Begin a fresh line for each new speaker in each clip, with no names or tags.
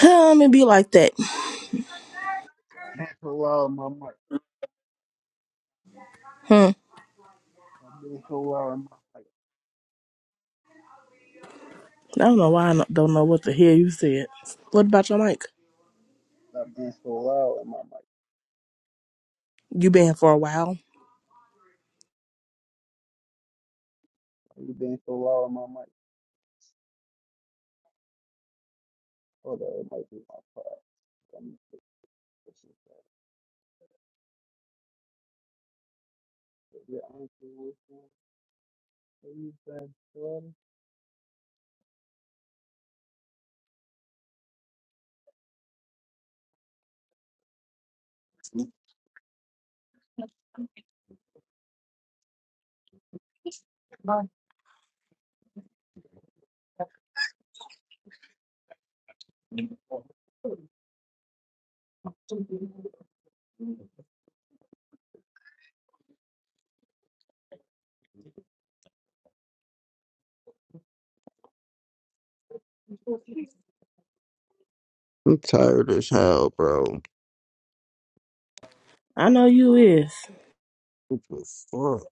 Um, it be like that. Hmm.
I've been so loud in
I don't know why I don't don't know what the hell you said. What about your mic?
my I've been so loud in my mic.
You been for a while.
Why you been so loud in my mic? Hold up, it might be my pride. Let me fix this up. Your auntie was saying, "Hey, you said, I'm tired as hell, bro.
I know you is.
What the fuck?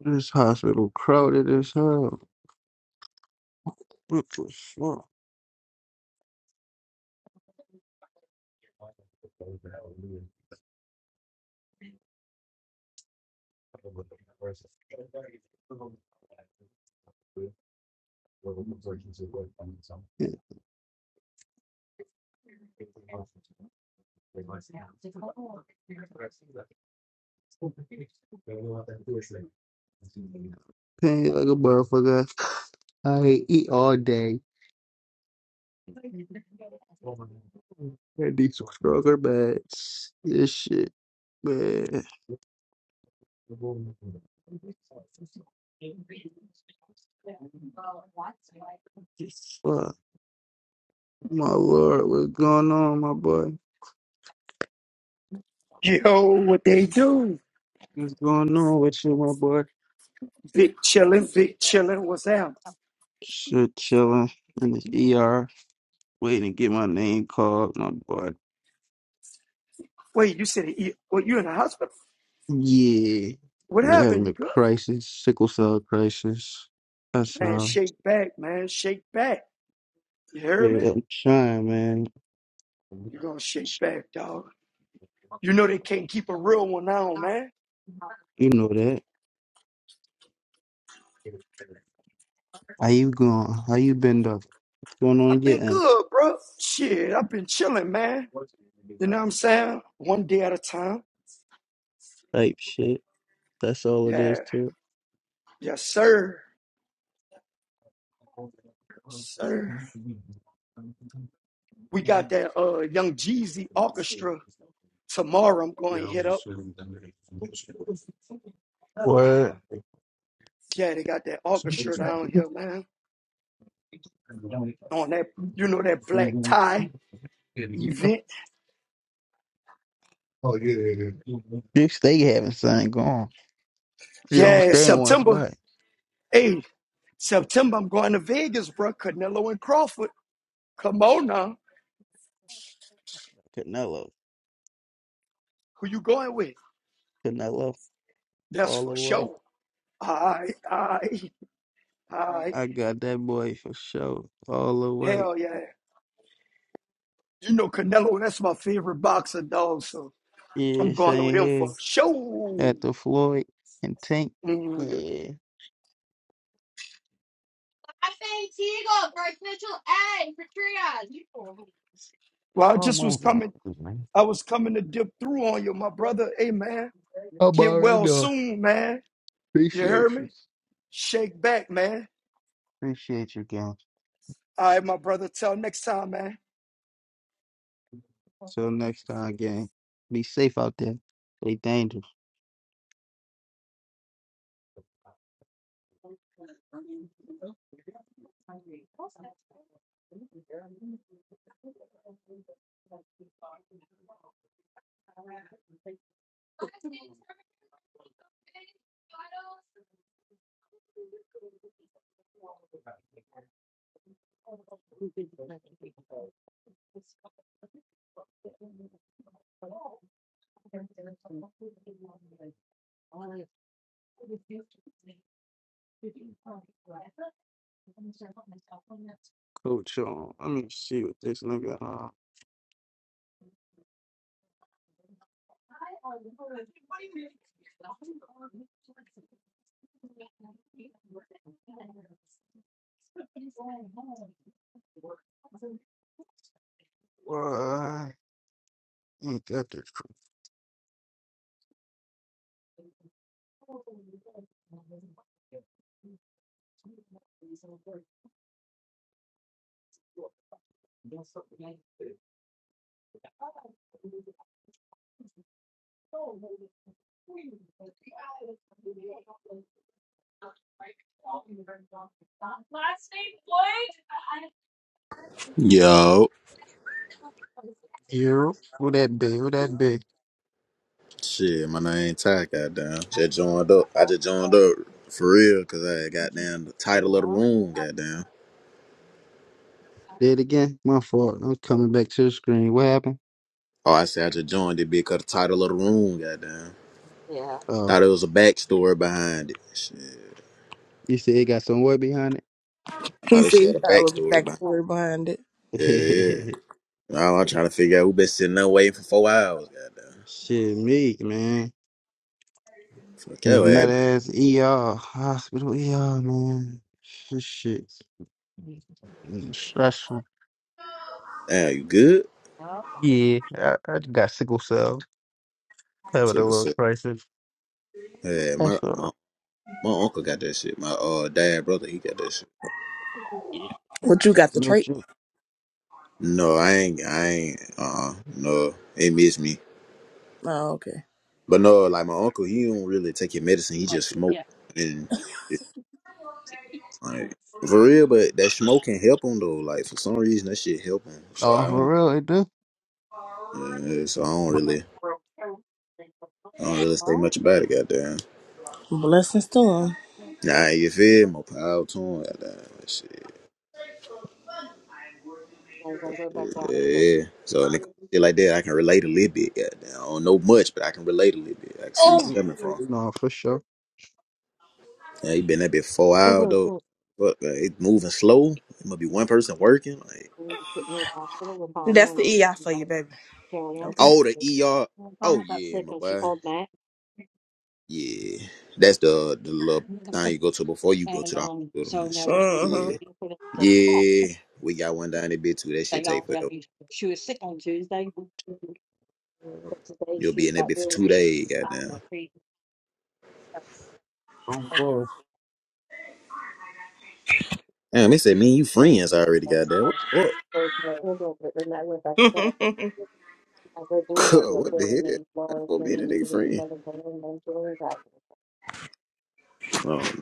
This hospital crowded as hell. What the fuck? It pain like a motherfucker. I eat all day. I need some stronger meds. This shit, man. Fuck. My lord, what's going on, my boy?
Yo, what they do?
What's going on with you, my boy?
Big chillin', big chillin'. What's up?
Shit, chilling in the ER, waiting to get my name called, my boy.
Wait, you said you, well, you in the hospital?
Yeah,
What
We're
happened?
having
You
a
good?
crisis, sickle cell crisis. That's
Man,
all.
shake back, man, shake back. You hear me?
Yeah, I'm trying, man.
You gonna shake back, dog? You know they can't keep a real one on, man.
You know that. How you going? How you been, though? What's going on
I've been
your end?
good, bro. Shit, I've been chilling, man. You know what I'm saying? One day at a time.
Type shit. That's all it
Yeah,
is to it.
yes, sir, Yes, sir. We got that uh Young Jeezy orchestra tomorrow. I'm going to hit up.
Word.
Yeah, they got that orchestra down here, man. on that, you know, that black tie event.
You stay having something going. You don't
Yeah,
stay in one
September.
spot.
Hey, September, I'm going to Vegas, bro. Canelo and Crawford. Come on now.
Canelo,
Who you going with?
Canelo,
That's
all the
for
way.
sure. I, I, I,
I got that boy for sure, all the way.
hell yeah. You know, Canelo, that's my favorite boxer, dog. So
Yeah,
I'm going with
same
him for
here.
sure.
At the Floyd and Tank.
Mm.
Yeah.
Well, I
Come
just was
on,
coming,
motherfucker, man.
I was coming to dip through on you, my brother. Hey, man,
I'm
get
already
well
done.
soon, man. You
Appreciate
heard me?
you.
Shake back, man.
Appreciate you, gang.
All right, my brother. Till next time, man.
Till next time, gang. Be safe out there. Stay dangerous. Coach, um, let me see what this nigga. Uh, why ain't got this? cr-
Yo,
Europe? Who that be? Who that be?
shit, my name Ty. Goddamn, just joined up. I just joined up for real, cause I had goddamn the title of the room. Goddamn.
Did it again? My fault. I'm coming back to the screen. What happened?
Oh, I said I just joined it because the title of the room. Goddamn.
Oh,
Thought it was a backstory behind it. Shit.
you said it got some word behind
He
Thought this
said
shit
he
had a
thought it was a
backstory behind.
backstory behind it.
It. Yeah, yeah.
it?
Now I'm trying to figure out who been sitting there waiting for four hours. Goddamn.
Shit, me, man.
Fuck your
And
ass.
That ass ER, hospital ER, man. This shit stressful.
Damn, you good?
Yeah, I, I got sickle cell. Having a
Sucker,
little
suck.
crisis.
Yeah, my
That's all.
my
right.
my uncle got that shit. My uh dad brother, he got that shit.
Yeah.
What you
That's a
got the
little
trait?
joke.
No, I ain't. I ain't. Uh, uh no, it miss me.
Oh, okay.
But no, like my uncle, he don't really take his medicine. He just smoke and shit, like for real. But that smoke can help him though. Like for some reason, that shit help him. So I
Oh,
don't.
for real, it do?
Uh, so I don't really. I don't really say much about it. Goddamn.
Blessings to him.
Nah, you feel me? more power to him. Goddamn. Shit. Yeah. yeah. So nigga, shit like that, I can relate a little bit. Goddamn. I don't know much, but I can relate a little bit. I can see where you
Oh,
coming from.
No, for sure.
Yeah, he been there been four hours though. Fuck, uh, it moving slow. It must be one person working. Like,
that's the EI for you, baby. Okay.
oh, the ER. Oh yeah, my boy. Yeah, that's the the little thing you go to before you go to the hospital and shit.
Uh-huh.
Yeah, yeah. We got one down that bit too. That shit take forever. You'll be in that bit for two days. Goddamn.
I'm bored.
Damn, they said me and you friends already. Goddamn. What? What? What the hell? That's for me and the nigga friend. I don't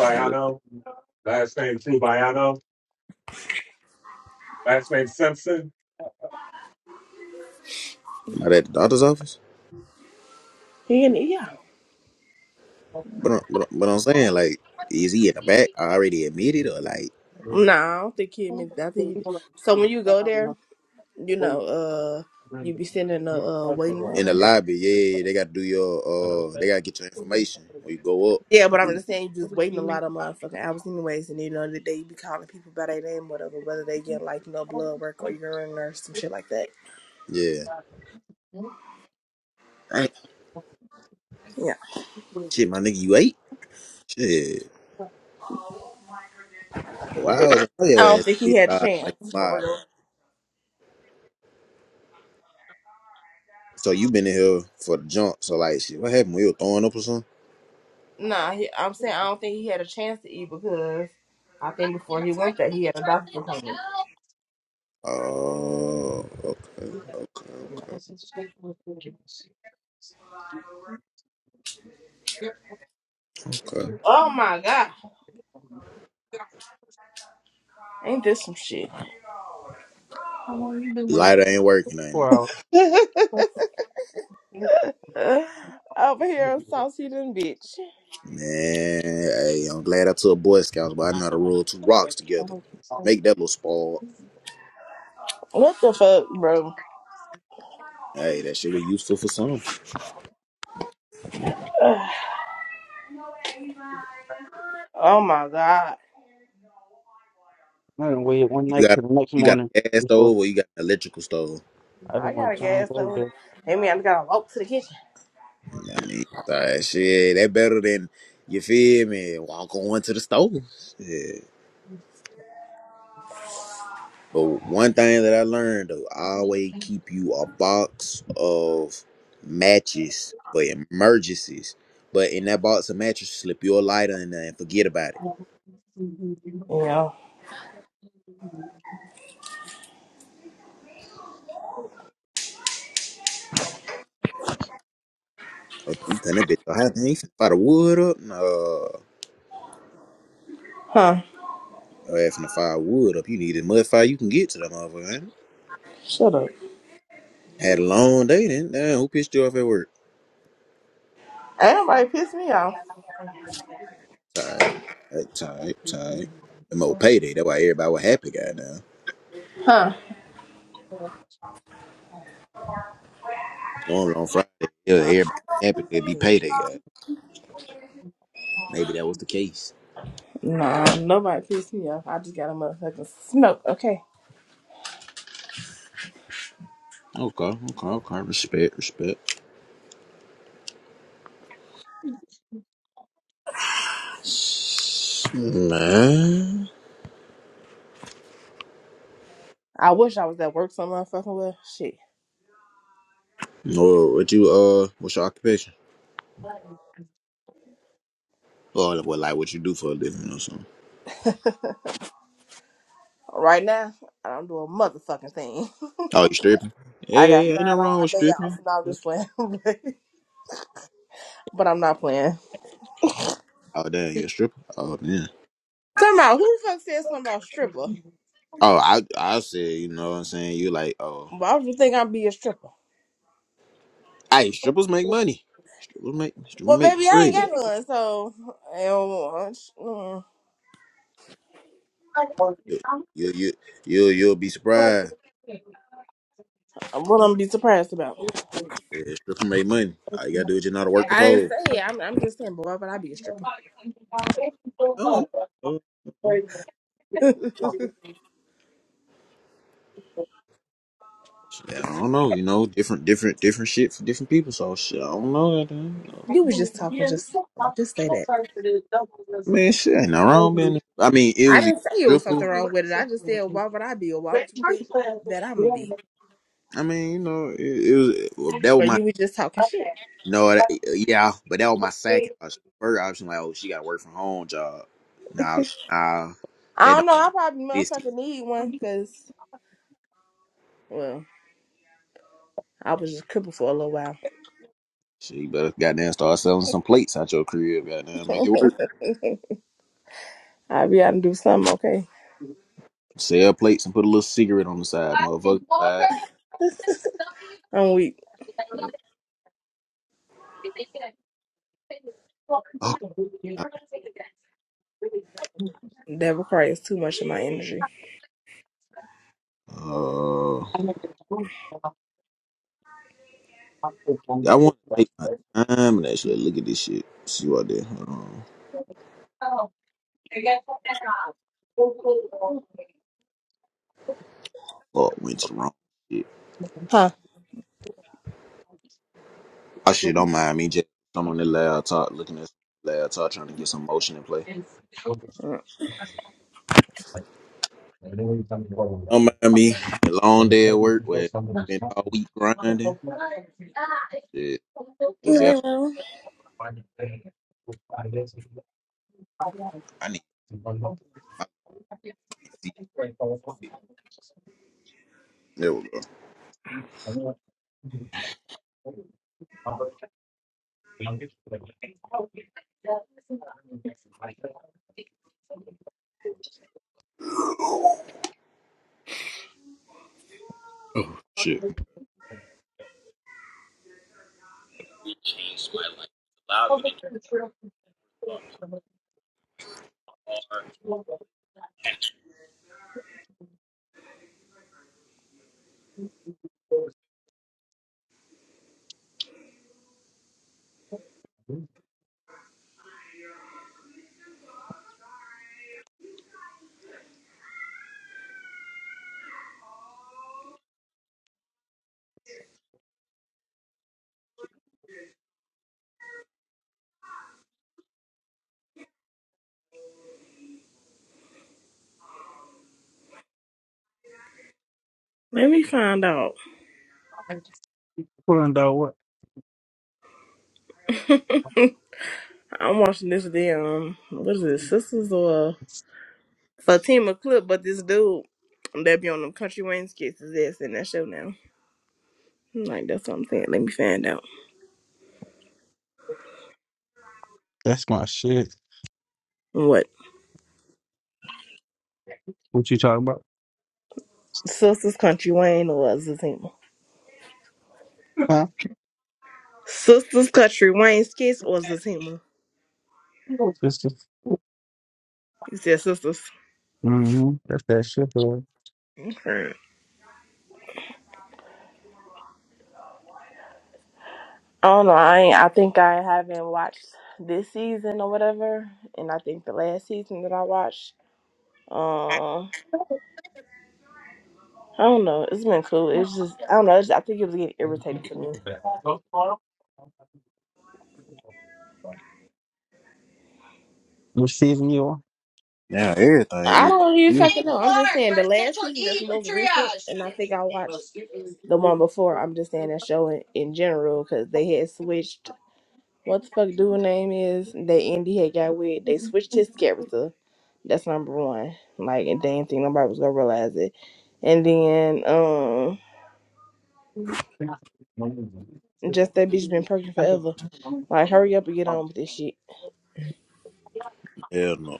know.
last name Tubayano, last name Simpson.
Not at the doctor's office.
he an EI.
But I'm- but I'm- but I'm saying like, is he in the back already admitted or like
Nah, I No, I don't think he meant that. I think he, so when you go there, you know, uh, you be sitting in the uh, waiting
in the
room.
lobby? Yeah, they got to do your uh, they got to get your information when you go up.
Yeah, but I'm
Mhm.
just saying, you just waiting a lot of motherfucking hours, anyways. And you know, the day you be calling people by their name, whatever, whether they get like you know blood work or urine or some shit like that.
Yeah, Dang.
Yeah,
shit, my nigga, you ate shit. Well, I was on
I
your
don't
ass
think
this
he had a
time, like
chance for
mobbing.
real.
So you been in here for the jump. So like, shit, what happened? We were throwing up or something.
Nah, he, I'm saying I don't think he had a chance to eat because I think before he went there, he had a doctor's appointment.
Oh, okay, okay,
Yeah.
okay, okay.
Oh my god, ain't this some shit?
Lighter ain't working.
Over here, saucy than bitch.
Man, hey, I'm glad I took Boy Scouts, but I know how to roll two rocks together. Make that little spark.
What the fuck, bro?
Hey, that shit was useful for some.
Oh my god,
I
You got you got
want it
a gas
before
stove or you got an electrical stove.
I gotta gas
I
over.
go.
Hey man, I gotta walk to the kitchen.
I mean, uh, shit, that better than you feel me. Walk on to the stove. Yeah. But one thing that I learned though, always keep you a box of matches for emergencies. But in that box of matches, slip your lighter in there and forget about it.
Yeah.
Oh, you cutting that bitch so hot, man. You finna fire the wood up? No.
Huh.
Your ass finna fire wood up. You need the mud fire you can get to that motherfucker, man.
Shut up.
Had a long day then. Damn, who pissed you off at work?
Ain't nobody piss me off.
Tight, tight, tight, tight. Them old payday. That's why everybody was happy, goddamn.
Huh.
Normally on Friday, yeah, everybody happy 'cause it'd be payday, god. Maybe that was the case.
Nah, nobody pissed me off. I just got a motherfucking smoke. Okay.
Okay, okay, okay. Respect, respect. Man.
I wish I was at work some motherfucking well. Shit.
Well, what you, uh, what's your occupation? Or, well, like what you do for a living or something.
Right now, I don't do a motherfucking thing.
Oh, you stripping?
I got
Hey, ain't no
fried on
wrong
my
with
day off
stripping.
and I'm just playing. but I'm not playing.
Oh damn, you a stripper? Oh man.
Talking about who the fuck said something about stripper?
Oh, I I said, you know what I'm saying? You like, oh,
Why I you think I'd be a stripper.
hey, strippers make money. Strippers make strippers
Well,
make
baby,
that
I ain't
bread.
got none, so I don't want- mm,
Yeah, You you you you'll be surprised.
what I'm be surprised about.
Yeah, strippers make money. All you gotta do is just know how to work the
I
pole.
didn't say it. I'm, I'm just saying, boy, but I'd be a stripper.
I don't know. Uh, uh, Shit, I don't know. You know, different different different shit for different people. So shit, I don't know. goddamn.
You was just talking, just just say that.
Man, shit ain't no wrong being. I mean, it
I
was a
didn't say it was
stripper.
something wrong with it. I just said, why would I be, or why would you think that I'm gonna be?
I mean, you know, it, it was well, that was
But
my
you was just talking shit.
No, that, eh, yeah, but that was my second option. First option, like, oh, she got to work from home job. Nah, nah,
I
that
don't
don't
know. I probably
exist.
motherfucking need one, cause well, I was just crippled for a little while.
She better goddamn start selling some plates out your crib. Goddamn, make it work.
I'll be out and do something. Okay,
Sell plates and put a little cigarette on the side, motherfucker. Buy
I'm weak.
Okay.
That requires too much of my energy.
Uh, I want to take my time and actually look at this shit. See what I did. Hold on. Fuck, went to the wrong shit.
Huh?
I shit don't mind me. Just I'm on the laptop looking at the laptop trying to get some motion in play.
Mm.
Don't mind me. A long day at work where I spent all week grinding. Shit. Just yeah.
Anyway, well,
I need my PC. There we go. Oh shit.
let me find out. I'm watching this damn. What is it? Sisters or? Fatima Clip, but this dude that be on them country Wayne skits. is ass in that show now. I'm Like that's what I'm saying. Let me find out
That's my shit.
what
What you talking about?
Sisters Country Wayne or Zatima.
Huh?
Sisters Country Wayne skits or Zatima. You said sisters.
Mm-hmm. That's that shit, bro.
Okay. Oh no, I ain't, I think I haven't watched this season or whatever, and I think the last season that I watched. Um, I don't know. It's been cool. It's just I don't know. It's, I think it was getting irritating to me.
What season you
Now everything
I
is
don't even
you.
fucking know. I'm just saying the last season that's most recent, and I think I watched the one before. I'm just saying that show in, in general because they had switched. What the fuck dude name is? They Indy had got with. They switched his character. That's number one. Like, and they didn't think nobody was gonna realize it. And then, um, just that bitch been perking forever. Like, hurry up and get on with this shit.
Hell no.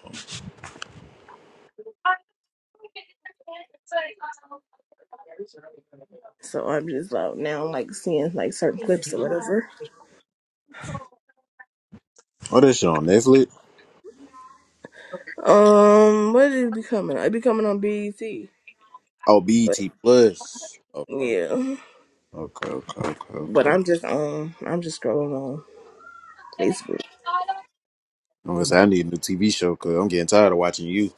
So I'm just like now, like seeing like certain clips or whatever.
What is shit on Netflix?
Um, what did it be coming? on? It be coming on BET.
Oh, BET Plus. Okay.
Yeah,
Okay, okay, okay,
but
okay.
I'm just um, I'm just scrolling on Facebook.
I'm gonna say I need a new TV show because I'm getting tired of watching you.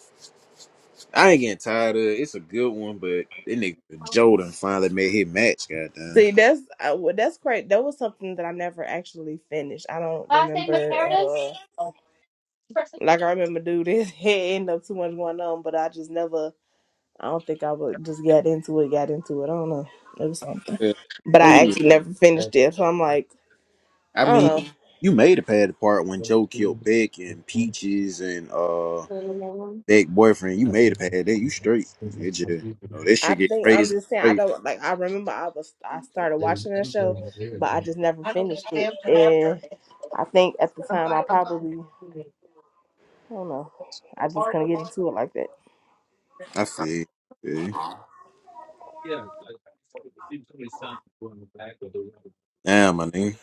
I ain't getting tired of it. It's a good one, but that nigga Jordan finally made his match, goddamn.
See, that's I, well, that's great. That was something that I never actually finished. I don't remember. Uh, like I remember, dude, it end up too much going on, but I just never. I don't think I would just got into it. Got into it. I don't know. It was something,
Yeah.
but
Don't get
I
me wrong.
actually never finished it. So I'm like,
I
I don't
mean,
know.
you made a pad apart when Joe killed Beck and Peaches and uh Beck boyfriend. You made a pad there. You straight. It just you know that
I
shit get
think I'm
crazy,
just saying. I
crazy.
don't like. I remember I was. I started watching that show, but I just never finished it, and I think at the time I probably. I don't know. I just kind of get into it like that.
I feel, yeah. Damn, my nigga.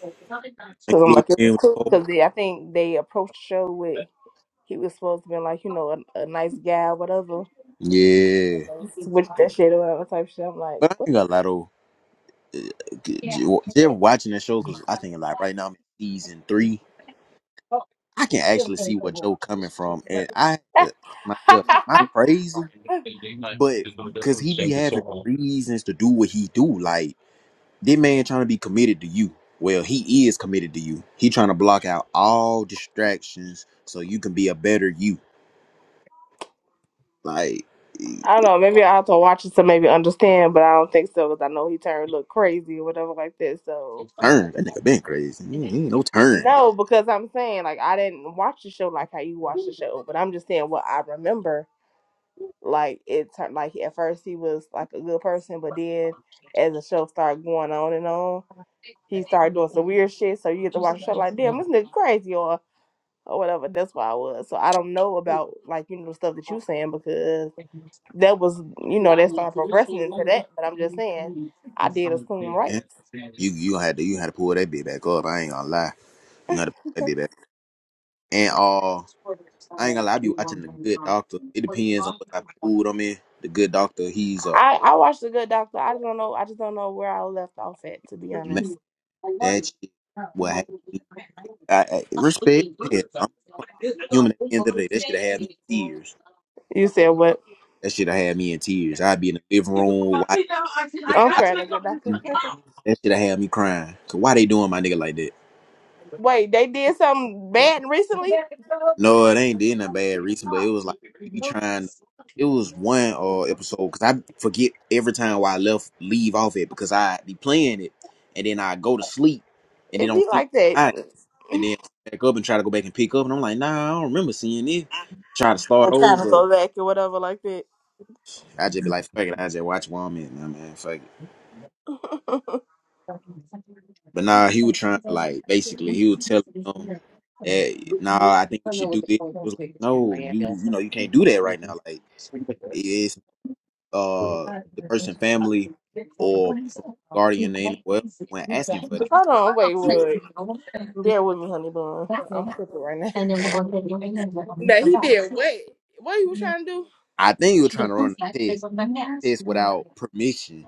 Cause I'm
Including
like, it
him
was
with
cool.
four.
Cause they, I think they approached the show with he was supposed to be like, you know, a, a nice guy, or whatever. And
Yeah,
they switched that shit or around type shit. I'm like,
but I
what?
ain't got a lot of. They're watching that show because I think like right now I'm in season three. I can actually see where Joe coming from, and I had to ask myself, am I
I
crazy? But because he be having reasons to do what he do, like. This man trying to be committed to you. Well, he is committed to you. He trying to block out all distractions so you can be a better you. Like eh,
don't know. Maybe I have to watch it to maybe understand, but I don't think so. Cause I know he turned look crazy or whatever like that. So
turn that nigga been crazy. He he ain't no turn,
no, because I'm saying like I didn't watch the show like how you watched the show, but I'm just saying what I remember like it turned like at first he was like a good person, but then as the show started going on and on, he started doing some weird shit. So you get to watch the show like, damn, this nigga crazy or or whatever. That's why I was. So I don't know about like you know the stuff that you saying because that was you know that started progressing into that. But I'm just saying, I did assume right.
man. You you had to you had to pull that bit back up. I ain't gonna lie. You gotta pull that bit back. And uh, I ain't gonna lie, I be watching the good doctor. It depends on what type of food I'm in. The good doctor, he's a
I I watched the Good Doctor. I don't know. I just don't know where I left off at to be
man.
honest.
That shit will have me. I, I respect. Yeah, I'm a human at the end of the day. That shit have me in tears.
You said what?
That shit have had me in tears. I'd be in the living room watching with
I'm
my
crying. The Good Doctor.
that shit have had me crying. Cause why they doing my nigga like that?
Wait, they did something bad recently?
No, it ain't did nothing bad reason, but it was like he be trying. It was one uh episode because I forget every time why I left leave off it because I be playing it and then I go to sleep and then
It
don't
be
think
like that.
about it and then back up and try to go back and pick up and I'm like nah I don't remember seeing it. Try to start
And trying to
over.
go back or whatever like that.
I just be like fuck it. I just watch one minute, nah, man. Fuck it. But nah, he was trying to like basically he would tell him. eh, nah, I think we should do this. It was like, no, you you know you can't do that right now. Like it's uh the person family or guardian in well when asking for that.
Hold on, wait,
do
wait.
that.
Bear with me, honey bun. I'm tripping right now. Now he did what? What he was trying to do?
I think you were trying to run a test test without permission.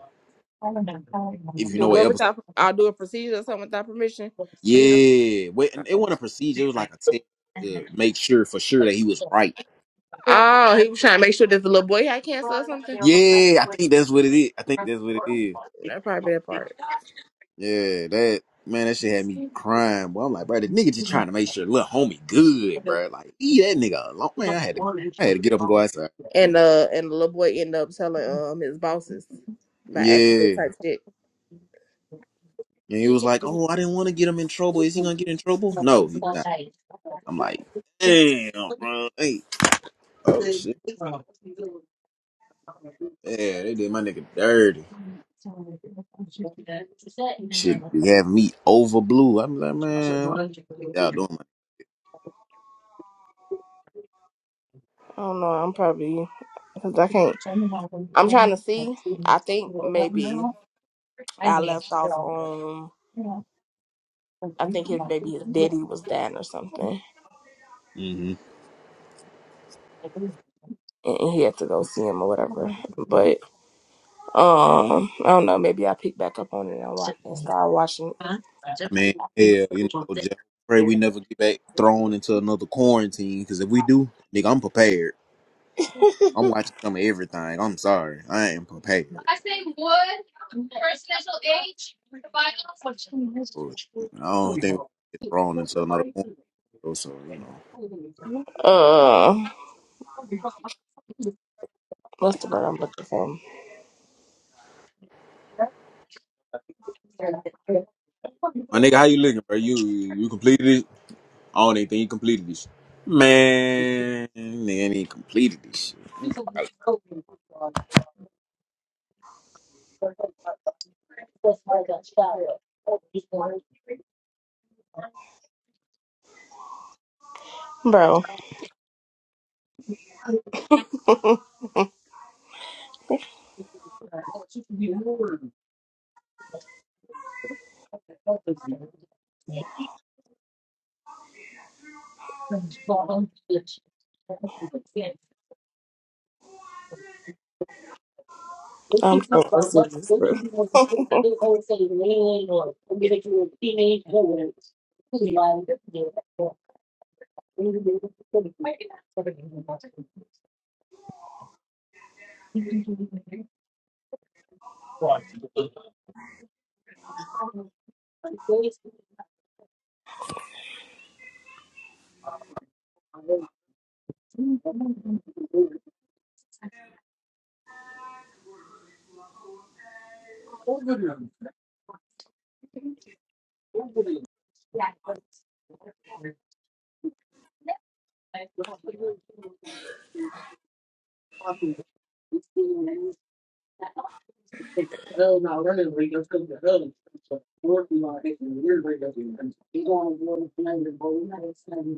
If you
Do
know what
what
episode,
without? I'll do a procedure or something without permission from the.
yeah, wait, and it
Oh,
wasn't a procedure. It was like a test to make sure for sure that he was right.
Oh, he was trying to make sure that the little boy had cancer or something.
Yeah, I think that's what it is. I think that's what it is.
That probably that part.
Yeah, that man, that shit had me crying. Boy, I'm like, bro, this nigga just trying to make sure little homie good, bro. Like, leave that nigga alone, man. I had to, I had to get up and go outside.
And
man.
uh, and the little boy ended up telling um his bosses by
Yeah,
accident type shit.
and he was like, oh, I didn't want to get him in trouble. Is he gonna get in trouble? No, he's not. I'm like, damn, bro. Hey, oh shit, yeah, they did my nigga dirty. Shit, they have me over blue. I'm like, man, what y'all doing?
I don't know. I'm probably because I can't. I'm trying to see. I think maybe. I left off on I think his maybe his daddy was dying or something.
man?
And and he had to go see him or whatever. But um I don't know, maybe i pick back up on it and watch and start watching
I mean, hell, you know, just pray we never get back thrown into another quarantine. Because if we do, nigga, I'm prepared. I'm watching some of everything. I'm sorry, I am prepared. So, I don't think we get thrown into another quarantine. So so, you know,
uh what's the word I'm looking for?
my nigga, how you looking, bro? You you completed it? I don't even think you completed this. Man, nigga, ain't even completed this. Shit.
Bro. I'm so serious, bro. I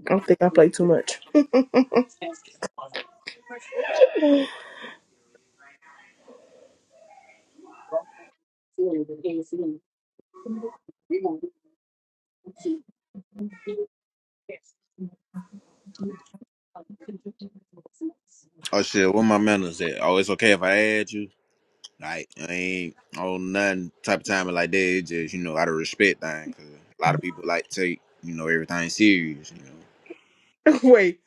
don't think I play too much.
Oh shit, where my manners at? Oh, it's okay if I add you. Like I ain't on nothing type of timing like that. It's just you know out of respect thing. 'cause a lot of people like take you know everything serious. You know.
Wait,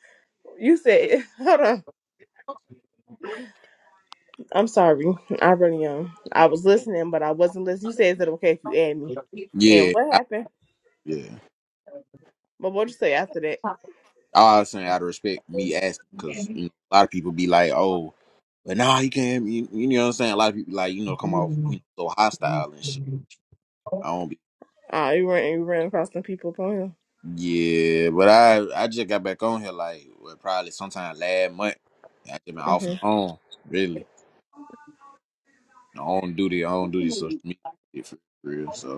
you said hold on. I'm sorry. I really am. I was listening but I wasn't listening. You said is it okay if you add me? And
Yeah.
what
I,
happened?
yeah.
But what'd you say after that?
I was saying out of respect, me asking because you know, a lot of people be like, oh, but nah, you can't. You, you know what I'm saying? A lot of people like you know come off you know so hostile and shit. I don't be.
Ah, you ran you ran across some people upon him.
Yeah, but I I just got back on here like what, probably sometime last month. I just been off
hmm
and on really. I don't do the I don't do this social media shit for real. So.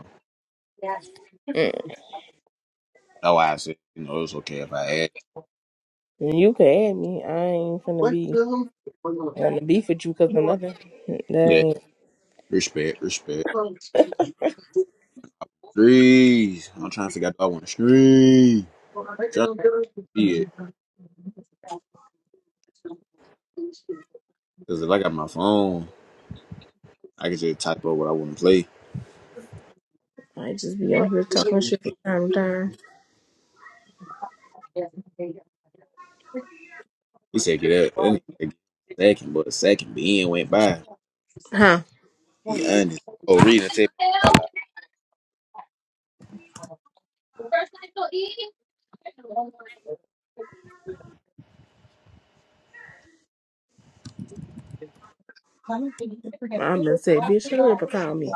mm
That's why I said, you know, it's okay if I add.
You can add me. I ain't finna be on the beef with you because of nothing. That
Yeah,
ain't.
respect, respect. Threes. I'm trying to figure out if I want to stream. Trying to see it. Because if I got my phone, I can just type up what I want to play.
I just be on here talking shit from time to time.
He said, get up. That nigga said, get a second, but a second being went by.
Huh?
Be honest. Oh, reading the tape
I've been said, bitch, hurry up and call me.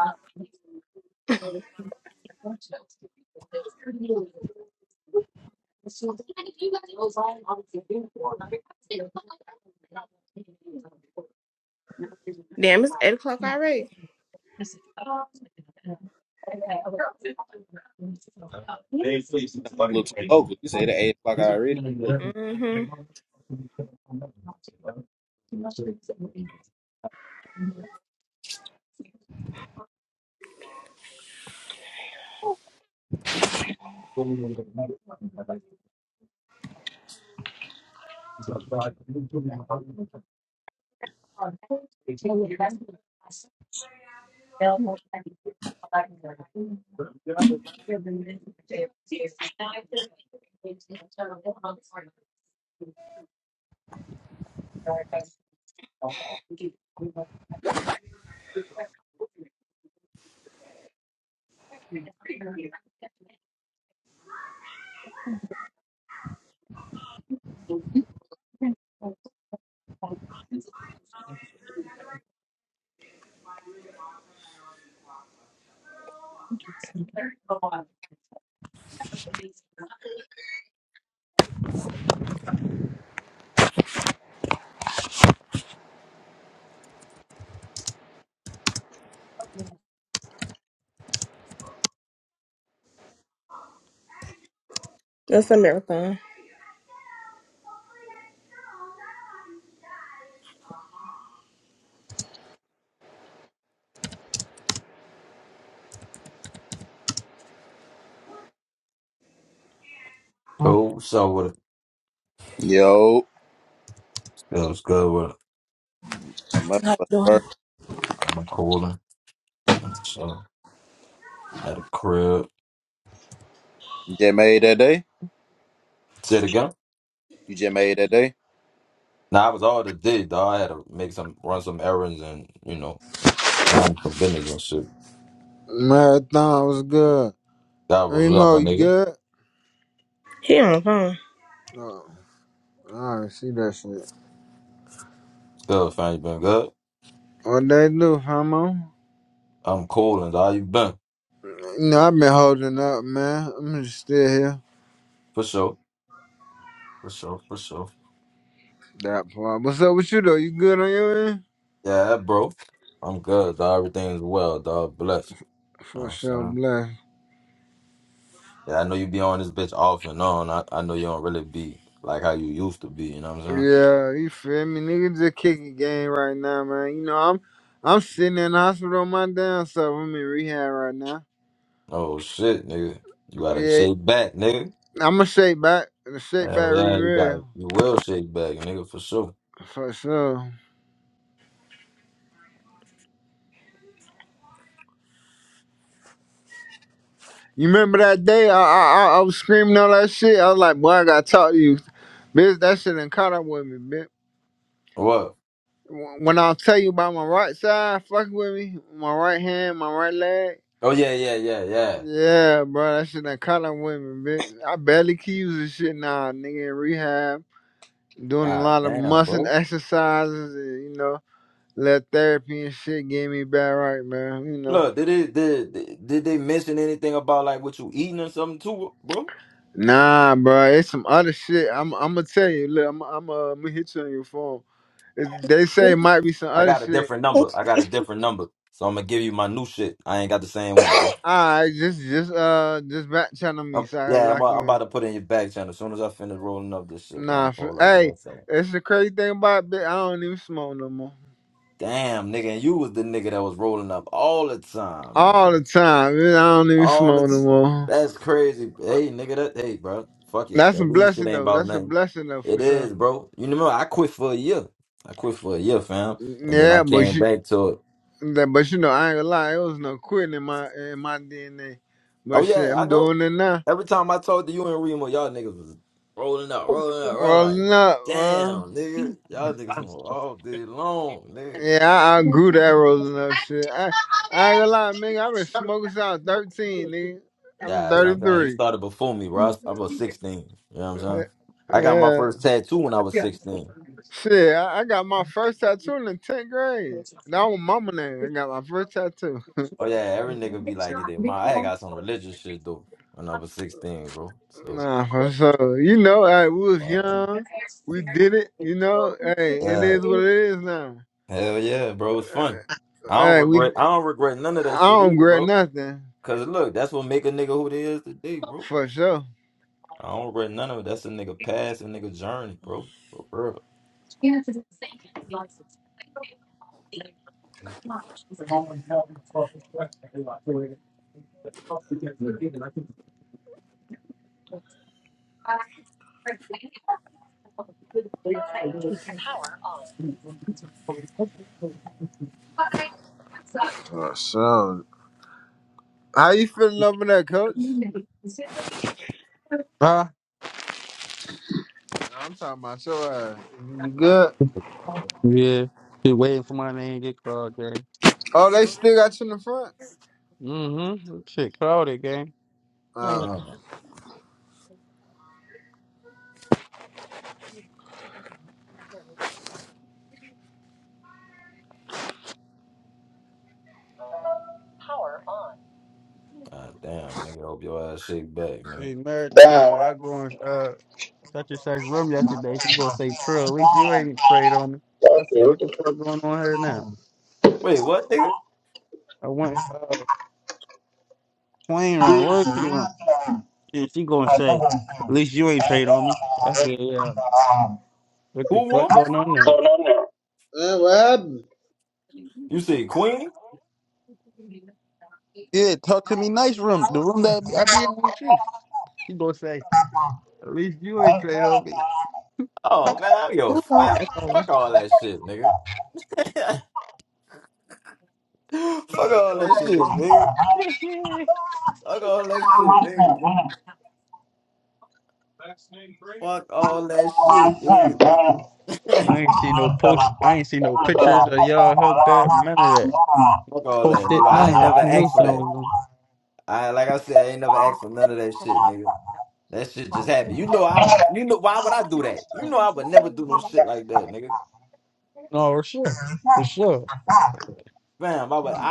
Damn, it's eight o'clock already.
a little too local. You said it at 8 o'clock already.
Mm-hmm. That's a marathon.
Yo, I'm up.
How you
What's the
doing?
word? You just made that day? You just made that day?
Marathon was good. Remo, you good?
He on the phone.
Oh, I already see that shit. What they do, homo? No, I've been holding up, man. I'm just still here. That part. What's up with you, though? You good on your end? For, for sure, bless. Yeah, you feel me? Nigga just kicking game right now, man. You know, I'm I'm sitting in the hospital on my damn self. I'm in rehab right now. Yeah, I'm going to shake back. The shake back be real. For sure. You remember that day I, I I I was screaming all that shit? I was like, boy, I gotta talk to you. Bitch, that shit done caught up with me, bitch. Wh- When I tell you about my right side, fucking with me, my right hand, my right leg. Yeah, bro, that shit done caught up with me, bitch. I barely can use this shit now, nigga, in rehab. Doing a lot of muscle exercises and, you know, let therapy and shit get me back right, man, you know. Nah, bro, it's some other shit. I'm, I'm gonna tell you. Look, I'm, I'm, uh, I'm gonna hit you on your phone. It's, they say it might be some other shit. All right, just, just, uh, just back channel me so I can lock you in. Nah, for, hey, it's the crazy thing about it. I don't even smoke no more. All the time, man, I don't even smoke no more. That's a blessing though. That's a blessing though for sure. Yeah, but you, that- but you know, I ain't gonna lie. It was no quitting in my, in my DNA. But shit, I'm doing it now. Well, no, well, yeah, I, I grew the arrows and that shit. I, I ain't gonna lie, nigga, I've been smoking since I was 13, nigga. I'm 33. Eh, Yeah. Shit, I, I got my first tattoo in the 10th grade. That was mama name. I got my first tattoo. Nah, for sure. You know, hey, we was young. We did it, you know. Hey, it is what it is now. Hey, we, I don't regret nothing. For sure. For sure. How you feeling over there, coach?
on?
Nah, I'm talking about your ass. You good?
Yeah. Been waiting for my name to get called, gang.
Oh, they still got you in the front?
Mm-hmm. Shit, called it, gang.
Oh, wait.
Oh.
Hey, Marathon, when I go in uh, such and such room yesterday, she gonna say, Trill, at least you ain't prayed on me. I said, what the fuck going on here now? I went, uh, Queen wrong, where's she wrong? And she gonna say, at least you ain't trade on me. I said, yeah, what the fuck going on now? Yeah, talk to me nice room, the room that I be in with you. She gonna say, at least you ain't trade on me.
Who phone echoing? I
Oh shit, yeah. I ain't see no post. I ain't see no pictures of y'all hooked up. None of that. Posted. None of that. I knew something was going. No, for sure. For sure.
Damn. What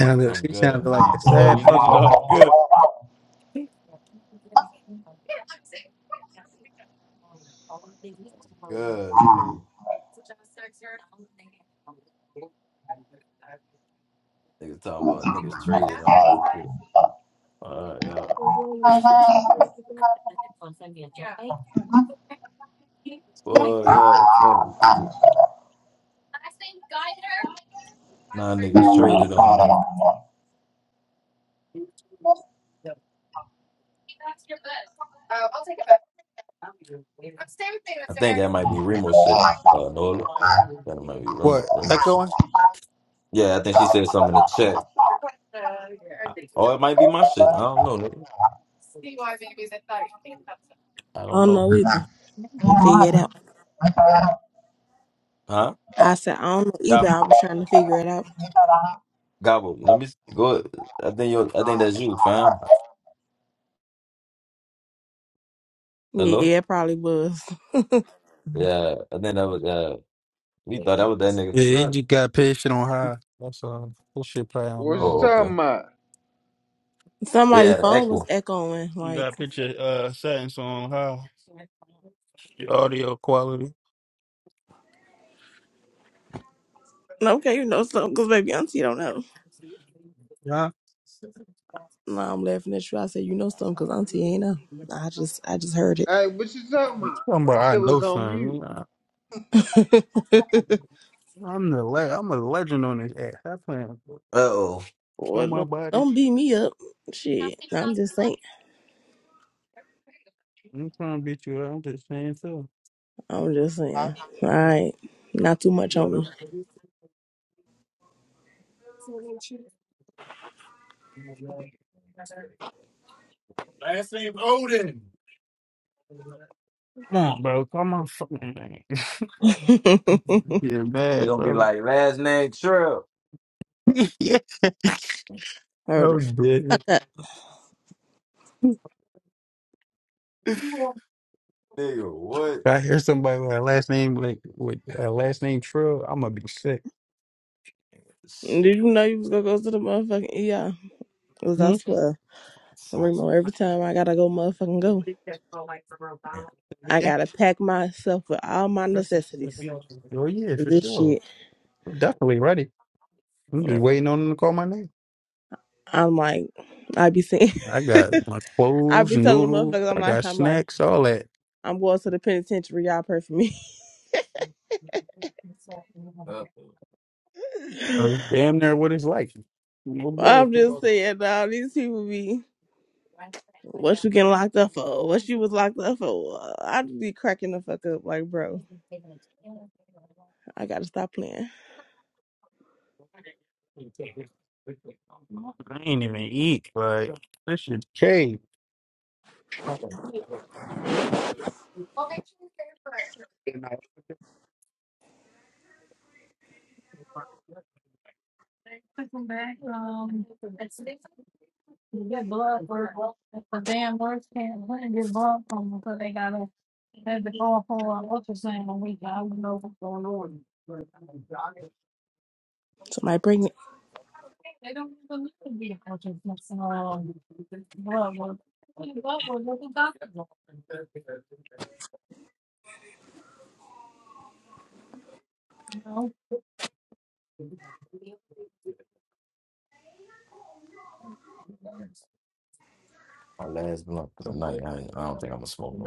Sounded, she sounded like a sad puppy. What? Echoing?
don't know either. I'm figure it out. I said I don't know either. I was trying to figure it out. Yeah, it probably was.
Yeah, he just got patient on high. That's all. This shit probably on
you
normal.
talking about?
Somebody's phone was echoing.
You
Like,
got patient uh settings on high. Audio quality.
okay, you know something because baby auntie don't know.
Yeah.
No, I'm laughing at you. I said, you know something because auntie ain't know. I just, I just heard it.
Hey, what you talking
You
about?
talking about
My
I
shit
know
was on
something.
mute.
Nah. I'm the le- I'm a legend on this ass. I plan. Know
well,
my
don't,
body.
don't beat me up. Shit, I'm just saying.
I'm trying to beat you. up. I'm just saying so.
I'm just
I
saying. All right, not too much on me.
Come on, bro. Call my fucking name. Yeah, bad, bro. yeah,
heard
oh was
it.
dead. If I hear somebody with a last name like with a last name Trill, I'm gonna be sick.
Did you know you was gonna go to the motherfucking ER? Cause I
Hmm?
swear, Remo, every time I gotta go motherfucking go, I
yeah,
gotta pack myself with all my necessities.
oh yeah, for
This
sure.
shit.
I'm definitely ready. I'm just waiting on them to call my name.
I'm like, I be saying,
I got my
I
clothes,
be telling the
noodles.
motherfuckers, I'm
I
like,
got
I'm like,
snacks, all that.
I'm going to the penitentiary. Y'all pray for me.
Uh, Damn near what it's like. No boy.
I'm just saying, now these people be, what you getting locked up for? What you was locked up for? I just be cracking the fuck up, like, bro, I gotta stop playing.
I ain't even eat, but this shit came.
Somebody bring it.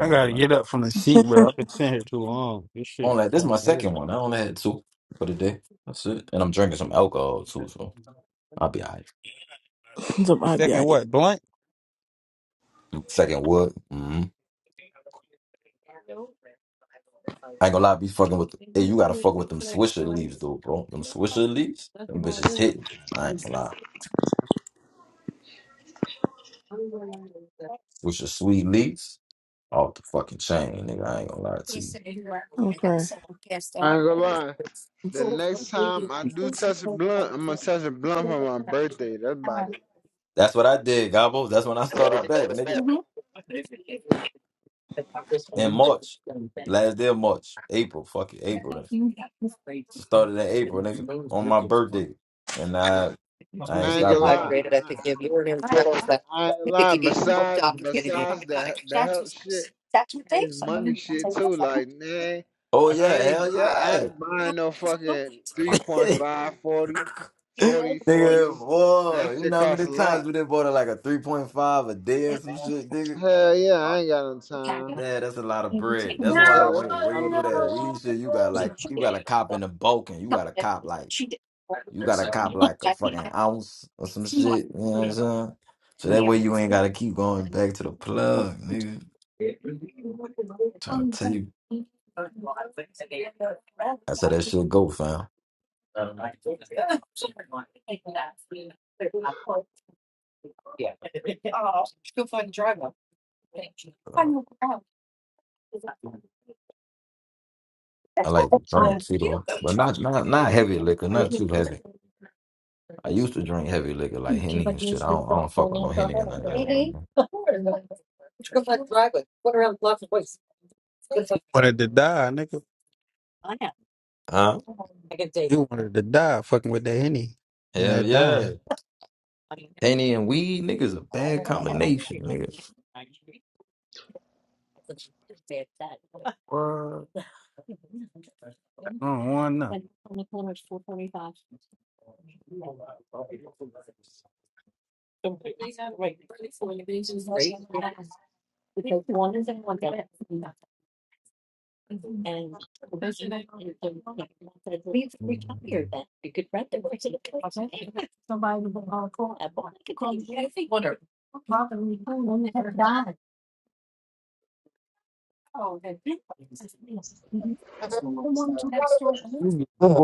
I gotta get up from the seat, bro. I've been sitting here too long. This shit fucking hurt.
Somebody be
Second
like,
what? Blunt
I'm crying.
ain't gonna lie. The next time I do touch a blunt, I'm gonna touch a blunt for my birthday. That's about it. Now, I ain't gonna lie. I I ain't gonna lie. Besides, besides the the health shit, it's money shit too. Like, man, I ain't I, I ain't buying no fucking three point five forty, forty, forty. That shit costs a lot. Hell yeah, I ain't got no time. Yeah, out
wanted to die, nigga. You wanted to die, fucking with that henny and that dime. What? don't want nothing.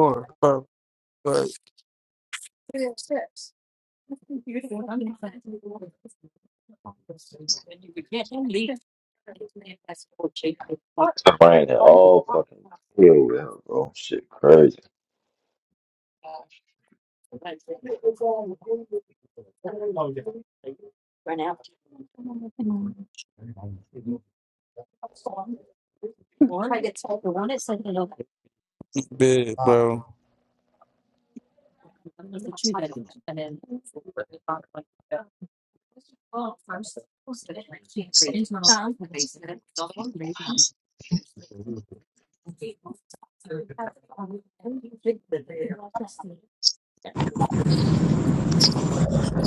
of
Big,
bread.
bro.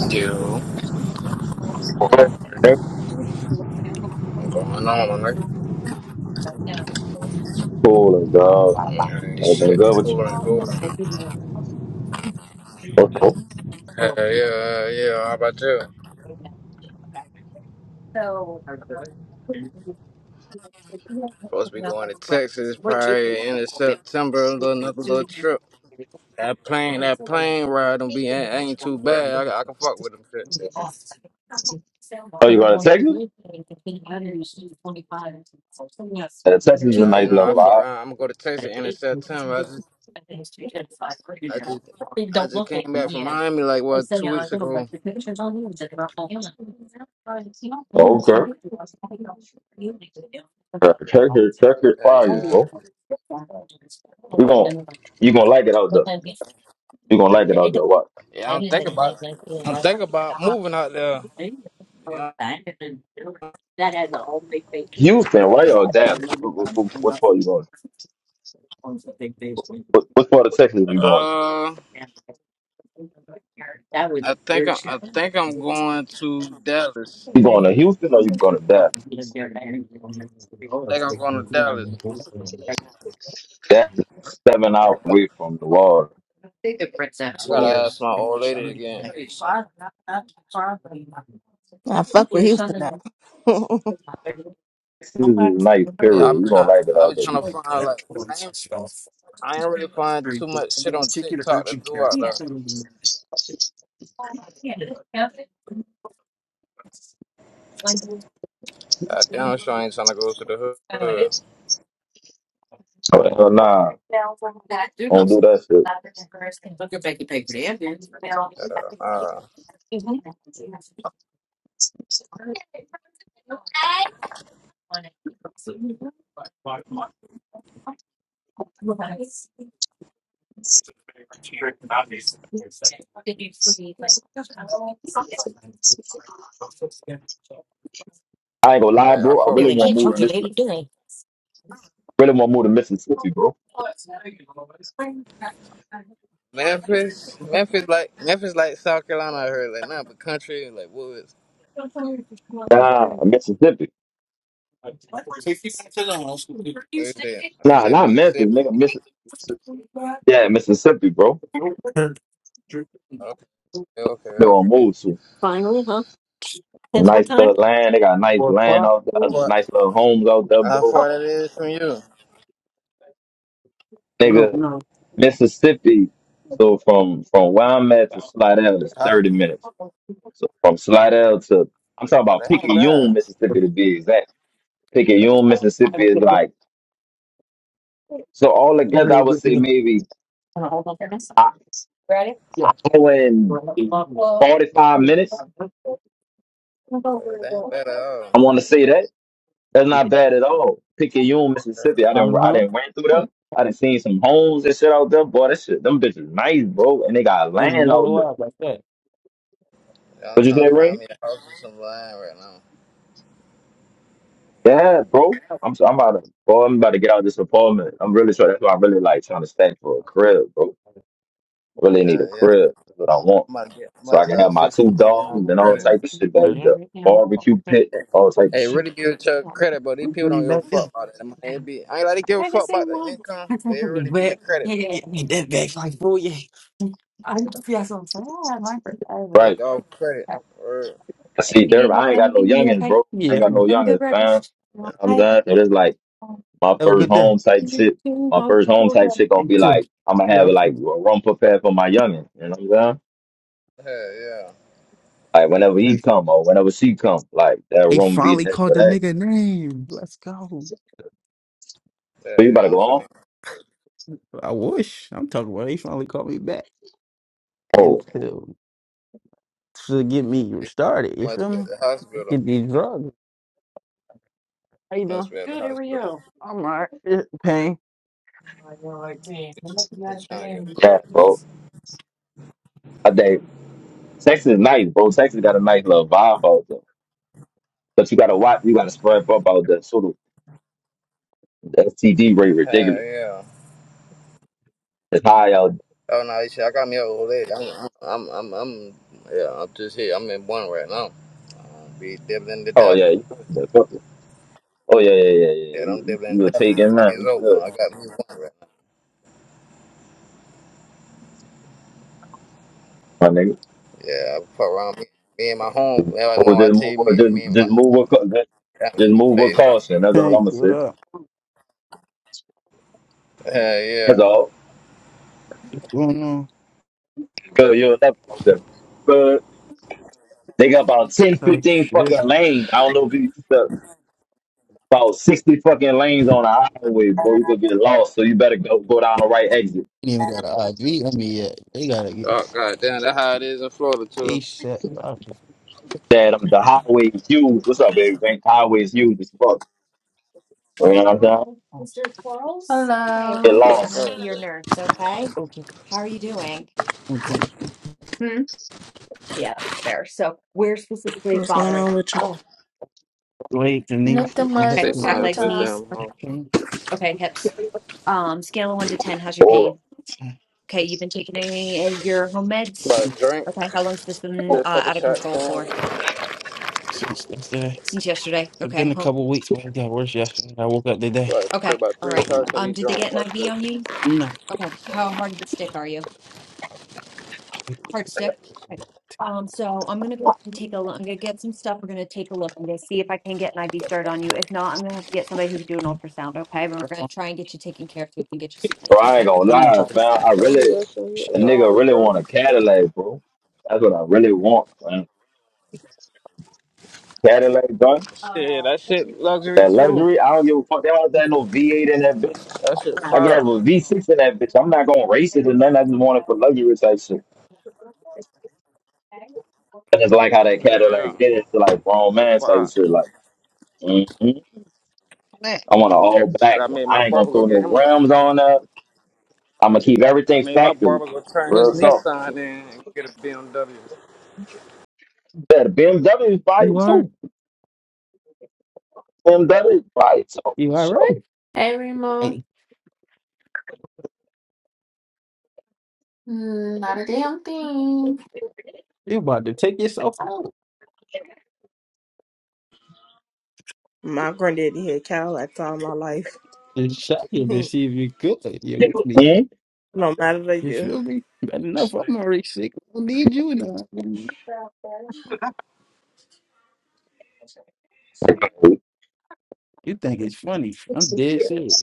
Yo, what's going on, my nigga? Yeah, this shit. Coolin', coolin'. Hell yeah, yeah. How about you? Supposed to be going to Texas probably end of September. a little- Another little trip. That plane, that plane ride don't be ain't, ain't too bad. I, I can fuck with them shit.
Oh, you going to Texas? Yeah, Texas is a
Yeah, you
nice
know I
little
fuck
vibe.
around. I'm gonna go to Texas end of September. I just, I just, I just came back from Miami like what two weeks ago.
Oh, okay. Uh, Texas, Texas,
Yeah,
fire,
yeah.
bro. You gonna, you gonna like it out there. You gonna like it out there. What?
Yeah, I'm thinking about, I'm thinking about moving out there. Yeah.
Houston, right? Or Dallas? What, what, what part you going? What, what part of Texas you going?
Uh, I think I, I think I'm going to Dallas.
You going to Houston or you going to Dallas?
I think I'm going to Dallas.
That's seven
Yeah,
hours away from the water.
I
Bro.
gotta ask my old lady again.
I fuck with Houston now.
Texas is nice,
Yeah,
period.
I'm
You gonna
trying.
like it
I
out
be
there.
trying to find like I ain't I ain't really find too much shit on TikTok to do out there. I damn sure I ain't trying to go to the hood.
Oh, hell nah, don't do that shit.
Uh,
I ain't gonna
hey,
lie,
I
bro.
fuck
I
what
really
I'm
want to
playing
move to
right. now.
Mississippi. Really want to move to Mississippi, bro.
Memphis, Memphis like Memphis like South Carolina. I heard like nothing but country like woods.
Nah, Mississippi.
What you say? You
Nah,
say
not Memphis,
Mississippi?
nigga. Miss, yeah, Mississippi, bro.
Hurt.
Okay, okay,
They want
okay.
move to nice little land. They got nice land out there,
What?
nice little homes out there,
How
bro.
far that is from you?
Nigga, Mississippi. So from from where I'm at to Slidell is
How?
30 minutes. So from Slidell to I'm talking
Oh,
about
that ain't bad.
Picayune, Mississippi, to be exact. Picayune, Mississippi is like so all together. I would say maybe I, I
Yeah,
go in 45 minutes.
Oh, yeah, that ain't bad at all.
I want to say that. That's not bad at all. Picayune, Mississippi. I didn't I didn't ran through them. I done seen some homes and shit out there. Boy, that shit, them bitches nice, bro. And they got land out there.
Yeah, I'm
What you
trying
say,
to find
Ray?
me a house with some land right now.
Yeah, bro. I'm so, I'm about to boy, I'm about to get out of this apartment. I'm really sure that's why I really like trying to stack for a crib, bro. I really need
Yeah,
a
yeah.
crib. That's what I want.
I'm about to get. I'm
So
about to
I can have
start
my two
fixing my damn
dogs and all
credit.
type of shit back there. Barbecue pit, all type of
Hey,
shit.
really give it your credit, but these people don't give a fuck about it. Man. It be, I ain't like they give a fuck about the income, but it really be your credit though. They
Right.
go off credit. Word.
I see there I ain't got no youngins, bro. I ain't
yeah.
got no youngins, fam. You know what I'm saying? So it's like my
Have a
first
good day.
home type shit. My first home type shit gonna
You
be
too.
like I'm gonna have
Yeah.
like a room prepared for my youngin. You know what I'm saying?
Yeah, yeah,
Like whenever he
They,
come or whenever she come, like that
they
room be
finally
there
called
for
the
that.
nigga name. Let's go.
But you
yeah,
better
yeah. I'm
go
trying.
home.
I wish. I'm talking about they finally called me back
Oh
Until to get me
To,
started. You
must
feel
be at
me?
the hospital.
Get these drugs. How you
Must
doing?
be at the hospital.
I'm alright. Pain.
He's trying to get the
yeah,
nerves.
bro. I think Texas is nice, bro. Texas got a nice little vibe out there. But you gotta watch. You gotta spread up out there. Sort of the STD rate ridiculous.
Hell yeah.
It's high out.
Oh no, you see, I got me up all day. I'm, I'm, I'm, I'm, yeah, I'm just here. I'm in one right now. Uh, be dibbling to
Oh yeah,
dabbling.
you good? Oh yeah, yeah, yeah, yeah.
Yeah,
You,
I'm
you you
dibbling
will
to
take
dabbling.
it, man.
It's
You
over.
good,
I got me one right now.
my nigga.
Yeah, I put around me, me and my home. Yeah, Like when
Or
I
just
tell
move,
you,
with-
me, me
just
and my
just move with, cau- just,
got
just
me
move with
replays on.
caution. That's all
Tank,
I'm gonna
what
say.
up?
Yeah,
That's
yeah.
all.
What's going on?
Cause you're left out there. But they got about 10,
Type
15
shit.
fucking lanes. I don't know if you the, about sixty fucking lanes on the highway, boy. You could get lost, so you better go go down the right exit.
Ain't even got an IV on me yet. They gotta get
Oh god damn, that's how it is in Florida too.
ASAP. I can-
That um, the highway is huge. What's up, baby? highway is huge as fuck. You know
Uh,
what I'm saying?
hi, Mr. Quarles. Hey,
Get
I'm
Hello,
Kate. I'm going
lost.
to be
Oh,
your nurse, okay? Okay. How are you doing? Hmm? Yeah, that's fair. So, where specifically is
What's going
bothering?
on with
you?
you?
Oh, Knees
yeah.
And hip
Nicodemus.
okay.
Take
What's
joint
up
my
Back,
ass
with
legs,
this
y'all?
knees.
damn
Okay,
home.
pain. okay, hips. Um, scale of one to 10. How's your
Or,
pain? Okay, you've been taking any of your home meds?
About
Mm.
a drink,
Okay, how long's this been
get a
uh,
couple
out of
shots
control
down.
for? since yesterday. since yesterday. It's Okay. been a Hold, couple weeks, but it got worse yesterday. I woke up today.
About take
okay.
about
All
three
right. When I
shots and
Um,
be
did they get
drunk.
an
Watch
IV
this.
on you? Okay. How hard of a stick are you? actually- Hard stick.
Ridiculous.
Okay. Um, so I'm gonna go ahead and take a look. I'm gonna get some stuff. We're gonna take a look. I'm gonna see if I can get an IV started on you. If not, I'm gonna have to get somebody who can do an ultrasound. Okay, but we're gonna try and get you taken care of so we can get you seen.
or
That's okay.
I
I
ain't
Give
gonna
me know how
lie,
just to a
man. I
I
second.
don't do
really
that shit. You-
a
What's
shit.
wrong
nigga
with this
really
girl?
want a Cadillac, bro. That's what I really want, man. Cadillac, bro.
Yeah, that shit luxury
That
too.
luxury, I don't give a fuck. They don't have no V8 in that bitch.
That shit
I can have
fire.
a V6 in that bitch. I'm not gonna race it or nothing. I just want it for luxury type shit. I just like how that
Yeah, yeah.
Cadillac get it to like
That
grown
was
man type
fire.
shit. Like, hmm I want an all
Shit,
black
I
one.
made my
I ain't gonna
barber go
throw no
get him a.
rims on that. I'm gonna keep
I
everything
made my
factory.
barber go turn
Real
his
so.
Nissan in and get a BMW.
Yeah, the BMW is fire too. BMW is fire too. For sure.
Hey, Remo. Mm, not a damn thing.
you about to take yourself out
My granddaddy had cow like all my life.
and shot him and
no
see if you're good. Yeah,
matter the
You
year.
feel me? Bad enough, I'm already sick. I don't need you now.
Mhm.
You think it's funny. I'm dead serious.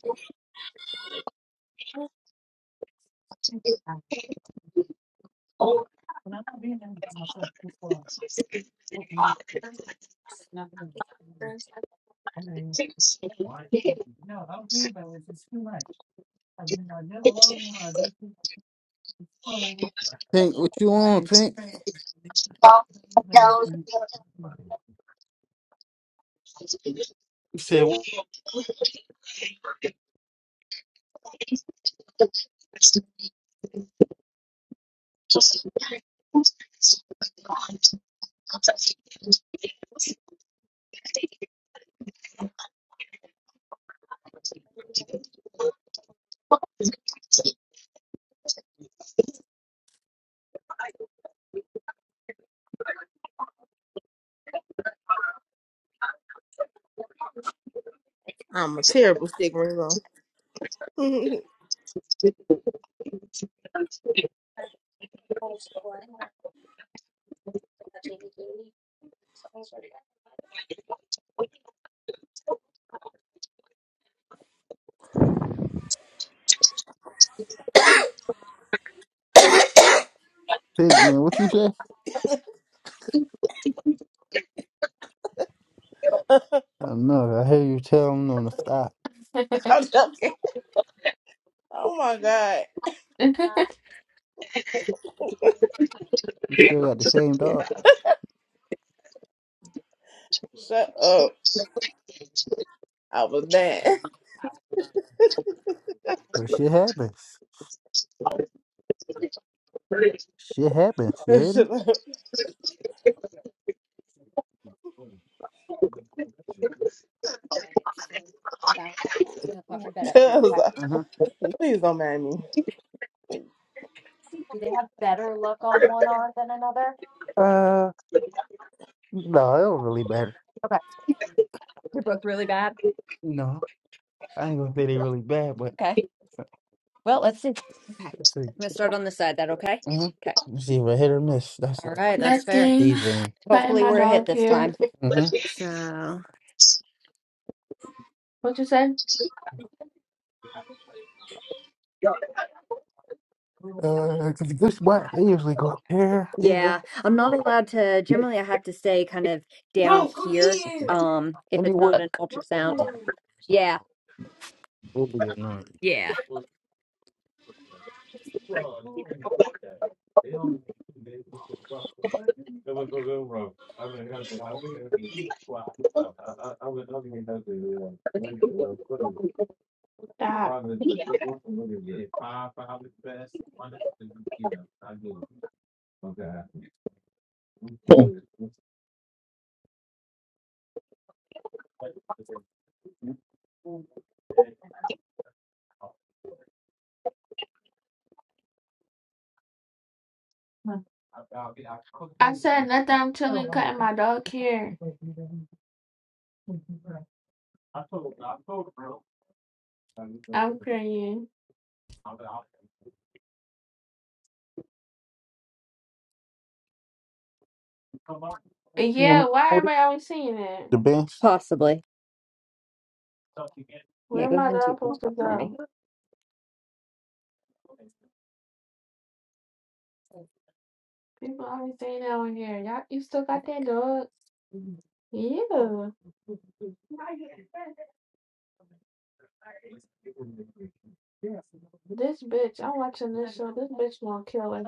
I'm a terrible stick Remo. I'm
Pig man, what you say? I don't know. I hear you tell him on the stop.
joking. Oh my god.
You still got the same dog.
Shut up. I was dead.
But shit happens. Shit happens, you hear
Please
me? Uh-huh.
don't mind me.
Uh, no, it don't really matter. Okay. They're both really bad. No, I ain't gonna say they really bad, but Okay. Well, let's see. Okay. I'm Let's see. I'm gonna start on this side. That okay? hmm Okay. Let's see if a hit or miss. That's All it. right, that's fair. With
Nothing.
these things.
Cutting
Hopefully
my
we're a hit
dog
this
hair.
time. Mm-hmm. So
What'd you say?
Uh, 'cause this black, they usually go up here. Usually. yeah, I'm not allowed to generally I have to stay kind of down here. Um if it's Anyway, not an ultrasound. Yeah. it'll be annoying. Yeah.
Stop. I said nothing. I'm chilling, cutting my dog hair. I'm crying. Yeah, why everybody always saying that?
The bench. Possibly. Yeah,
Where
go ahead
my
and
dog
shoot
supposed to
yourself.
go? People always saying that on here. Y'all, you still got that dog? Yeah. This bitch, I'm watching this show. This bitch gonna kill her.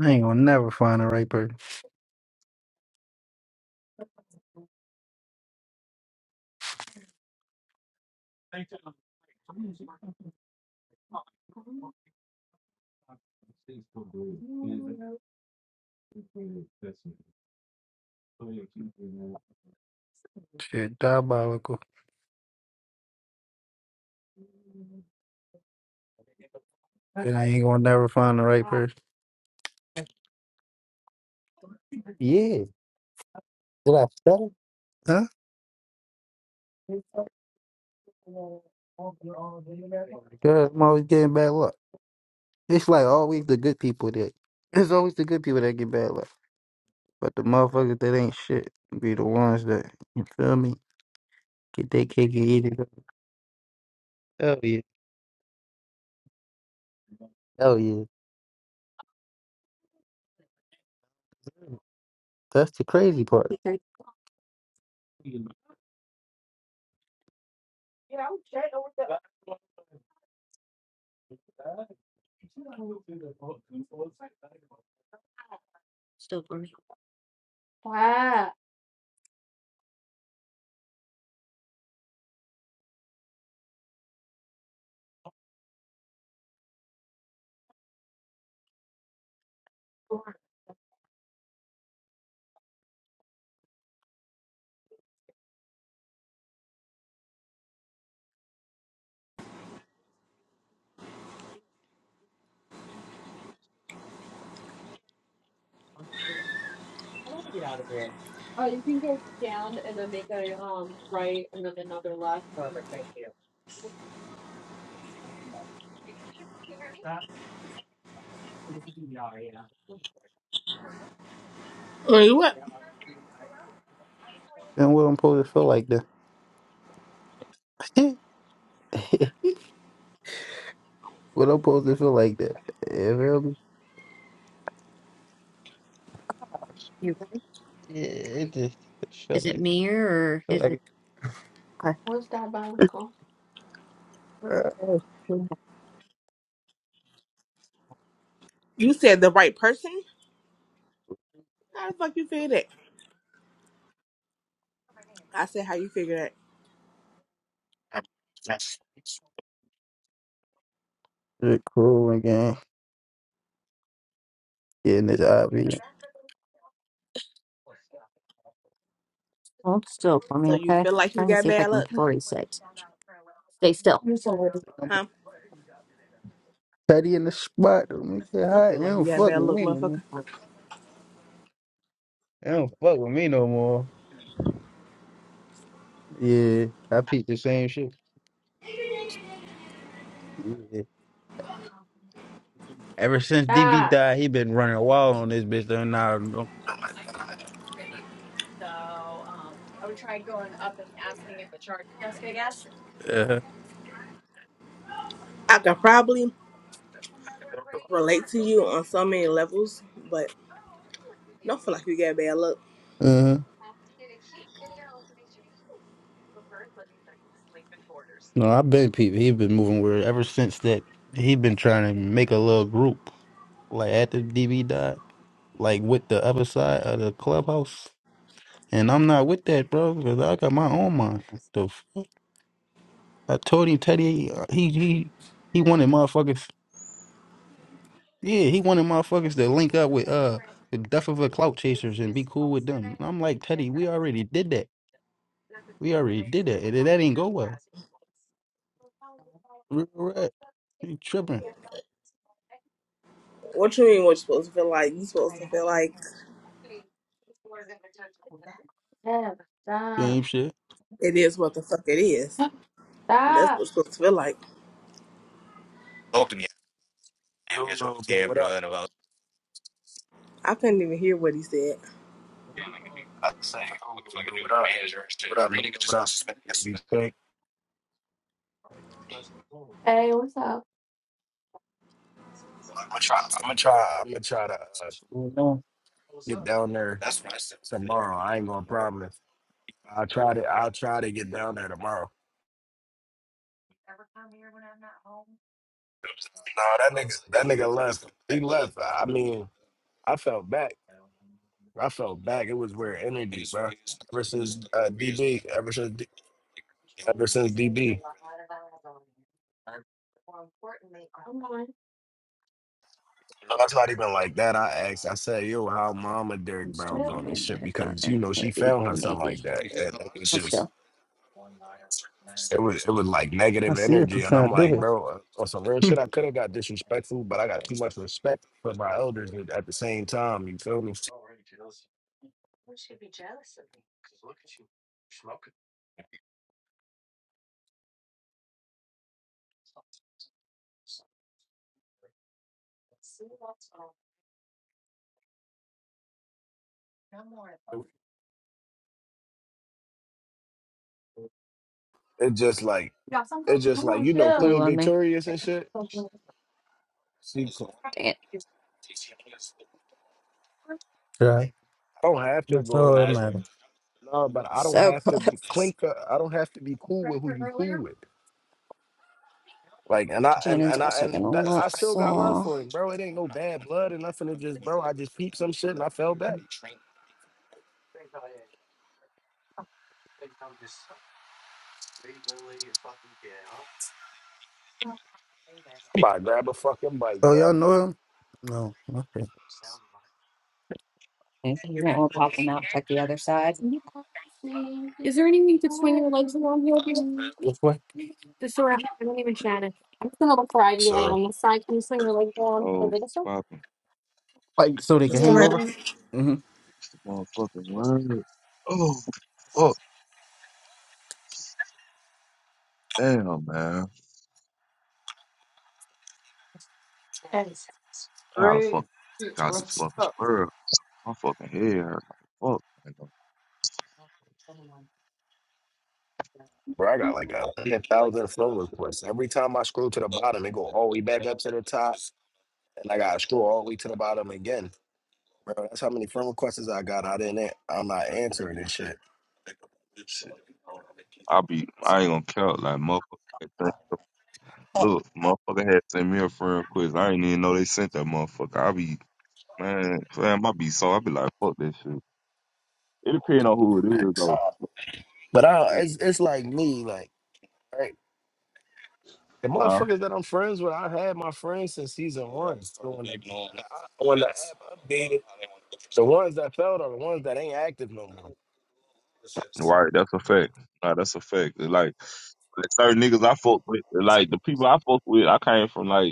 I ain't gonna never find the right person. Shit, diabolical. And I ain't gonna never find the right
Stop.
person. Yeah. Did I stutter? Huh? Good. I'm always getting bad luck. It's like always the good people that. It's always the good people that get bad luck. But the motherfuckers that ain't shit be the ones that, you feel me, get their cake and eat it. up. Hell yeah. Hell yeah. That's the crazy part.
Stop.
Well, You what?
And what I'm supposed to feel like that. what I'm supposed to feel like that. You feel me? Yeah, it just feel Is it? like, feel Is like it?
What's diabolical?
You said the right person? How the fuck you figure that? I said how you figure that.
like it's cool again. Getting this obvious. Hold still for me,
So you
okay?
feel like you
trying to
got
see if I
bad
can
luck?
party Stay still.
Huh?
Teddy in the spot. Don't make it
Don't
hot.
feel
You
like you
don't
got
fuck
bad
with
luck,
me no more.
motherfucker.
You don't fuck with me no more. Yeah, I peeped the same shit. Yeah. Ever since DB
Stop.
died, he been running wild on this bitch. Though now, don't- uh-huh.
I could probably relate to you on so many levels, but don't feel like you got bad luck.
Uh-huh. no, I've been peeping. He been moving weird ever since that. He been trying to make a little group like after DB died, like with the other side of the clubhouse. And I'm not with that, bro, because I got my own mind. The fuck? I told him Teddy uh, he he he wanted motherfuckers yeah, he wanted motherfuckers to link up with uh the duff of the clout chasers and be cool with them. And I'm like, Teddy, we already did that. We already did that. And that ain't go well. Real rap. You tripping.
What you mean what you supposed to feel like? You supposed to feel like
Yeah, stop.
Same shit.
it is what the fuck it is. That's what
Stop.
it's supposed to feel like.
Who knows what I
I couldn't even hear what he said.
I say? Who what I what I mean? What I be fake?
Hey, what's up?
I'm gonna try. I'm gonna try. I'm gonna try to uh, get down there tomorrow. I ain't gonna promise. I'll try to. I'll try to get down there tomorrow. No, that nigga. That nigga left. He left. I mean, I felt back. I felt back. It was weird energy, bro. Ever since uh, DB. Ever since. D- Ever since DB.
More importantly, I'm going.
No, it's not even like that. I asked, I said, yo, how mama Derek Brown doing this shit? Because you know, she found herself like that. And it was just it was it was like
I
negative
see what you're
energy. And I'm
trying to
like,
do
bro, on some real
here.
shit, I could have got disrespectful, but I got too much respect for my elders at at the same time, you feel me? It just like it just
I'm
like
going
you know
to
Blew
Queen
on me.
Victorious and shit.
Dang
She I
it. Right.
don't have to
That's
go over
all that
there.
matters.
No, but I don't
So
have to be-
close.
clink. uh, I don't have to be cool with who you cool with. Like and I and
Shannon's
and I
also gonna
and that, I
look,
still got love
so
for him, bro. It ain't no bad blood or nothing. It just, bro, I just peeped some shit and I fell back. I'm about to grab a fucking bike,
Oh, y'all
bro.
know him? No. Okay.
chill.
Which way?
So,
Oh, it's popping.
Like, so they
That's
can
the
hang
Yo.
over?
right.
hmm
The motherfucking word. Oh, fuck. Damn, man.
Thanks.
I gotta
Craig,
fucking check out this
what's
fucking word. My fucking head hurt like fuck. Like, oh,
bro, I got like a hundred thousand flow requests. Every time I scroll to the bottom, it go all the way back up to the top, and I gotta scroll all the way to the bottom again, bro. That's how many friend requests I got. I didn't. an- I'm not answering this shit.
shit. I be, I ain't gonna count like motherfucker. That thing- Look, motherfucker had sent me a friend quiz. I ain't even know they sent that motherfucker. I be, man, fam, I be so, I be like, fuck this shit. It depends on who it is,
Thanks.
though.
But I, it's it's like me, like right. The
Huh?
motherfuckers that I'm friends with, I had my friends since season one. The the ones that failed are the ones that ain't active no more.
Right, that's a fact. Nah, that's a fact. It's like, like certain niggas I fuck with, like, the people I fuck with, I came from, like,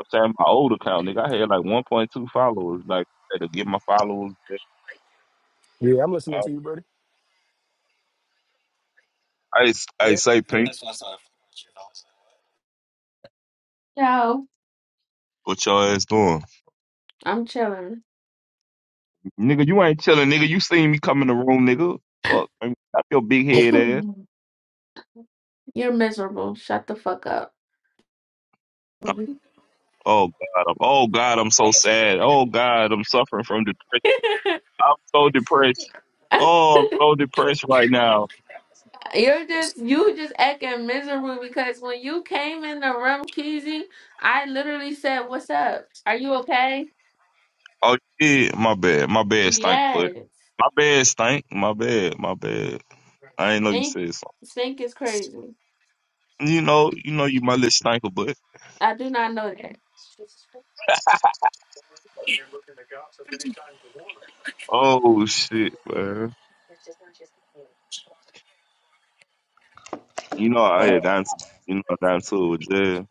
I'm saying my old account, nigga. I had like 1.2 followers. Like, I had to get my followers. back.
Yeah, I'm listening
I,
to you, buddy.
I, I
Yeah,
say, Pink,
Yo,
what your ass doing?
I'm chilling.
Nigga, you ain't chilling, nigga. You seen me come in the room, nigga. Fuck, man. Stop your big head ass.
You're miserable. Shut the fuck up.
Oh God, I'm, oh God, I'm so sad. Oh God, I'm suffering from depression. I'm so depressed. Oh, I'm so depressed right now.
You're just you just acting miserable because when you came in the room, Kizzy, I literally said, "What's up? Are you okay?"
Oh yeah, my bad, my bad, stink, but
Yes.
my bad, stink, my bad, my bad. I ain't know you
Stink.
said
stink is crazy.
something. You know, you know, you my little stinker, but
I do not know that.
Oh shit, man. You know I had gotten you know I got into it with Jazz.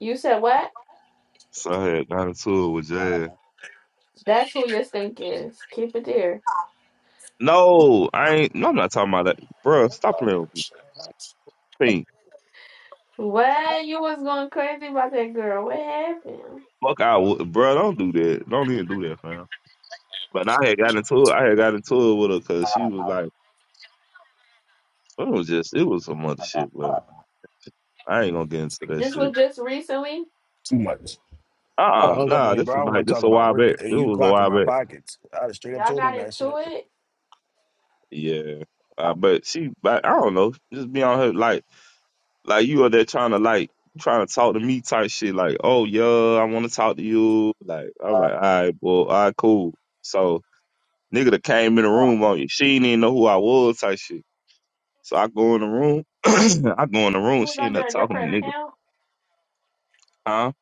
You said what?
So I had gotten into it with Jazz.
That's who your stink is. Keep it there.
No, I ain't no I'm not talking about that. Bruh, stop playing with me. Pink.
What you was going crazy about that girl? What happened?
Fuck I would bruh, don't do that. Don't even do that, fam. But I had gotten into it I had gotten into it with her cause she was like it was just it was some other shit, but I ain't gonna get into that
This
shit.
was just recently.
too much.
Uh
I'd have
uh
hung up
nah,
on him,
this
bro. I
was
don't
like
want to
this
talk
a
about
while
work.
back.
and
This
you
was a
clocking
while
my
back.
pockets. I'd have straight up
Y'all
told him
got
that
into
shit.
it.
Yeah. Uh, but she but I don't know. Just be on her like Like you are there trying to like trying to talk to me type shit. Like, oh yeah, I want to talk to you. Like, I'm like, all right, well, all right, cool. So nigga that came in the room on you. She didn't even know who I was type shit. So I go in the room. I go in the
You
room.
was
She
under
ended up
a
talking to
different
nigga.
account.
Huh?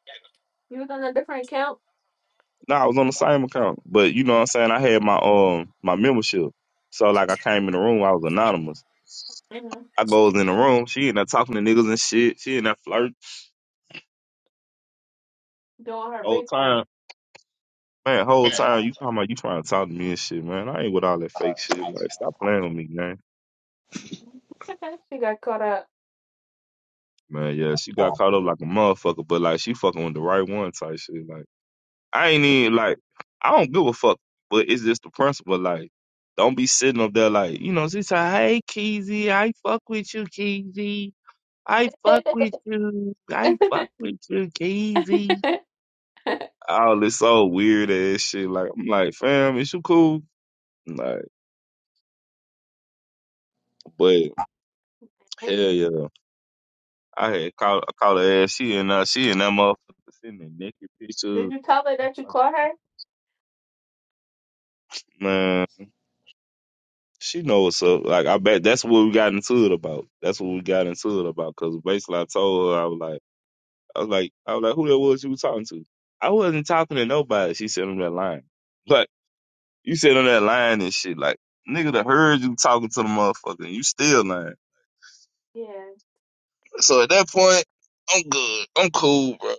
You was under a different account.
No, I was on the same account, but you know what I'm saying. I had my um my membership, so like I came in the room. I was anonymous.
hmm
I goes in the room. She ended up talking to niggas and shit. She ended up flirting
Doing her
the whole time.
Bitcoin.
Man, whole time you talking about you trying to talk to me and shit, man. I ain't with all that fake shit. Like, stop playing with me, man.
she got caught up.
Man, yeah, she got caught up like a motherfucker, but like she fucking with the right one type shit. Like, I ain't even like, I don't give a fuck, but it's just the principle. Like, don't be sitting up there like, you know, she say, hey, Keezy, I fuck with you, Keezy. I fuck with you. I fuck with you, Keezy. All this so weird ass shit. Like, I'm like, fam, is you cool? Like, but hell yeah. I had called I called her ass. She and uh she and that motherfucker sending naked
Did
pictures.
you tell her
I was
that you
like,
caught her?
Man, she know what's up. Like I bet that's what we got into it about. That's what we got into it about. Cause basically I told her I was like I was like I was like who that was you was talking to? I wasn't talking to nobody. She sent on that line. Like you said on that line and shit. Like nigga, that heard you talking to the motherfucker. And you still lying.
Yeah,
So at that point, I'm good. I'm cool, bro.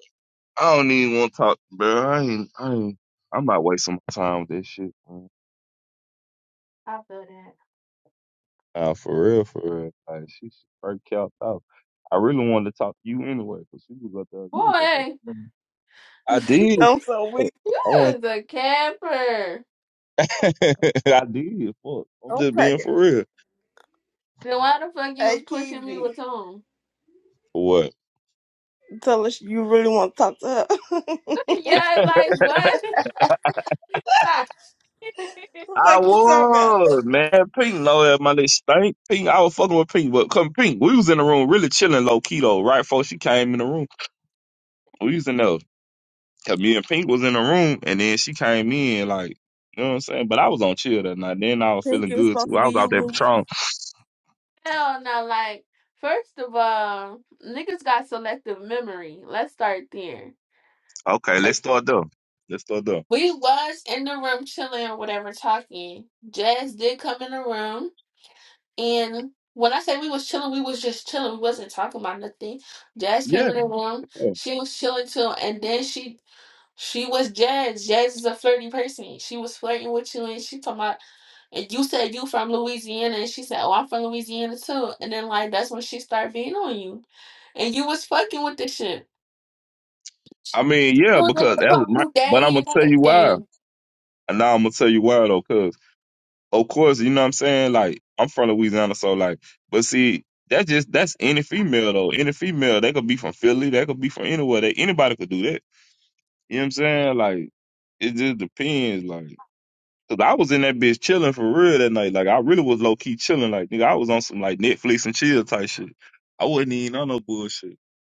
I don't even want to talk, bro. I ain't, I ain't, I am not wasting my time with this shit. Man.
I feel that.
Nah, for real, for real. Like, she should break out out. I really wanted to talk to you anyway, because she was up there. You was up
Boy,
there. Mhm. I did.
I'm so
Fuck,
weak.
you
I want.
was a camper.
I did. Fuck. I'm
I'm
just being
cracking.
for real.
Then why the fuck you was
Hey,
pushing me
Keezy,
with him?
For what?
tell us you really want to talk to her. what the
yeah, it's like what? Like,
I
fuck you talking about?
was man. Pink, low at my little stink. Pink, I was fucking with Pink, but come Pink, we was in the room really chilling low key though. Right before she came in the room, we was in there Cause me and Pink was in the room, and then she came in, like, you know what I'm saying? But I was on chill that night. Then I was feeling
Pinky was
good
supposed
too.
to
I
be
was
you,
out there
boo.
patrolling.
Hell no, like first of all, niggas got selective memory. Let's start there.
Okay, let's start there. Let's start there.
We was in the room chilling or whatever, talking. Jazz did come in the room, and when I say we was chilling, we was just chilling. We wasn't talking about nothing. Jazz came
Yeah.
in the room.
yeah.
She was chilling too, and then she she was Jazz. Jazz is a flirty person. She was flirting with you, and she talking about. And you said you from Louisiana, and she said, "Oh, I'm from Louisiana too." And then like that's when she started being on you, and you was fucking with this shit.
I mean,
You
yeah,
was in
because
there
that was
calling
my.
you
But I'm
daddy
gonna
and
tell you why.
everything.
And now I'm gonna tell you why though, cause of course, you know what I'm saying. Like, I'm from Louisiana, so like, but see. That just that's any female though. Any female, they could be from Philly, they could be from anywhere. They anybody could do that. You know what I'm saying? Like it just depends. Like Cause I was in that bitch chilling for real that night. Like I really was low key chilling. Like nigga, I was on some like Netflix and chill type shit. I wasn't even on no bullshit.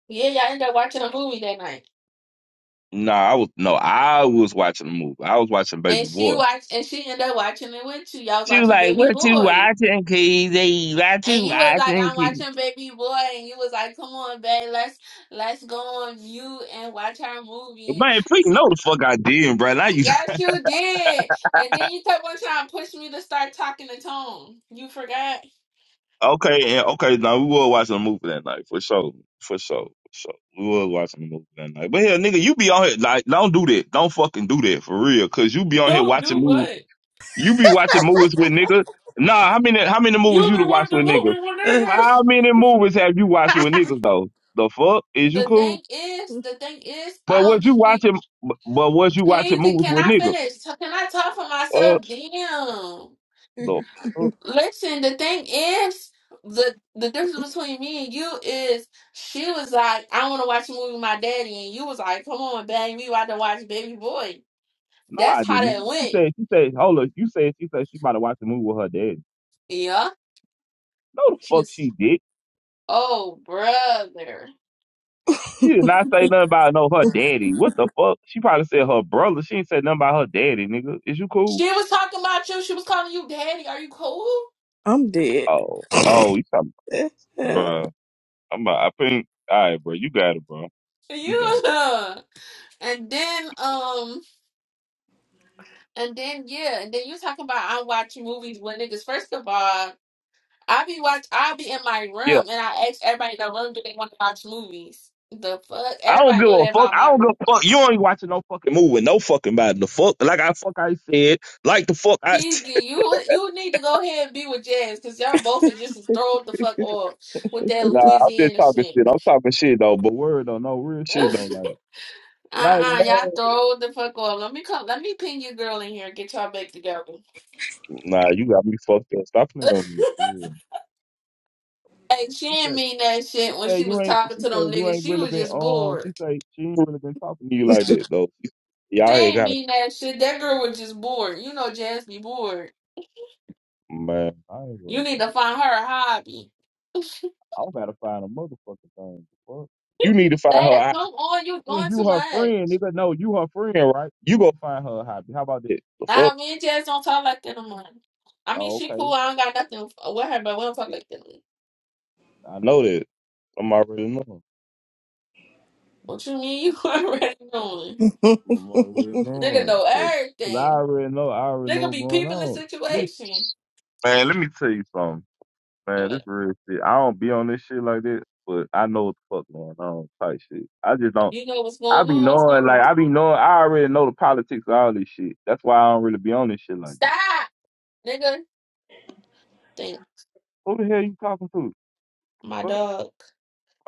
Yeah, y'all ended up watching a movie that night.
Nah, I was no, I was watching the movie. I was watching Baby
And she
Boy.
watched and she ended up watching it with you. Y'all was
She was
watching
like,
Baby
"What you
Boy.
watching, Kizzy? What
And
you
you was like,
watching,
I'm
Kizzy?"
watching Baby Boy and you was like, Come on, babe, let's let's go on you and watch our movie.
Man, please know the fuck I did, bro. Now you
Yes, you did. And then you kept on trying to push me to start talking to Tone. You forgot.
okay? And okay, now we were watching a movie that night for sure, for sure, for sure. We were watching a movie that night. But hell, nigga, you be on here like, don't do that. Don't fucking do that for real, cause you be on here
Don't
watching
do
movies
what?
You be watching movies with niggas. Nah, how many how many movies
You
you
be
to watch
watching
with niggas?
movie with
Ugh.
niggas.
How many movies have you watched with niggas though? The fuck is you
The thing
cool?
is, the thing is, I
But
don't
was you
just be
watching? But but was you watching
crazy.
movies
Can
with
I
niggas?
finish? Can I talk for
Uh,
myself? Damn.
the fuck?
Listen, the thing is, the the difference between me and you is she was like, I want to watch a movie with my daddy, and you was like, Come on, baby, we about to watch Baby Boy.
No, I
That's
did
how
not.
that
She
went.
said she said hold up. You said she said she about to watch a movie with her daddy.
Yeah.
No, the fuck
She's
she did.
oh brother.
She did not say nothing about no her daddy. What the fuck? She probably said her brother. She ain't said nothing about her daddy, nigga. Is you cool?
She was talking about you. She was calling you daddy. Are you cool?
I'm dead.
Oh, oh, you talking, bruh. I'm about, I think. All right, bro. You got it, bro. You got
You
it.
and then um and then yeah and then you talking about I watch movies with niggas. First of all. I be watch. I be in my
Yeah.
room and I ask everybody in the room do they want to watch movies. The fuck,
I don't
everybody
give
knew
a
that
fuck.
about
I
my
don't give
room.
a fuck. You ain't watching no fucking movie. No fucking body. The fuck, like I fuck I said, like the fuck I.
Peasy, you you need to go ahead and be with Jazz because y'all both are just as throwed the fuck off with that
nah, I'm just
Louisiana
talking
shit.
shit. I'm talking shit though. But word though, no real
uh
shit though. Like, like
uh, y'all
no.
throwed the fuck off. Let me come. Let me pin your girl in here and get y'all back together.
Nah, you got me fucked up. Stop playing with me. Yeah.
Hey, she
She
didn't
said,
mean that
she
shit when
said
she
you
was
ain't.
talking
She
to them
said you
niggas.
ain't
She
really
was
been.
just
Uh,
bored.
she said she ain't really been talking to you like that though.
She
Y'all had
didn't
kind of
mean that shit. That girl was just bored. You know, Jazz be bored.
man. I ain't
You
worried
need
about that.
to find her a hobby.
I gotta find a motherfucking thing. The Fuck. You need to find her
Dad,
a hobby.
come on, you doing
Since
too
you her
much.
friend, nigga. No, you her friend, right? You go find her a hobby. How about that? The fuck?
Nah, me and Jazz don't talk like that no more. I mean,
Oh,
she
okay.
cool. I don't got nothing with her, but we don't talk like that.
I know that. I'm already knowing.
What you mean you already knowing?
I'm already
Nigga
knowing.
know
Cause, 'cause I
everything.
already know. I already know
Nigga
what's
be
going
people in
on. Listen,
situation.
man, let me tell you something. Man, this
But
real shit. I don't be on this shit like that, but I know what the fuck going on. Type shit. I just don't.
You know what's
I
going
be
on. What's going
knowing, like,
on?
I be knowing, I already know the politics of all this shit. That's why I don't really be on this shit like that.
Stop, nigga. Think
Who the hell you talking to?
my
Fuck,
dog.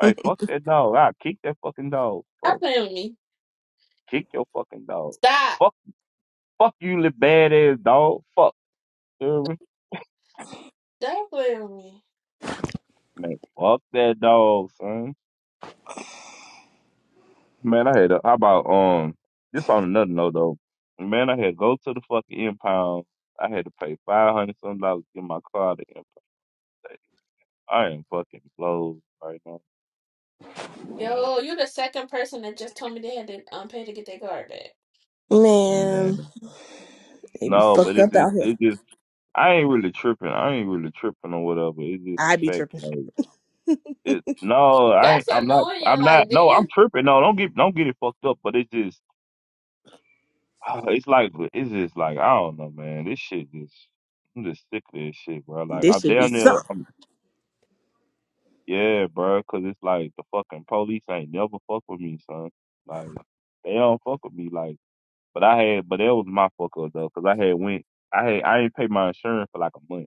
right, fuck that dog. I kick that fucking dog.
Stop
Fuck,
playing with me.
kick your fucking dog.
Stop.
Fuck, fuck you, little bad ass dog. Fuck, dude.
Stop playing with me.
man, fuck that dog, son. Man, I had a, how about um, this on another note though. Man, I had to go to the fucking impound. I had to pay five hundred some dollars to get my car out of the impound. I am fucking blown right now,
Yo, you the second person that just told me they had to um pay to get their card back.
Man,
man.
they be
No, but
fucked
it's
up
just,
out here.
it just, I ain't really tripping. I ain't really tripping or whatever. It's just the
I be
fact,
tripping.
like. It, no, I ain't-
That's
I'm not
annoying.
I'm
Like,
not no I'm
damn.
tripping no don't get don't get it fucked up but it's just ah, it's like it's just like I don't know man this shit just I'm just sick of this shit bro like
This
I'm
should be
down there
something.
I'm, yeah bro cause it's like the fucking police ain't never fuck with me son like they don't fuck with me like but I had but that was my fuck up though cause I had went I had I didn't pay my insurance for like a month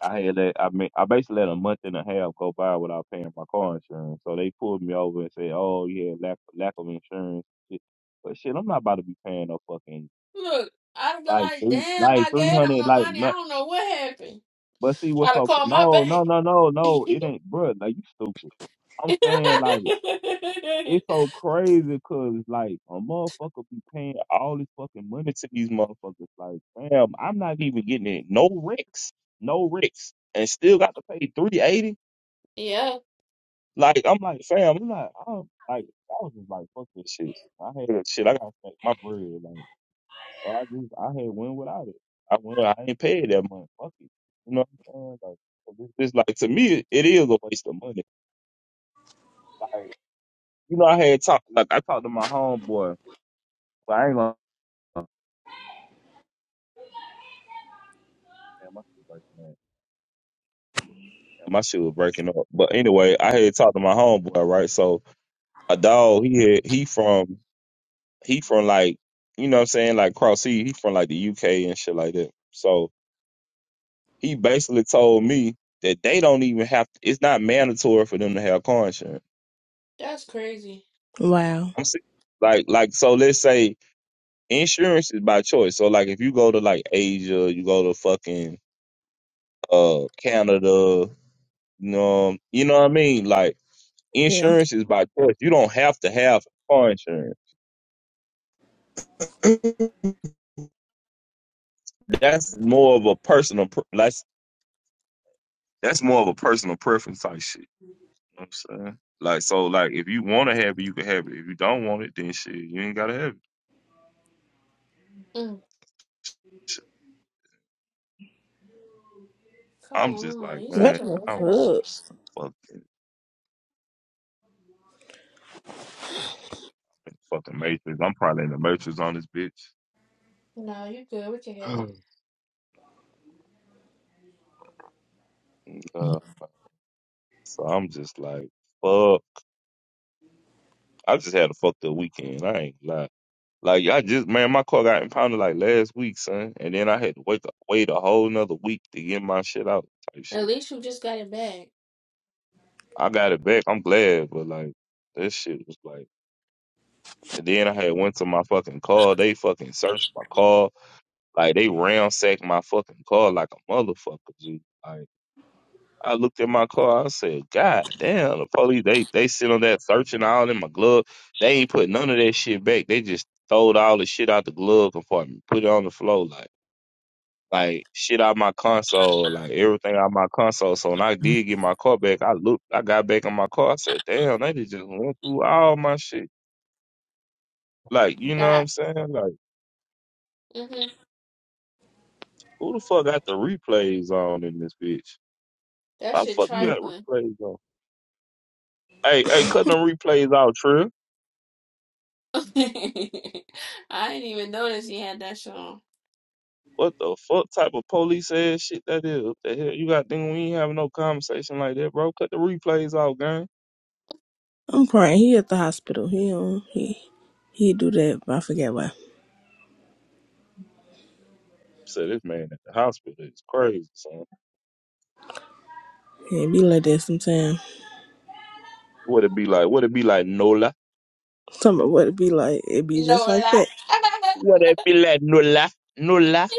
I had let I mean I basically let a month and a half go by without paying my car insurance. So they pulled me over and said, "Oh yeah, lack lack of insurance." Shit. But shit, I'm not about to be paying no fucking
Look, I'd have been
like
like,
three
damn,
like
I
three
gave them
hundred
the
like
money. I
no.
don't know what happened.
But see
i
what's
to
so
call my
no
bank.
no no no no it ain't bro. like you stupid. I'm saying like it's so crazy because like a motherfucker be paying all this fucking money to these motherfuckers. Like damn, I'm not even getting it. No wrecks, no wrecks, and still got to pay three eighty.
yeah,
Like I'm like, fam, I'm not. I don't, like I was just like, fuck this shit. I had shit. I got to make my bread. Like so I just I had win without it. I went. I ain't paid that month. Fuck it. You know what I'm saying? Like so this, this like to me, it is a waste of money. Like you know, I had talked. Like I talked to my homeboy, but I ain't gonna. Damn, my shit breaking up. Damn, My shit was breaking up. But anyway, I had talked to my homeboy, right? So a dog, he had, he from he from like you know what I'm saying like Cross Sea, he from like the UK and shit like that. So he basically told me that they don't even have it's not mandatory for them to have car insurance.
that's crazy.
Wow.
I'm se- like like so let's say insurance is by choice. So like if you go to like Asia, you go to fucking uh Canada, you know you know what I mean? Like
Yeah.
insurance is by choice. You don't have to have car insurance. That's more of a personal pre- that's that's more of a personal preference type shit. You know what I'm saying? Like, so, like, if you want to have it, you can have it. If you don't want it, then shit, you ain't gotta have it.
Mm,
Shit,
come
I'm just like,
on, you
What
such
man,
a
I'm
weirdo.
the
just fucking in the fucking matrix. I'm probably in the matrix on this bitch.
No, you good. We can have you.
Uh, so I'm just like, fuck. I just had a fucked up weekend. I ain't gonna lie. Like I just man, my car got impounded like last week, son, and then I had to wait wait a whole nother week to get my shit out. Type
At
shit.
least you just got it back.
I got it back. I'm glad, but like that shit was like. And then I had went to my fucking car. They fucking searched my car. Like they ransacked my fucking car like a motherfucker. G. Like I looked at my car. I said, God damn, the police. They they sit on that searching all in my glove. They ain't put none of that shit back. They just throwed all the shit out the glove compartment, put it on the floor, like like shit out my console, like everything out my console. So when I did get my car back, I looked, I got back in my car. I said, damn, they just went through all my shit. Like you know what I'm
Stop.
saying? Like.
hmm
Who the fuck got the replays on in this bitch?
That
Why the
shit
fuck you
fuck?
got
trifling.
replays on? Hey, hey, cut them replays out, Trill.
I didn't even notice he had that shit on.
What the fuck type of police ass shit that is? What the hell? You got thing. we ain't having no conversation like that, bro? Cut the replays out, gang.
I'm crying. He at the hospital. He on he he do that. But I forget why.
Said this man at the hospital is crazy, son.
Yeah, It be like that sometimes.
What it be like? What it be like, Nola?
Some of what it be like. It be
No
just like
lie.
that.
What it be like, Nola? Nola?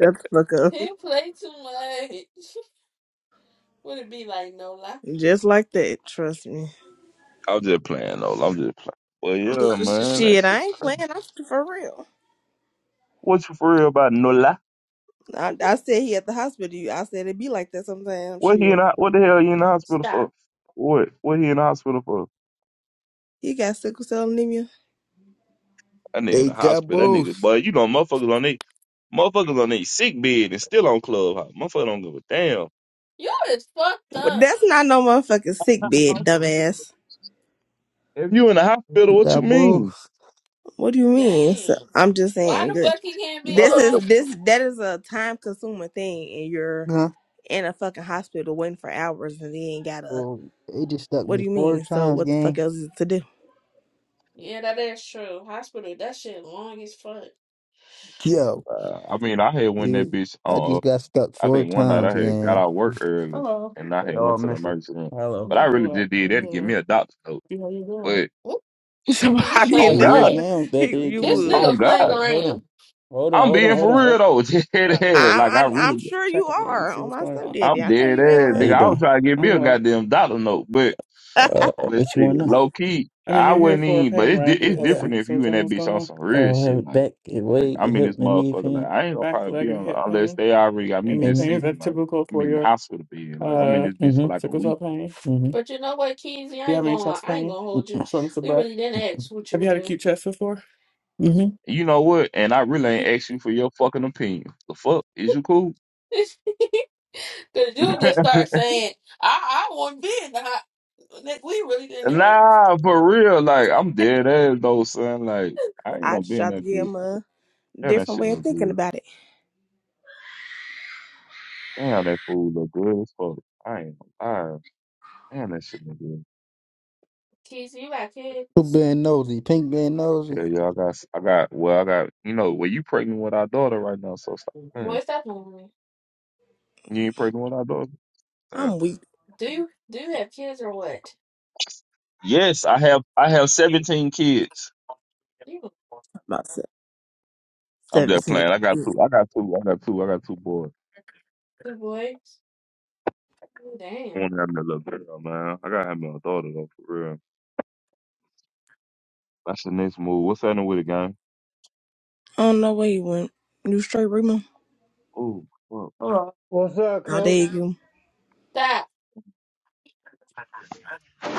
Shut the fuck up.
he play too much. Would it be like no lock?
Just like that. Trust me.
I'm just playing, Nola. I'm just playing. Well, yeah, man, that
Shit,
shit
I ain't playing.
crazy.
I'm for real.
What you for real about, Nola?
I, I said he at the hospital. You, I said it be like that sometimes.
What he in?
Shit.
the- What the hell he in the hospital
Stop.
for? What? What he in the hospital for?
He got sickle cell anemia.
That nigga in
They
the
got
hospital. That nigga,
both.
but you know, motherfuckers on they motherfuckers on they sick bed and still on clubhouse. Motherfucker don't give a damn.
You is fucked
Well,
up.
that's not no motherfucking sick bed, dumbass.
If you in the hospital,
He
what you
got
mean?
both.
What do you mean? So,
Dang.
I'm just
Why
saying.
the
girl,
fuck he can't be in the
This
Look,
is
hospital?
this that is a time consuming thing, and you're
Huh?
in a fucking hospital waiting for hours and they ain't got a.
Well, they just stuck
What do
me
you
four
mean? So
times,
what the fuck
gang.
else is to do?
Yeah, that is true. Hospital, that shit long as fuck.
Yo.
Uh, I mean, I had went that
Dude,
bitch
I
on.
just
Uh,
got stuck
I
four
think one night I
times,
had got
gang.
out work early and I
They
had went
all
to the
missing.
emergency room.
Hello.
But I really just did that to give me a doctor note. But
Oop,
shit,
So
nigga, you
I did
playing
on
They
that
is
for
God,
around.
the,
now
he,
that they
you
can't
This
get
would.
me.
on
nigga playing
God,
But hold
around.
on. Hold on,
I'm
hold on,
being
hold
for
on,
real
hold
though.
on. Uh,
Dead ass. Like I
I, I
really.
I'm sure you are on my stepdaddy.
I'm
I know
dead
you ain't
ass,
How
nigga.
lying.
you
I was
doing?
trying to get me a goddamn dollar note, but
I
Uh,
but
what you
shit,
want now?
low key, I wouldn't even. But it's di- it's different if you in that bitch on some real
Oh, have
shit,
it
like
back, it
like
leg, it
I'm in
hip,
this
and knee
motherfucker, like
pain.
I ain't gonna probably be on unless they already got me just sitting, like I'm in the hospital bed, like I'm in this bitch for
Mm-hmm.
like a week.
Mm-hmm.
But you know what, Kizzy, I ain't gonna I ain't gonna hold you. We really didn't ask what you were doing.
And you know what? And I really ain't asked you for your fucking opinion. The fuck is you cool?
Cause you just start saying, I I won't be in the hot Nick, we really didn't ask.
Nah, for real, like I'm dead ass though, son. Like I ain't gonna
just
be in
tried to
that
give
bitch.
him a
Damn, that
different
shit
way of
look good.
thinking about it.
Damn, that food look good as fuck. I ain't gonna lie. Damn, that shit look good.
Kizzy, you got
You
kids?
being nosy, pink being nosy.
Hell yeah, I got, s- I got, well, I got, you know, well, you pregnant with our daughter right now, so stop. Man,
Boy, stop lying.
you ain't pregnant with our daughter. Damn.
I'm weak.
Do you do you have kids or what?
Yes, I have, I have seventeen kids.
You got
About se-
I'm just
17.
playing. I got
Yeah.
two. I got two. I got two. I got two boys.
two boys.
I
Damn.
want to have me a little girl, man. I gotta have me a daughter though, for real. That's the next move. What's happening with it, gang?
I don't know where you went. You straight, Remo?
Oh, fuck.
What's up,
I
coach?
dare you?
That.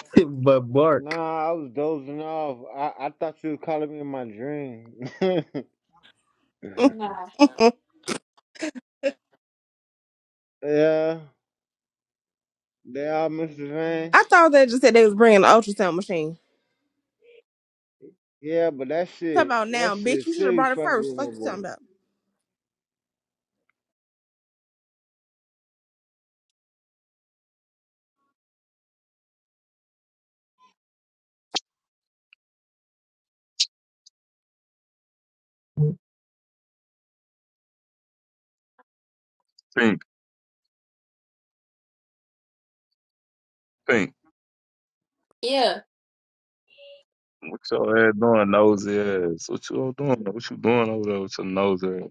but bark.
Nah, I was dozing off. I, I thought you was calling me in my dream.
Nah.
I
Yeah, they are Mr. Van.
thought they just said they was bringing the ultrasound machine.
Yeah, but that
Talk
shit,
about now,
that
bitch.
shit
You should have
still be
brought it
fucking
first. Like
with
you
my boy.
talking
Pink, pink.
Yeah.
What your ass doing, nosy ass? What you all doing? What you doing over there with your nosy ass?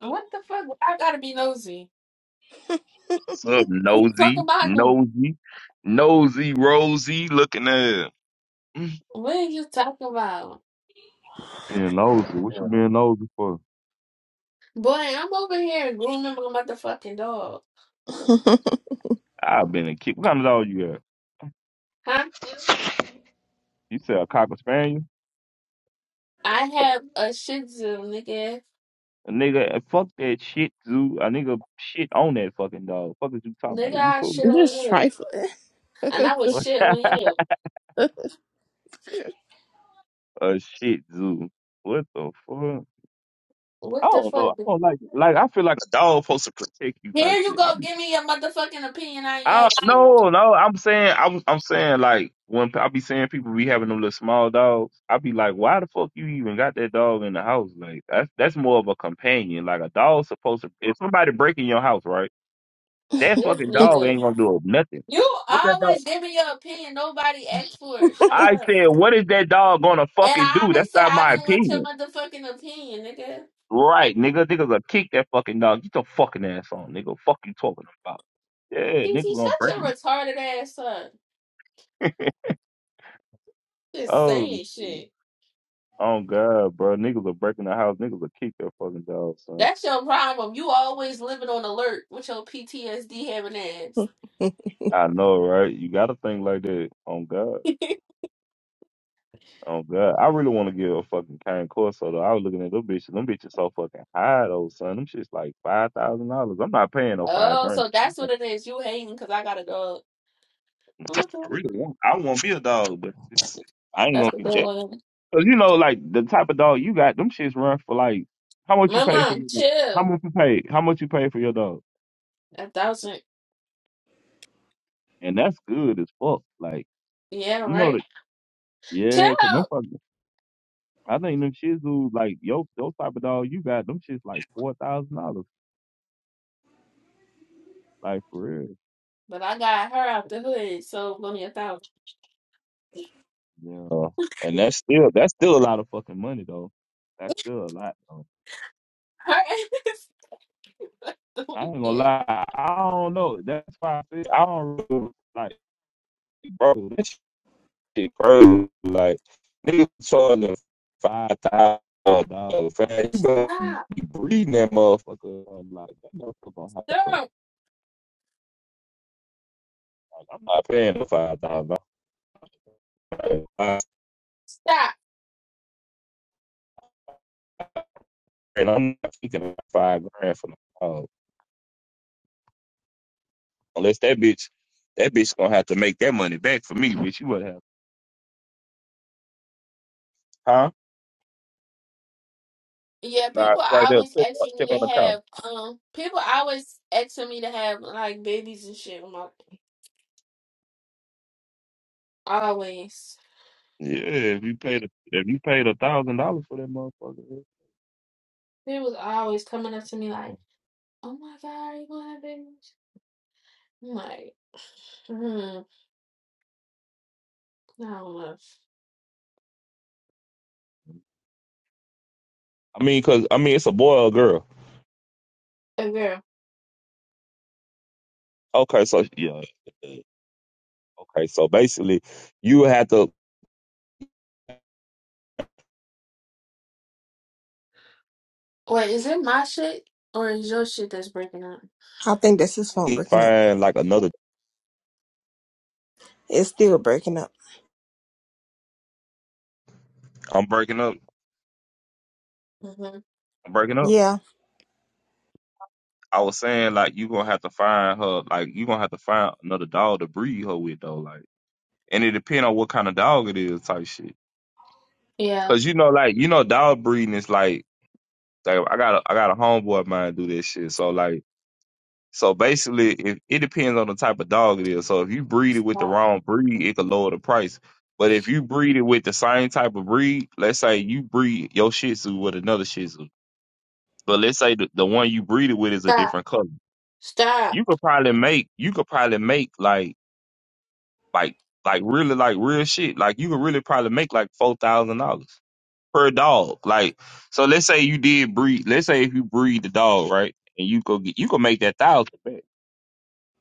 What the fuck? I gotta be nosy.
What's up,
Talk
nosy,
about them.
nosy, nosy, rosy looking at
What are you talking about?
being nosy. What you being nosy for?
Boy, I'm over here grooming my motherfucking dog.
about?
I've been a kid. What kind of dog you got?
Huh?
You said a cocker spaniel?
I have a shih tzu, nigga.
A nigga, eh, fuck that shit, zoo. A nigga shit on that fucking dog. Fuck is you talking about?
Nigga,
Is you
I
cool?
shit on
just
you.
trifling.
And I would
What?
shit on you.
A shit zoo. What the fuck? I
What the
don't know.
fuck?
I don't like like I feel like a dog supposed to protect you type
Here you
shit. I
go,
be.
give me your motherfucking opinion I ain't
I
asked for. it.
no, no. I'm saying I was I'm saying like when I be saying people be having them little small dogs, I be like, why the fuck you even got that dog in the house? Like that's that's more of a companion. Like a dog's supposed to. If somebody breaking your house, right? That
This
fucking dog
nigga.
ain't gonna do nothing.
You
What that dog?
always give me your opinion. Nobody asked for it. Shut
I
up.
said, what is that dog gonna
And
fucking do?
I
That's
said
not
I
my
didn't want your
opinion.
motherfucking opinion, nigga.
Right, nigga, nigga gonna kick that fucking dog. Get your fucking ass on, nigga. Fuck you talking about? Yeah, nigga
Kiki,
gonna
shut
break
your
it.
retarded ass up. Just
Oh.
saying shit.
Oh God, bro, niggas are breaking the house. Niggas will keep their fucking dogs, son.
That's your problem. You always living on alert with your PTSD having ass.
I know, right? You got to think like that. On God, on God, I really want to give a fucking cane Corso though. I was looking at them bitches. Them bitches so fucking high though, son. Them shits like five thousand dollars. I'm not paying no five
Oh,
grand.
so that's
I
what it is. You hating because I got a dog. Okay.
really want. I want me a dog, but it's, I ain't
That's
gonna
what that
get that.
was.
Cause you know, like the type of dog you got, them shits run for like how much you
My
paid for
mom,
your dog? How
chill.
much you paid? How much you paid for your dog?
A thousand.
And that's good as fuck. Like
Yeah,
you know
right?
that.
Chill.
Yeah, 'cause them fucking I think them shih tzus like yo, those type of dog you got them shits like four thousand dollars, like for real.
But I got her out the hood, so give me a thousand.
Yeah, Uh, and that's still that's still a lot of fucking money though. That's still a lot. Though.
Her ass. is
I
doing
ain't gonna
it.
lie, I don't know. That's why I said I don't really, like, bro. This shit crazy. Like niggas charging them five thousand dollars. You better
Stop.
be breeding that motherfucker. I'm like that motherfucker gonna have to.
Stop.
Like, I'm not paying the five thousand.
Stop.
and I'm not thinking about five grand for no dog. Unless that bitch, that bitch gonna have to make that money back for me, bitch. You would have, huh?
Yeah,
Nah,
people
it's right there.
always
Check, on-
asking
check
me
on the
to
counter.
have um people always asking me to have like babies and shit with my always.
Yeah, if you paid, a, if you paid a thousand dollars for that motherfucker.
They was always coming up to me
yeah.
like, Oh my god, are you gonna have babies? I'm like, hmm, I don't know.
I mean, cause I mean, it's a boy or a girl.
A girl.
Okay, so yeah, yeah, okay, so basically, you would have to
Wait, is it my shit or is your shit that's breaking up?
I think that's his phone breaking up.
find like another.
It's still breaking up.
I'm breaking up.
hmm
I'm breaking up.
Yeah.
I was saying like you gonna have to find her. Like you gonna have to find another dog to breed her with though. Like. and it depends on what kind of dog it is, type shit.
Yeah.
Cause you know, like you know, dog breeding is like, like I got a, I got a homeboy of mine do this shit. So like, so basically, if it depends on the type of dog it is. So if you breed it with the
Stop.
wrong breed, it could lower the price. But if you breed it with the same type of breed, let's say you breed your Shih Tzu with another Shih Tzu, but let's say the, the one you breed it with is a
Stop.
different color,
Stop.
you could probably make you could probably make like like like really like real shit. Like you could really probably make like four thousand dollars per dog. Like, so let's say you did breed. Let's say if you breed the dog, right, and you go get, you can make that thousand back.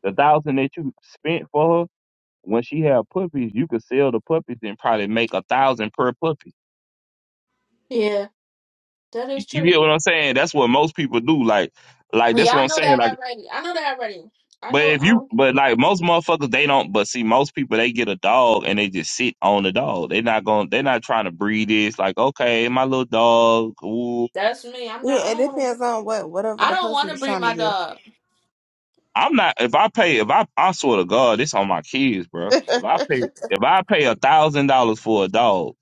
The thousand that you spent for her when she had puppies, you could sell the puppies and probably make a thousand per puppy.
Yeah, that
You,
is
you
true.
get what I'm saying? That's what most people do. Like, like that's
Yeah,
what
I
I'm
know
saying.
that
Like,
already. I know that already. I
but
know
if you,
um
but like most motherfuckers, they don't. But see, most people they get a dog and they just sit on the dog. They're not going. They're not trying to breed this. Like, okay, my little dog. Ooh,
that's me. I'm not I
Yeah, it
don't wanna
depends on what whatever
I
the
don't
person
wanna
is
bring
trying to
my
do.
dog.
I'm not. If I pay, if I, I swear to God, this on my kids, bro. If I pay, if I pay a thousand dollars for a dog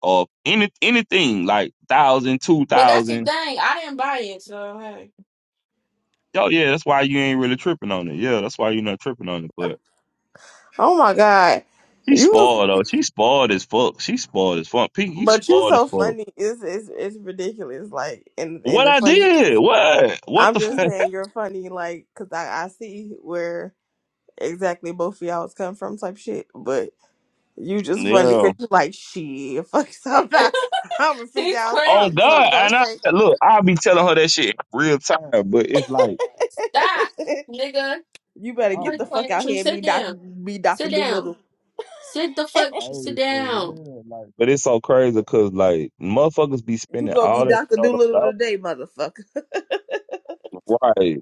or any anything like thousand, two
But that's the
thousand,
thing. I didn't buy it, so hey.
yo, yeah, that's why you ain't really tripping on it. Yeah, that's why you're not tripping on it. But
oh my god.
she
You was
spoiled though. She spoiled as fuck. She spoiled as fuck. Pete, you
but you
spoiled as
so
fuck.
funny. It's it's it's ridiculous. Like and and
What
the
I
funny.
did? What? What
I'm
the?
just
Fuck?
saying you're funny, like, cause I, I see where exactly both of y'all's come from, type shit. But you just funny
Yeah.
cause you like shit. Fuck something. I'm gonna figure
it's
out
Oh
something.
crazy.
Something
God,
gonna
and I
shake.
look. I'll be telling her that shit real time, but it's like.
Stop, nigga.
you better get
Nobody
the fuck
playing with
out
you.
here and be
Sit
Doctor
down.
be Doctor
Sit down.
Doolittle.
Sit the fuck. Sit
Hey, for
down.
real, like But it's so crazy because like motherfuckers be
you
spending
gonna be
all that
Doctor
money on them
Doolittle
dogs.
today, motherfucker.
Right.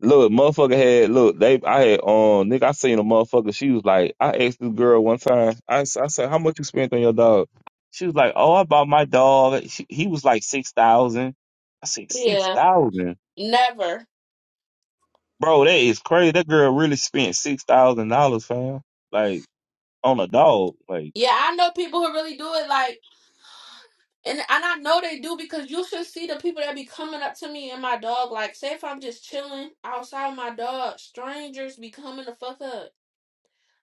Look, motherfucker had look, they I had um nigga, I seen a motherfucker, she was like, I asked this girl one time, I, s- I said, How much you spent on your dog? She was like, Oh, I bought my dog. She, he was like six thousand. I said, six
Yeah.
thousand?
Never.
Bro, that is crazy. That girl really spent six thousand dollars, fam. Like on a dog. Like
Yeah, I know people who really do it. Like, and and I know they do because you should see the people that be coming up to me and my dog. Like, say if I'm just chilling outside with my dog, strangers be coming the fuck up.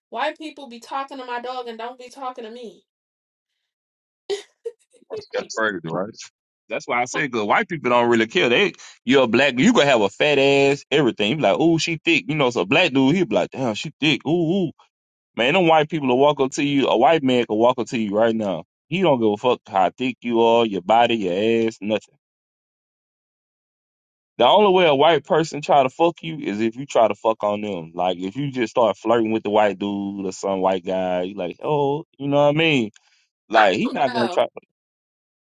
White people be talking to my dog and don't be talking to me.
That's crazy, right? That's why I said, good. White people don't really care. They, you're a black, you gonna have a fat ass, everything. You be like, ooh, she thick. You know, so a black dude, he be like, damn, she thick. Ooh, ooh. Man, them white people will walk up to you. A white man can walk up to you right now. He don't give a fuck how thick you are, your body, your ass, nothing. The only way a white person try to fuck you is if you try to fuck on them. Like if you just start flirting with the white dude or some white guy, you like, oh, you know what I mean?
I
Like he
don't
not gonna
know.
try.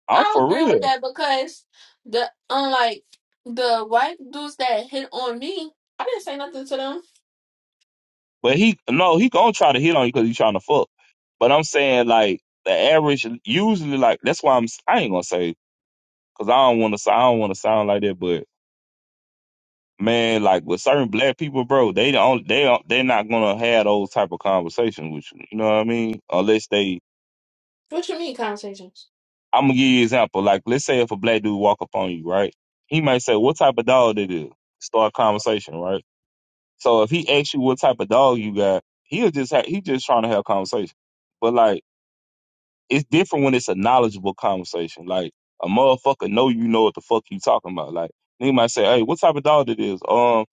I'm
I
for
agree
real.
with that because the unlike the white dudes that hit on me, I didn't say nothing to them.
But he no, he gonna try to hit on you because he's trying to fuck. But I'm saying like the average, usually like that's why I'm I ain't gonna say because I don't want to I don't want to sound like that. But man, like with certain black people, bro, they don't they don't they're not gonna have those type of conversations with you. You know what I mean? Unless they,
What you mean conversations?
I'm gonna give you an example. Like let's say if a black dude walk up on you, right? He might say, "What type of dog that is?" Start a conversation, right? So if he asks you what type of dog you got, he'll just have he just trying to have a conversation. But like it's different when it's a knowledgeable conversation. Like a motherfucker know you know what the fuck you talking about. Like they might say, "Hey, what type of dog it is?" Um,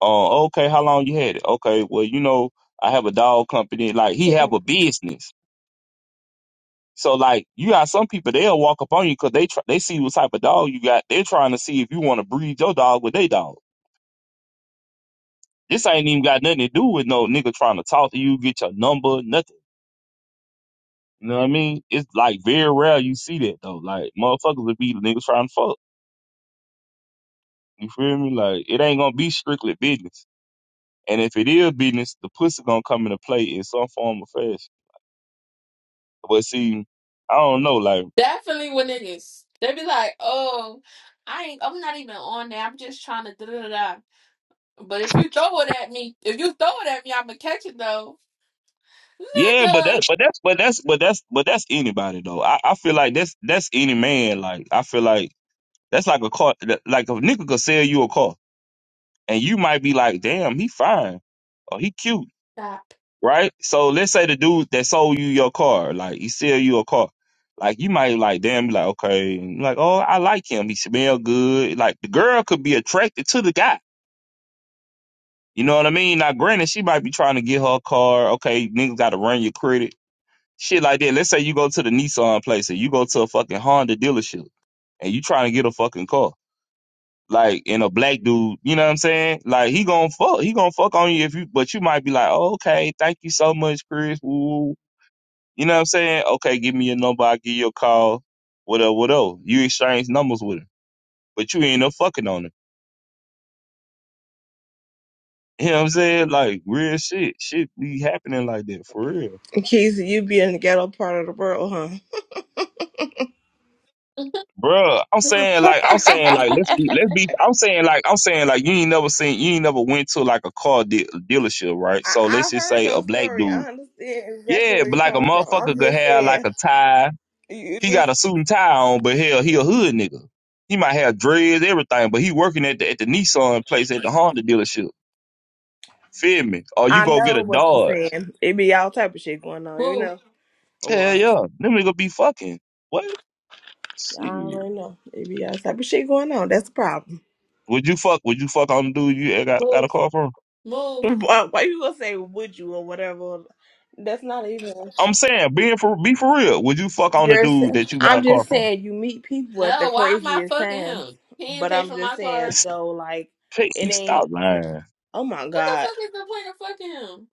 uh, okay, how long you had it? Okay, well, you know, I have a dog company. Like he have a business. So like you got some people they'll walk up on you because they try, they see what type of dog you got. They're trying to see if you want to breed your dog with their dog. This ain't even got nothing to do with no nigga trying to talk to you, get your number, nothing. You know what I mean? It's like very rare you see that though. Like motherfuckers would be the niggas trying to fuck. You feel me? Like it ain't gonna be strictly business. And if it is business, the pussy gonna come into play in some form or fashion. But see, I don't know, like
Definitely with niggas. They be like, oh, I ain't I'm not even on there. I'm just trying to da da da. But if you throw it at me, if you throw it at me, I'ma catch it though.
yeah, but
Nigga.
that but that's but that's but that's but that's anybody though. I, I feel like that's that's any man. Like I feel like that's like a car that- like a nigga could sell you a car and you might be like, damn, he fine or he cute.
Stop.
right? So let's say the dude that sold you your car, like he sell you a car, like you might like damn, be like okay, like oh I like him, he smell good. Like the girl could be attracted to the guy, you know what I mean? Now granted, she might be trying to get her car. Okay, niggas got to run your credit, shit like that. Let's say you go to the Nissan place or you go to a fucking Honda dealership and you trying to get a fucking car. Like and a black dude, you know what I'm saying? Like he gonna fuck, he gonna fuck on you if you, but you might be like, oh, okay, thank you so much, Chris. Woo, woo, You know what I'm saying? Okay, give me your number. I'll give you a call. What up, what up? You exchange numbers with her, but you ain't no fucking on her. You know what I'm saying? Like, real shit. Shit be happening like that for real.
Keezy, you be in the ghetto part of the world, huh?
Bruh, I'm saying like I'm saying like let's be let's be I'm saying like I'm saying like you ain't never seen you ain't never went to like a car de- dealership, right? So
I,
let's
I
just
heard
say a
your
black
story.
dude.
I understand exactly
Yeah,
where
but
you
like a
come from. I'm
motherfucker could
just
have like
saying.
a tie He
You,
got a suit and tie on, but hell, he a hood nigga. He might have dreads, everything, but he working at the at the Nissan place at the Honda dealership. Feel me? Or you
I
go get
know
a
what you're
Dodge.
saying. It be all type of shit going on, you
Move.
know. Or
Hell yeah. Them nigga be fucking. What?
I
Shit.
already know. It be all type of shit going on. That's the problem.
Would you fuck would you fuck on the dude you got, got a
Move.
car from?
Move.
Why, why you gonna say would you or whatever? That's not even.
I'm saying, being for be for real. Would you fuck on the
You're. s-
dude that you got
I'm
a car
just
from?
saying you meet people at the
No, why am I
craziest
fucking
times.
him? He didn't
But
pay
I'm
for
just
my
saying
car.
It's-
so like
Pink,
it
stop
ain't.
lying.
Oh my
What the
god!
fuck is the point of fucking him?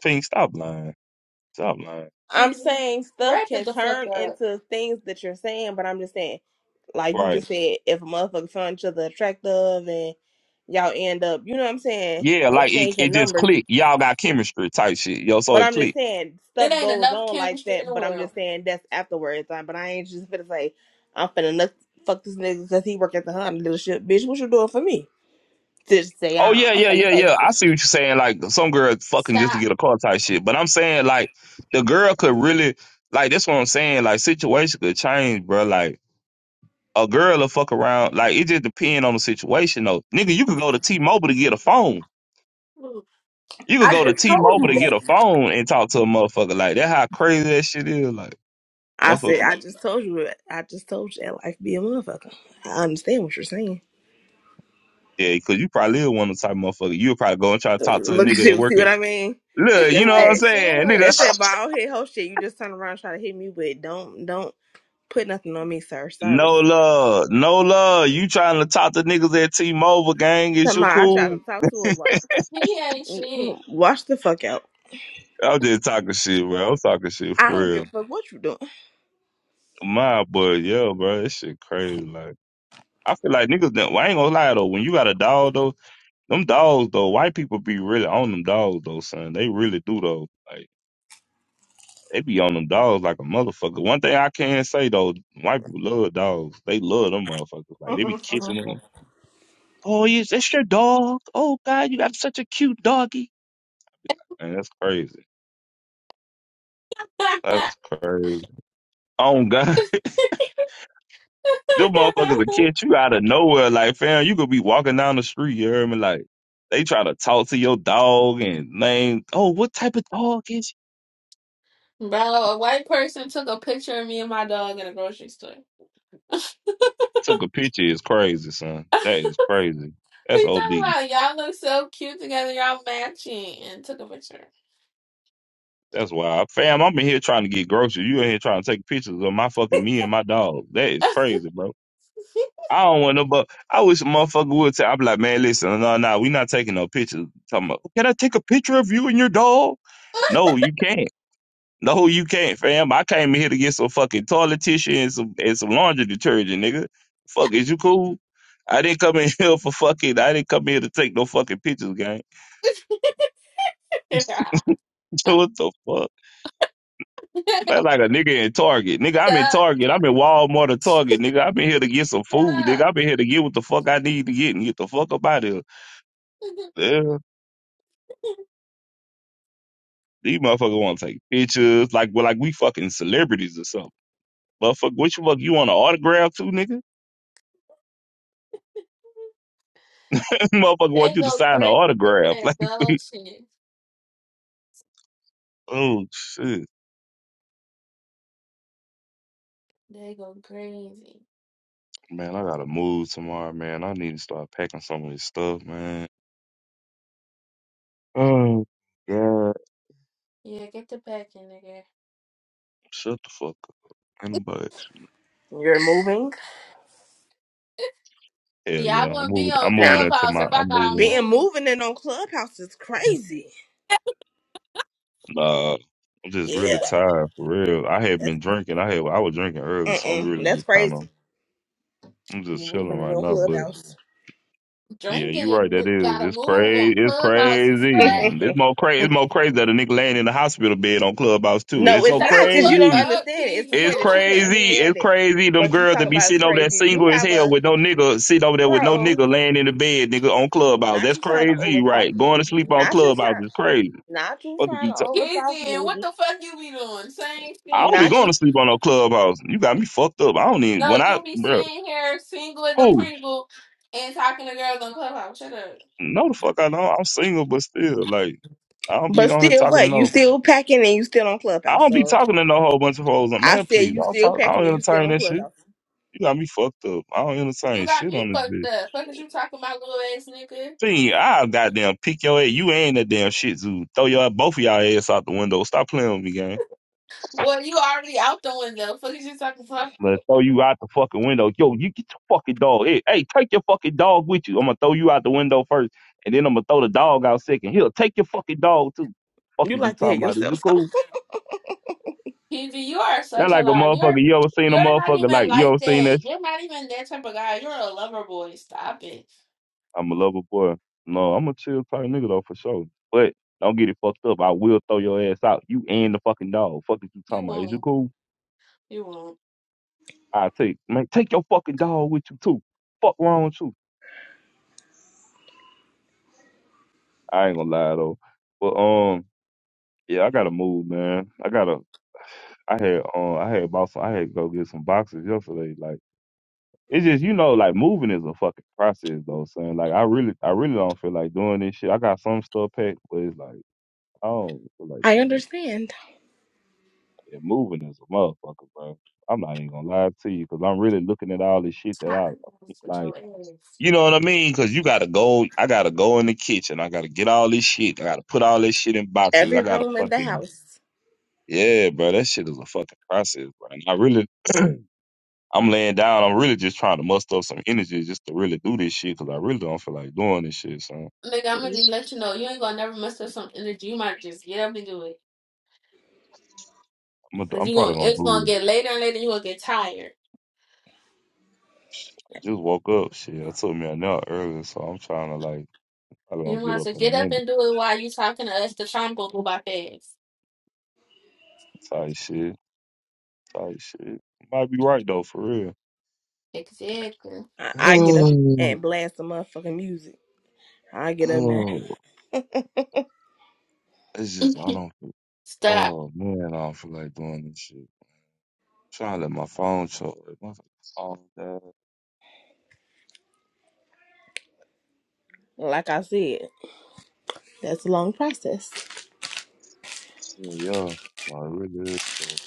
Pink, stop lying. Stop lying.
I'm
Excuse me.
saying stuff
Wrap it
can
the fuck
turn
up.
into things that you're saying, but I'm just saying, like you
Right.
just said, if a motherfucker find each other attractive and y'all end up, you know what I'm saying,
Yeah, like it, it
exchanging
just
numbers.
clicked. Y'all got chemistry type shit. Yo, so
But
it
I'm just
clicked.
saying
It
stuff
ain't
goes
enough
on like
chemistry in
that.
the
But I'm just
world.
saying that's afterwards. Like, but I ain't just gonna say I'm finna nut- fuck this nigga because he work at the Honda dealership, bitch. What you doing for me? Just say
Oh
Hey,
I
yeah,
I'm
yeah,
finna
yeah,
fuck
yeah.
you.
I see what you're saying. Like some girl fucking just to
stop.
get a car type shit. But I'm saying like the girl could really like that's what I'm saying. Like situation could change, bro. Like a girl will fuck around. Like it just depends on the situation though. Nigga, you could go to T-Mobile to get a phone.
Move.
You could
I
go to
just told you
T-Mobile to get
that.
a phone and talk to a motherfucker. Like that how crazy that shit is. Like
I
motherfucker
said
be like.
I just told you that. I just told you that life be a motherfucker. I understand what you're saying.
Yeah, cause you probably is one of the type of motherfucker. You'll probably go and try to talk to a
Look at
nigga that
you. See
work
what
at.
I mean?
he
Look, you
That's
know what I'm
that.
ain't
saying, nigga.
shit.
That's that bald head whole shit. You just turn around and try to hit me with. Don't don't put nothing on me, sir. Sorry.
No love, no love. You trying to talk to niggas at T-Mobile gang? Is
Come
you
on, I tried
cool?
to talk to her. wa-
He ain't
mm,
shit.
mm, Watch the fuck out.
I'm just talking shit, bro. I'm talking shit
I
for
don't
real.
give a fuck what you doing.
My boy, yo, bro, that shit crazy. Like, I feel like niggas. That, well, I ain't gonna lie though. When you got a dog though, them dogs though, white people be really on them dogs though, son. They really do though. Like, they be on them dogs like a motherfucker. One thing I can say though, white people love dogs. They love them motherfuckers. Like, they be kissing them. Oh yes, that's your dog. Oh God, you got such a cute doggy Man, that's crazy. That's crazy. Oh God, them motherfuckers will catch you out of nowhere. Like, fam, you could be walking down the street. You hear me? Like, they try to talk to your dog and name. Oh, what type of dog is?
Bro, a white person took a picture of me and my dog in a grocery store.
You? Took a picture. Is crazy, son. That is crazy. That's
He's
od.
talking about y'all look so cute together, y'all matching, and took a picture.
That's wild, fam. I'm in here trying to get groceries. You in here trying to take pictures of my fucking me and my dog. That is crazy, bro. I don't want no but I wish a motherfucker would tell I'm like, man, listen, no, no, we not taking no pictures. Talking about, can I take a picture of you and your dog? No, you can't. No, you can't, fam. I came in here to get some fucking toilet tissue and some and some laundry detergent, nigga. Fuck, is you cool? I didn't come in here for fucking I didn't come here to take no fucking pictures, gang.
Stop,
So what the fuck? That's like a nigga in Target. Nigga, I'm in
stop.
Target. I'm in Walmart or Target, nigga. I've been here to get some food, nigga. I've been here to get what the fuck I need to get and get the fuck up out of here. Yeah. These motherfuckers want to take pictures like well, like we fucking celebrities or something. Motherfucker, which fuck you want an autograph too, nigga? motherfucker
They
want you to
go
sign an
crazy with
autograph.
that
Like,
dog shit.
oh shit,
They go crazy.
man, I gotta move tomorrow, man. I need to start packing some of this stuff, man. Oh god,
Yeah, get the packing, nigga.
shut the fuck up. In the butt.
You're moving
Hell
Yeah, I
yeah, I'm
wouldn't be
moving. I'm
on
moving
now.
into
Clubhouse
my.
if I
I'm
got to
moving.
Being
move.
moving in on clubhouse is crazy.
Nah, I'm just really
Yeah,
tired for real. I had
that's
been
cra-
drinking. I had. I was drinking earlier, so I'm
Mm-mm,
really
that's
just kind of.
crazy.
I'm just
You
chilling
moving in
right
your
now, but.
clubhouse.
Yeah,
Drinking
you right.
and
That
mo-
is.
gotta move
It's
on
crazy. It's
Clubhouse is
crazy.
straight.
It's more crazy. It's more crazy that a nigga laying in the hospital bed on Clubhouse too. And
No,
it's
it's
so
Shut
not
the
because you
fuck
don't
crazy.
up,
understand it. It's
Kizzy.
the
It's
You
point that you
ain't
didn't
crazy.
shit.
It's
understand it,
crazy. Them
but you
girls
talk
that be
about it's
sitting over there
crazy. You
single as
have
hell
a
with no nigga sitting over there with no
bro.
nigga laying in the bed, nigga on Clubhouse.
Not
That's
you trying to
crazy,
overtalk
right? Going
me.
to sleep on
Not you
Clubhouse
trying.
is crazy.
Not you
What did
trying
you
to
tell?
overtalk
Kizzy, and what
me.
the fuck you be doing? Same
I
shit,
don't be
Not
going
you.
nigga.
to sleep on no Clubhouse. You got me fucked up. I don't even
No,
when I,
you be
bro.
sitting here single as a
Who?
Pringle and talking to girls on Clubhouse. Shut up.
No, the fuck I know. I'm single, but still, like, I don't
But
be on here
still,
talking to
what you
no.
still packing and you still on
I
clubhouse.
don't be
So
talking to no whole bunch of hoes.
I
Man,
said
please,
you
I don't
still
talk. I
packing
don't
and you still
entertain
on
that shit.
clubhouse.
You got me fucked up. I don't
You
entertain
got
shit
me
on this
fucked
bitch.
up. Fuck is you talking about, little ass nigga?
See, I goddamn pick your ass. You ain't that damn shit zoo. Throw your both of y'all ass out the window. Stop playing with me, gang.
Boy, you already out the window. Fuck is you talking about?
Let's throw you out the fucking window. Yo, you get your fucking dog. Hey, hey, take your fucking dog with you. I'm gonna throw you out the window first, and then I'm gonna throw the dog out second. He'll take your fucking dog too. Fuck
You
is you
like to
talking
hit
about? Is you
yourself. So
cool?
PG, you are
That
such a
like a
lie. You're
motherfucker. You ever seen a
you're not
motherfucker
even
like you
like
ever seen
that.
that
You're not even that type of guy. You're a lover boy. Stop it.
I'm a lover boy. No, I'm a chill type nigga though for sure. But don't get it fucked up. I will throw your ass out. You and the fucking dog. Fuck is you
You
talking about? Is you
won't.
cool?
You won't.
I take man, take your fucking dog with you too. Fuck wrong with you. I ain't gonna lie though. But um, yeah, I gotta move, man. I gotta. I had um, I had bought some. I had to go get some boxes yesterday. Like it's just you know, like moving is a fucking process though, son. Like I really, I really don't feel like doing this shit. I got some stuff packed, but it's like I don't feel like
I
doing this shit.
understand.
It moving as a motherfucker, bro. I'm not even gonna lie to you because I'm really looking at all this shit that I I keep, like. You know what I mean? Because you gotta go. I gotta go in the kitchen. I gotta get all this shit. I gotta put all this shit in boxes.
Every
I gotta
room in the
fucking
house,
yeah, bro. That shit is a fucking process, bro. And I really, I'm laying down. I'm really just trying to muster up some energy just to really do this shit because I really don't feel like doing this shit. So
Nigga, I'm gonna just let you know. You ain't gonna never mess up some energy. You might just get up and do it.
I'm, gonna,
Cause
I'm
you
probably
gonna
gonna
it's gonna
do it.
get later and later. You gonna get tired.
I just woke up. Shit, I took me a nap earlier, so I'm trying to like probably
You
gonna get
might as
up
well
in a
get up
minute.
and do it while you talking to us. The time go by fast.
Type shit. Like shit, might be right though, for real.
Exactly.
I, I get up
Oh,
and blast some motherfucking music. I get up there.
oh. It's just I don't. feel-
Stop.
Oh man, I don't feel like doing this shit. trying to let my phone charge. My phone died.
Like I said, that's a long process.
Yeah, yeah. Like, it really is. though,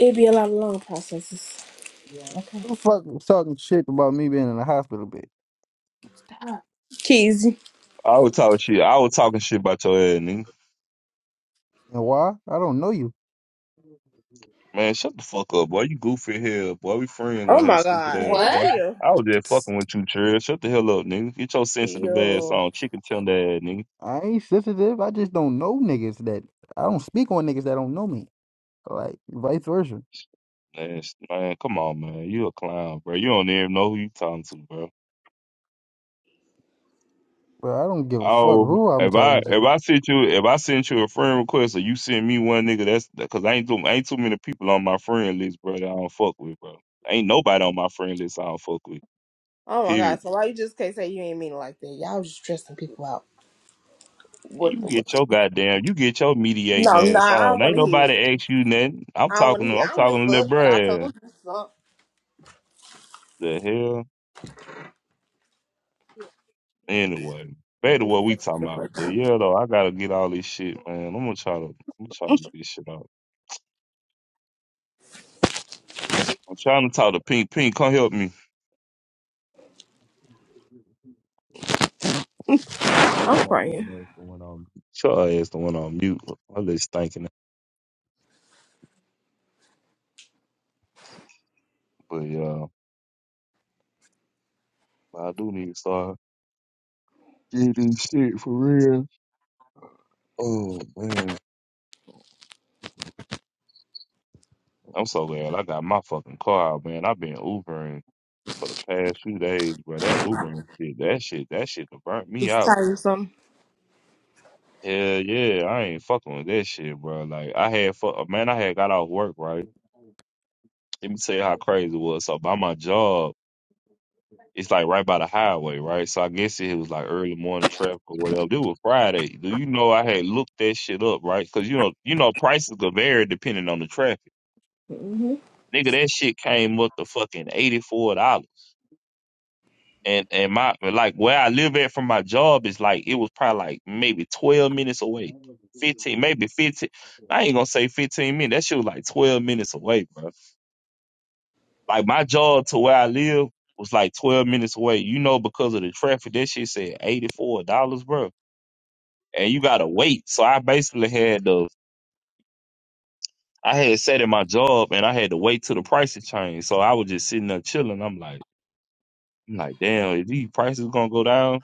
It'd be a lot of long processes.
Who
Okay.
the fuck was talking shit about me being in the hospital bed?
Uh,
Cheesy.
I was talking shit. I was talking shit about your ass, nigga.
And why? I don't know you.
Man, shut the fuck up, boy. You goofy here, boy. We friends
Oh
on here,
my
stupid
god.
ass,
Hey,
What?
boy.
chill.
I was just fucking with you, Trill. Shut the hell up, nigga. Get your sensitive ass
Yo.
on, chicken tender ass, nigga.
I ain't sensitive. I just don't know niggas that I don't speak on niggas that don't know me. Like vice versa.
That's, man, come on, man. You a clown, bro. You don't even know who you talking to, bro.
But I don't give a fuck
Oh,
who I'm
if I
talking
if
to.
I sent you if I sent you a friend request or you send me one nigga, that's because I ain't too ain't too many people on my friend list, bro. That I don't fuck with, bro. Ain't nobody on my friend list I don't fuck with.
Oh my
Period.
god. So why you just can't say you ain't mean it like that? Y'all was just stressing people out. What
You
the what
get
the
your goddamn, you get your mediating
No, no,
ass
I don't
on. Ain't
wanna hear it.
nobody ask you nothing. I'm
I don't wanna
talking
hear
to,
it.
I'm
I don't give a
talking to little
fuck. And I
bruh.
told
The hell. Anyway, back to
you
what we talking about.
something.
But yeah, though, I gotta get all this shit, man. I'm gonna try to, I'm gonna try to get this shit out. I'm trying to talk to Pink. Pink, come help me. That
I'm crying.
motherfucking ass the one on. Sure, ass the one on mute. I just thinking. But yeah, I do need to start getting this shit for real. Oh man, I'm so glad I got my fucking car, out, man. I've been Ubering for the past few days, bro. That Ubering shit, that shit, that shit done burnt me
It's
out.
tiresome.
Hell yeah, I ain't fucking with that shit, bro. Like I had fuck man, I had got off work, right? Let me tell you how crazy it was. So by my job, it's like right by the highway, right? So I guess it was like early morning traffic or whatever. It was Friday. Do you know I had looked that shit up, right? Because you know, you know, prices could vary depending on the traffic.
Mm-hmm.
Nigga, that shit came up to fucking $84. and and my like where I live at from my job is like it was probably like maybe twelve minutes away, fifteen, maybe fifteen. I ain't gonna say fifteen minutes. That shit was like twelve minutes away, bro. Like my job to where I live was like twelve minutes away. You know, because of the traffic, that shit said eighty four dollars, bro. And you gotta wait. So I basically had the I had sat in my job and I had to wait till the prices changed. So I was just sitting there chilling. I'm like, I'm like, damn, is these prices gonna go down.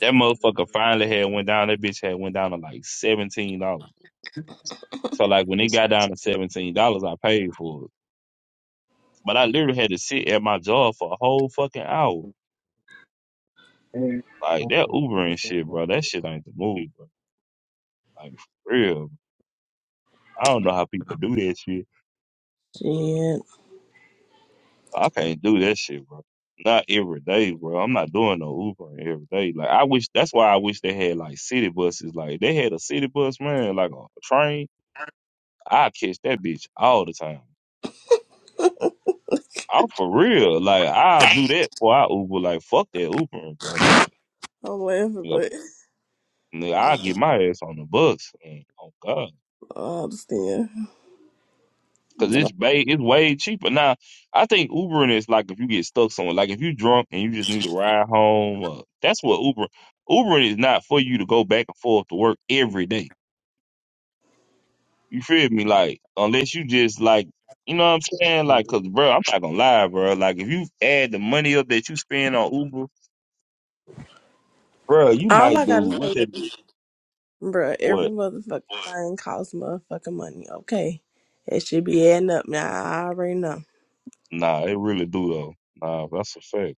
That motherfucker finally had went down. That bitch had went down to like seventeen dollars. So like when it got down to seventeen dollars, I paid for it. But I literally had to sit at my job for a whole fucking hour. Like that Uber and shit, bro. That shit ain't the move, bro. Like for real. I don't know how people do that shit.
Shit.
I can't do that shit, bro. Not every day, bro. I'm not doing no Uber every day. Like I wish. That's why I wish they had like city buses. Like they had a city bus, man. Like a train. I catch that bitch all the time. I'm for real. Like I'll do that for I Uber. Like fuck that Uber, bro. Like
I'm laughing,
nigga,
but
nigga, I'll get my ass on the bus. And, oh God,
I understand.
because
But I-
it's way it's way cheaper. Now I think Ubering is like if you get stuck somewhere. Like if you drunk and you just need a ride home. Uh, that's what Uber. Ubering is not for you to go back and forth to work every day. You feel me? Like unless you just like. You know what I'm saying? Like, cause, bro, I'm not gonna lie, bro. Like, if you add the money up that you spend on Uber, bro, you
all
might
I
do
gotta say
what
is
that is.
Bruh,
What?
every motherfucking What? thing costs motherfucking money, okay? It should be adding up now. I already know.
Nah, it really do though. Nah, that's a fact.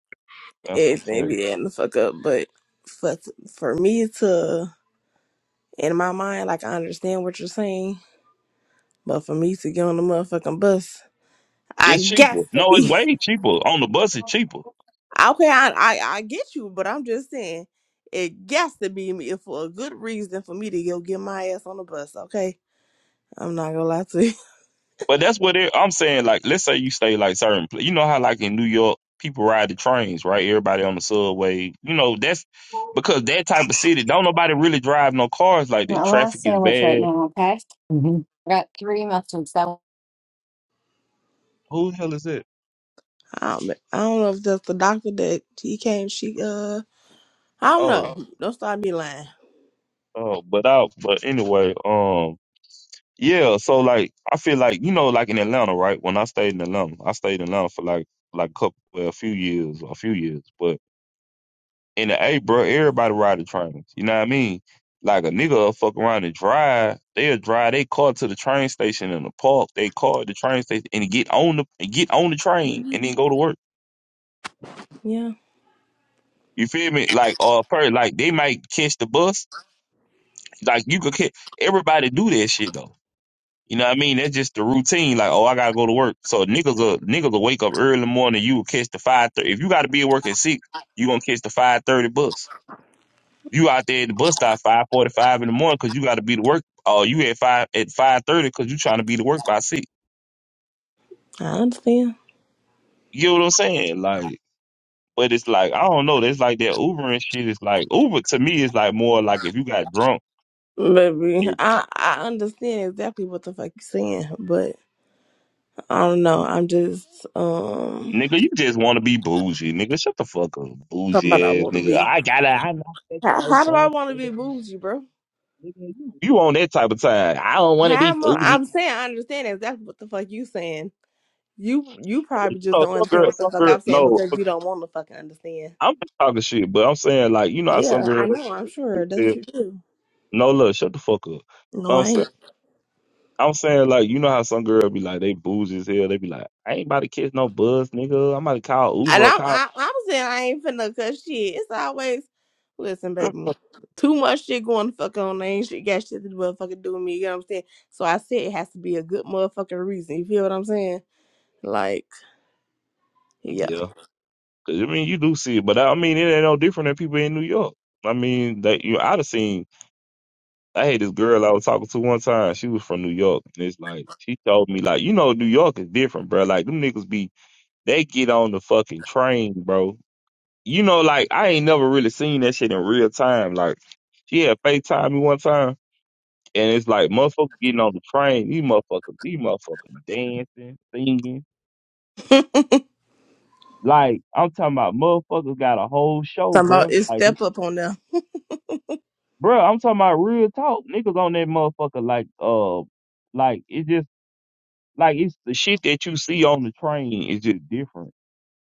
That's a
Everything
fact.
be adding the fuck up. But for, for me to, in my mind, like, I understand what you're saying, but for me to get on the motherfucking bus, I
It's
guess
cheaper.
to
No, it's
be.
way cheaper. On the bus, it's cheaper.
Okay, I, I, I get you, but I'm just saying, it gets to be me for a good reason for me to go get my ass on the bus, okay? I'm not gonna lie to you.
But that's what it, I'm saying. Like, let's say you stay like certain. pla- You know how like in New York, people ride the trains, right? Everybody on the subway. You know that's because that type of city don't nobody really drive no cars like that.
My
Traffic
last
is
sandwich right
bad.
now, okay? hmm I got three muffins. That one.
Who the hell is it?
I don't, I don't know if that's the doctor that he came, she, uh, I don't
Oh,
know. Don't start me lying.
oh, but out. But anyway, um. Yeah, so like I feel like you know, like in Atlanta, right? When I stayed in Atlanta, I stayed in Atlanta for like like a couple, well, a few years, a few years. But in the A, bro, everybody ride the trains. You know what I mean? Like a nigga will fuck around and drive. They'll drive they car to the train station in the park. They car at the train station and get on the and get on the train and then go to work.
Yeah,
You feel me? Like uh, per like they might catch the bus. Like you could catch everybody do that shit though. You know what I mean? That's just the routine. Like, oh, I gotta go to work. So niggas will, niggas will wake up early in the morning. You will catch the five thirty. If you gotta be at work at six, you gonna catch the five thirty bus. You out there at the bus stop five forty five in the morning because you gotta be to work. Oh, you at five at five thirty because you trying to be to work by six.
I understand.
You know what I'm saying? Like, but it's like I don't know. That's like that Uber and shit. It's like Uber to me is like more like if you got drunk.
Baby,
It,
I, I understand exactly what the fuck you're saying, but I don't know. I'm just um
nigga, you just want to be bougie, nigga. Shut the fuck up,
somebody I
bougie ass
want to
nigga.
be.
I gotta, I'm not taking
How,
no
how do I
bus,
want to be
nigga.
bougie, bro?
You on that type of time. I don't want to
How
be
am I,
bougie.
I'm saying I understand exactly what the fuck you saying. You you
You
probably just
know,
don't
some
understand
girl,
what the
some
fuck
girl,
I'm saying
no,
because
but
you don't want to fucking understand.
I'm just talking shit, but I'm saying like, you know how some
Yeah, I
girl,
know. I'm
they
sure. Don't
say,
you do?
no, look, shut the fuck up.
No,
But I'm
I ain't.
saying, I'm saying like, you know how some girl be like, they bougie as hell. They be like, I ain't about to catch no buzz, nigga. I'm about to call
And
Uber or
I'm,
call.
I, I'm saying I ain't finna cut shit. It's always, listen, baby, too much shit going to fuck on. I ain't shit got shit to motherfucking do with me. You know what I'm saying? So I said it has to be a good motherfucking reason. You feel what I'm saying? Like, yeah.
Yeah. Cause I mean, you do see it, but I mean, it ain't no different than people in New York. I mean, that you, I'd have seen I had this girl I was talking to one time. She was from New York, and it's like she told me, like, you know, New York is different, bro. Like them niggas be, they get on the fucking train, bro. You know, like I ain't never really seen that shit in real time. Like she had FaceTime me one time, and it's like motherfuckers getting on the train. These motherfuckers, these motherfuckers dancing, singing.
Talking
Like I'm talking about, motherfuckers got a whole show,
about
bro.
it's
Like, they-
step up on them.
bro, I'm talking about real talk. Niggas on that motherfucker, like, uh, like it's just like it's the shit that you see on the train is just different.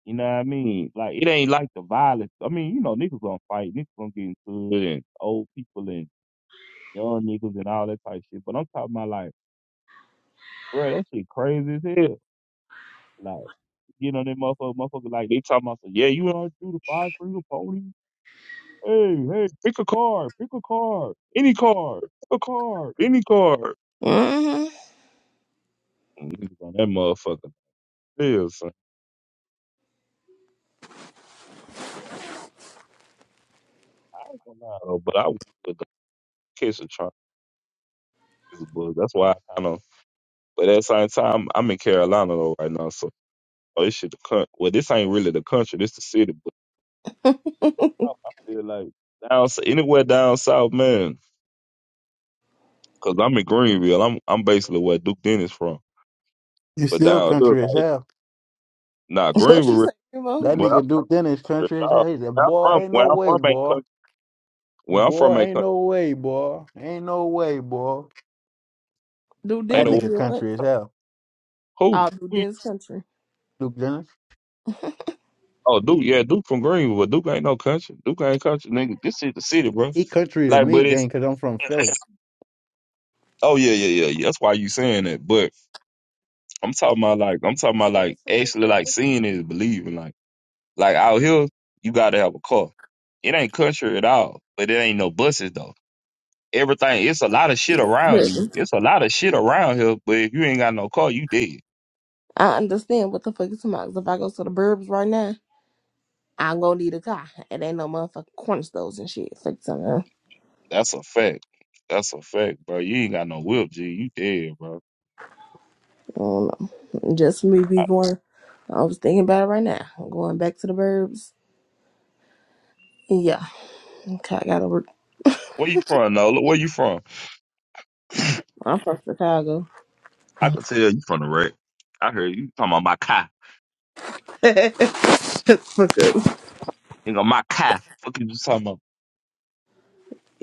You know what I mean? Like it ain't like the violence. I mean, you know, niggas gonna fight, niggas gonna get into it, and old people and young niggas and all that type of shit. But I'm talking about like, bro, that shit crazy as hell. Like, you know, them motherfucker, motherfucker, like they talking about, yeah, you know, do the five freedom pony. Hey, hey, pick a car, pick a car, any car, pick a car, any car.
hmm
Niggas on that motherfucker, yeah, son. I ain't gonna lie though, but I would kiss a this book. That's why I kind of. But at the same time, I'm in Carolina though right now, so oh, this shit the country. Well, this ain't really the country. This the city. But I I feel like down s- anywhere down south, man. Cause I'm in Greenville. I'm I'm basically where Duke Dennis from.
You
But
still
down here,
country as
like
hell.
nah,
What you
Greenville.
say, Mo?
That
But I'm
nigga
from,
Duke Dennis
tripped
country.
out.
Hey, that
where I'm from,
boy ain't
where
no
I'm
way,
from ain't
boy.
country. Where I'm from
Boy
ain't
ain't
country.
no way, boy. Ain't no way, boy.
Do
Ain't
That
dentist
no
nigga
do what?
country as hell.
who.
I'll do
Who you-
dentist country.
Duke Dennis.
Oh, Duke, yeah, Duke from Greenville. but Duke ain't no country. Duke ain't country, nigga. This is the city, bro.
He country to
Like,
me,
but it's
gang, cause I'm from Philly.
Oh yeah, yeah, yeah, yeah. That's why you saying that. But I'm talking about like I'm talking about like actually like seeing is believing. Like like out here, you gotta have a car. It ain't country at all, but it ain't no buses though. Everything, it's a lot of shit around you.
Listen,
It's a lot of shit around here, but if you ain't got no car, you dead.
I understand what the fuck is about. 'cause If I go to the burbs right now, I'm gonna need a car. It ain't no motherfucking corner stores and shit. Fuck something.
That's a fact. That's a fact, bro. You ain't got no whip, G. You dead, bro.
I don't know. Just me be
I-
going. I was thinking about it right now. I'm going back to the burbs. Yeah. Okay, I gotta work.
Where you from, Nola? Where you from?
I'm from Chicago.
I can tell you from the wreck. I heard you talking about my car.
Fuck up.
You know my car. Fuck you talking about?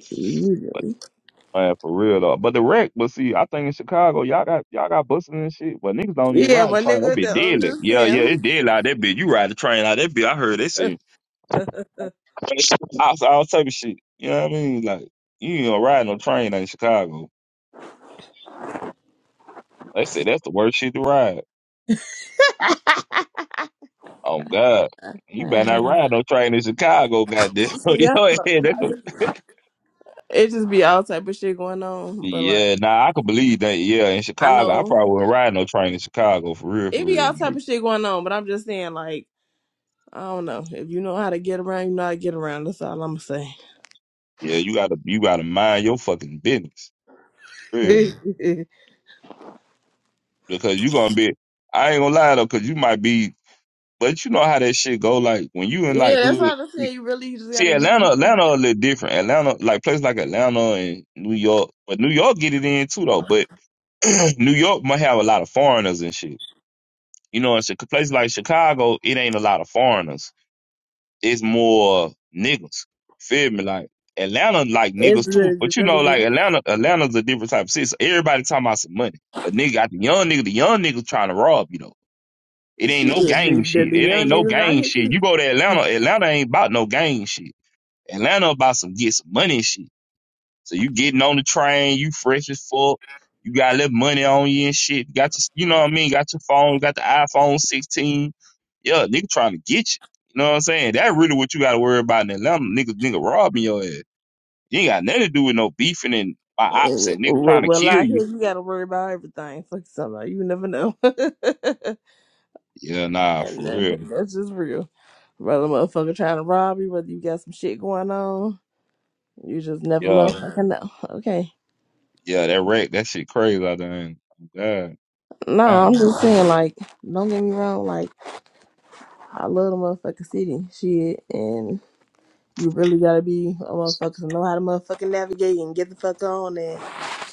Usually.
Man, for real though. But the wreck, but see, I think in Chicago, y'all got y'all got busting and shit, but niggas don't even
Yeah,
ride the
my
train. That
nigga,
bitch
though. I'm
deadly.
just
Yeah, yeah,
saying.
it deadly out that bitch. You ride the train out that bitch. I heard they say all, all type of shit. You know what I mean? Like you ain't gonna ride no train in Chicago. They said that's the worst shit to ride. Oh God. You better not
Uh,
ride no train in Chicago, goddamn.
so,
you
yeah,
know,
I
yeah,
don't know.
that
I
could-
just- it just be all type of shit going on. But like,
yeah, nah, I could believe that. Yeah, in
I
Chicago, I
know
probably wouldn't ride no train in Chicago for real, for
it be all
real.
type
Like,
of shit going on. But I'm just saying, like, I don't know. If you know how to get around, you know how to get around. That's all I'm gonna
yeah, you gotta you gotta mind your fucking business. Yeah,
say.
because you gonna be. I ain't gonna lie though, because you might be. But you know how that shit go. Like when you in
Yeah,
like
that's
hood.
what I'm saying. You really just
See,
gotta be.
Atlanta, Atlanta a little different. Atlanta, like places like Atlanta and New York, but New York get it in too though. But New York might have a lot of foreigners and shit. You know, in Chi- places like Chicago, it ain't a lot of foreigners. It's more niggas. Feel me? Like Atlanta, like
It's
niggas
the,
too. But you
really
know,
the
like Atlanta, Atlanta's a different type of city. So everybody talking about some money. But nigga, got the young nigga, the young nigga trying to rob you though. It ain't
shit.
no gang
The, the,
shit.
the
It
young
ain't no
niggas out
gang
here.
shit.
too.
You go to Atlanta, Atlanta ain't about no gang shit. Atlanta about some get some money shit. So you getting on the train, you fresh as fuck. You got a little money on you and shit. You got your, you know what I mean? Got your phone, got the iPhone 16. Yeah, nigga trying to get you. You know what I'm saying? That really what you got to worry about in Atlanta. Nigga, nigga robbing your ass. You ain't got nothing to do with no beefing and my ops
Uh,
and nigga
Well,
trying to
well,
kill
out here
you.
you gotta worry about everything. Fuck somebody, you never know. and
Yeah, nah, for
uh,
real.
that's just real. Whether a motherfucker trying to rob you, whether you got some shit going on, you just never
Yeah,
motherfucking know. Okay.
yeah, that wreck, that shit crazy out there. ain't God.
Nah, I'm
Oh,
just
you
saying, like, don't get me wrong. Like, I love the motherfucking city, shit, and you really gotta be a motherfucker to know how to motherfucking navigate and get the fuck on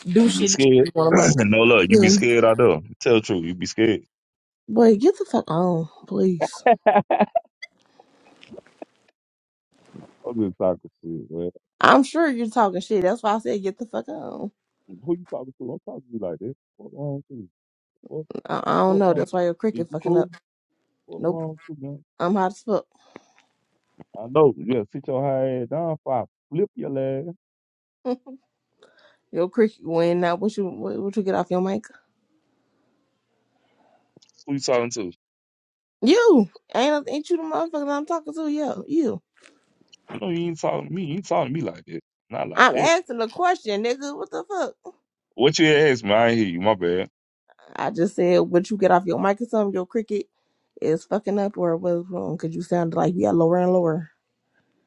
do
be
shit that
scared?
you want to
no look,
motherfucker.
you be
do.
scared out there. Tell the truth, you be scared.
Boy, get the fuck on, please.
I'm just talking shit, man.
I'm sure you're talking shit. That's why I said get the fuck on.
Who you talking to? I'm talking to you like that. What wrong with you? What
I, I don't
what
know.
wrong?
That's why your
Is
cricket
you
fucking
cool?
up.
What
Nope.
wrong with you, man?
I'm hot as fuck.
I know. Yeah, sit your high ass down, fire. Flip your ass.
Your cricket win now. What you what, what you get off your mic?
Who you talking to?
You ain't ain't you the motherfucker that I'm talking to? Yeah, you.
I know you ain't talking to me. You ain't talking to me like that. Not like
I'm
that.
asking a question, nigga. What the fuck?
What you asked me? I ain't hear you. My bad.
I just said what you get off your mic or something. Your cricket is fucking up or what's wrong? Cause you sounded like you got lower and lower.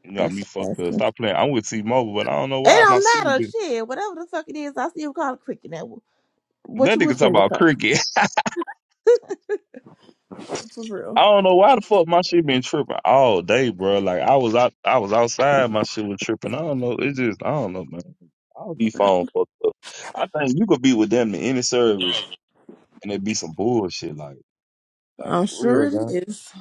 You got
That's
me fucked
that's i
up. Stop playing. I'm with T-Mobile, but I don't know
It
why my
don't
signal
matter,
been.
shit. Whatever the fuck it is, I still call it cricket now. What
That
you
nigga
was
talk
in the
about
cup?
cricket.
For real.
I don't know why the fuck my shit been tripping all day, bro. Like I was out, I was outside, my shit was tripping. I don't know. It just, I don't know, man. I'll be phone fucked up. I think you could be with them in any service, and it'd be some bullshit, like, like
I'm
for
sure
real,
it
man.
is.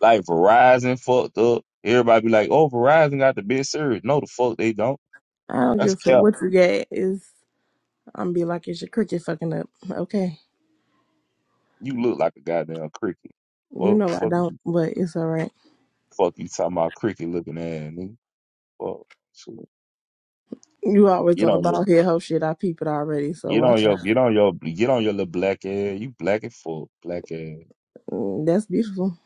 Like Verizon fucked up. Everybody be like, "Oh, Verizon got the best service." No, the fuck they don't.
I don't give
That's
a fuck
cap.
what you get is I'm be like it's your cricket fucking up. Okay.
You look like a goddamn cricket.
You
What
know I
fuck?
don't,
you-
but it's alright.
Fuck you talking about cricket looking ass nigga? Fuck. Shit.
You always
Get
on the
on there.
ball here, hoe shit. I peep it already, so
Get on
watch
your
out.
get on your get on your little black ass. You black and full, black ass.
Mm, That's beautiful.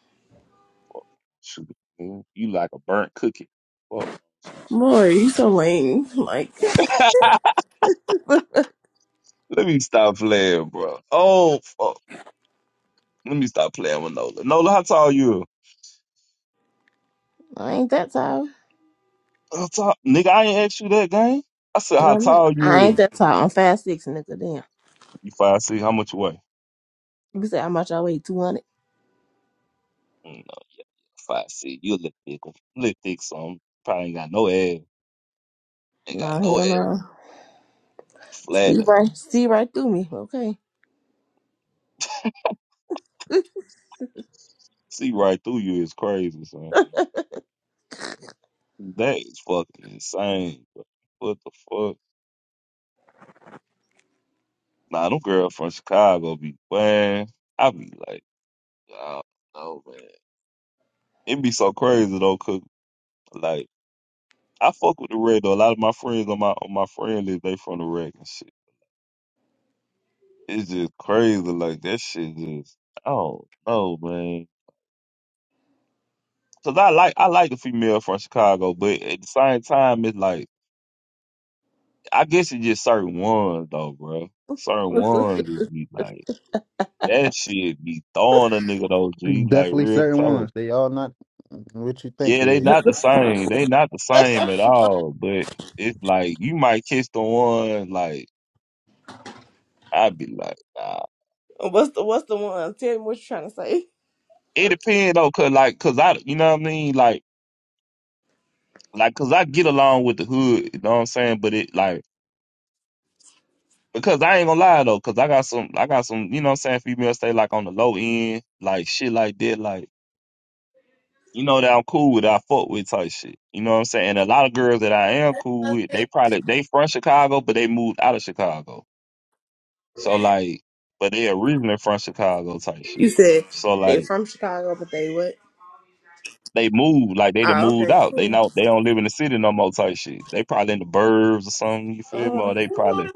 Fuck. Shoot, man. you like a burnt cookie. Fuck. Shoot.
Boy, you so lame. Like
Let me stop playing, bro. Oh fuck. Let me stop playing with Nola. Nola, how tall you?
I ain't that tall.
How tall? Nigga, I ain't asked you that game. I said
It
how
don't matter.
tall
I ain't
you?
that tall. I'm five six nigga, damn.
You five six. How much you weigh?
You say how much I weigh? Two hundred?
Mm, No, five six. You a little thick, little thick. Some probably ain't got no ass. Ain't got
Nah,
no
hell
ass.
no.
Flat.
You
ass.
right, see right through me. Okay.
See right through you is crazy, son. That is fucking insane. bro. What the fuck? Nah, them girls from Chicago be man. I be like, I don't know, man. It be so crazy though, cause like I fuck with the red though. A lot of my friends on my on my friend list, they from the red and shit. It's just crazy, like that shit just I don't know, man. Cause I like I like the female from Chicago, but at the same time, it's like I guess it's just certain ones though, bro. Certain
what's
ones just be like. That shit be throwing a nigga though, G. Like
Definitely
real
certain
talk.
ones. They all not what you think
Yeah,
they
they
is.
not the same. They not the same at all. But it's like you might kiss the one. Like I'd be like, nah.
the what's the one? Tell me what you're trying to say.
It depends though, cause like, cause I, you know what I mean. Like, like, cause I get along with the hood. You know what I'm saying. But it like because I ain't gonna lie though, cause I got some, I got some. You know what I'm saying. Females stay like on the low end, like shit like that, like. you know that I'm cool with, that I fuck with type shit. You know what I'm saying? And a lot of girls that I am cool with, they probably they from Chicago, but they moved out of Chicago. So like, but they originally from Chicago type
You
shit.
said
So
they
like,
from Chicago, but they what?
they moved, like they done
Ah,
moved
okay,
out. They
cool.
know they don't live in the city no more type shit. They probably in the burbs or something. You feel
Uh,
me? Or they probably,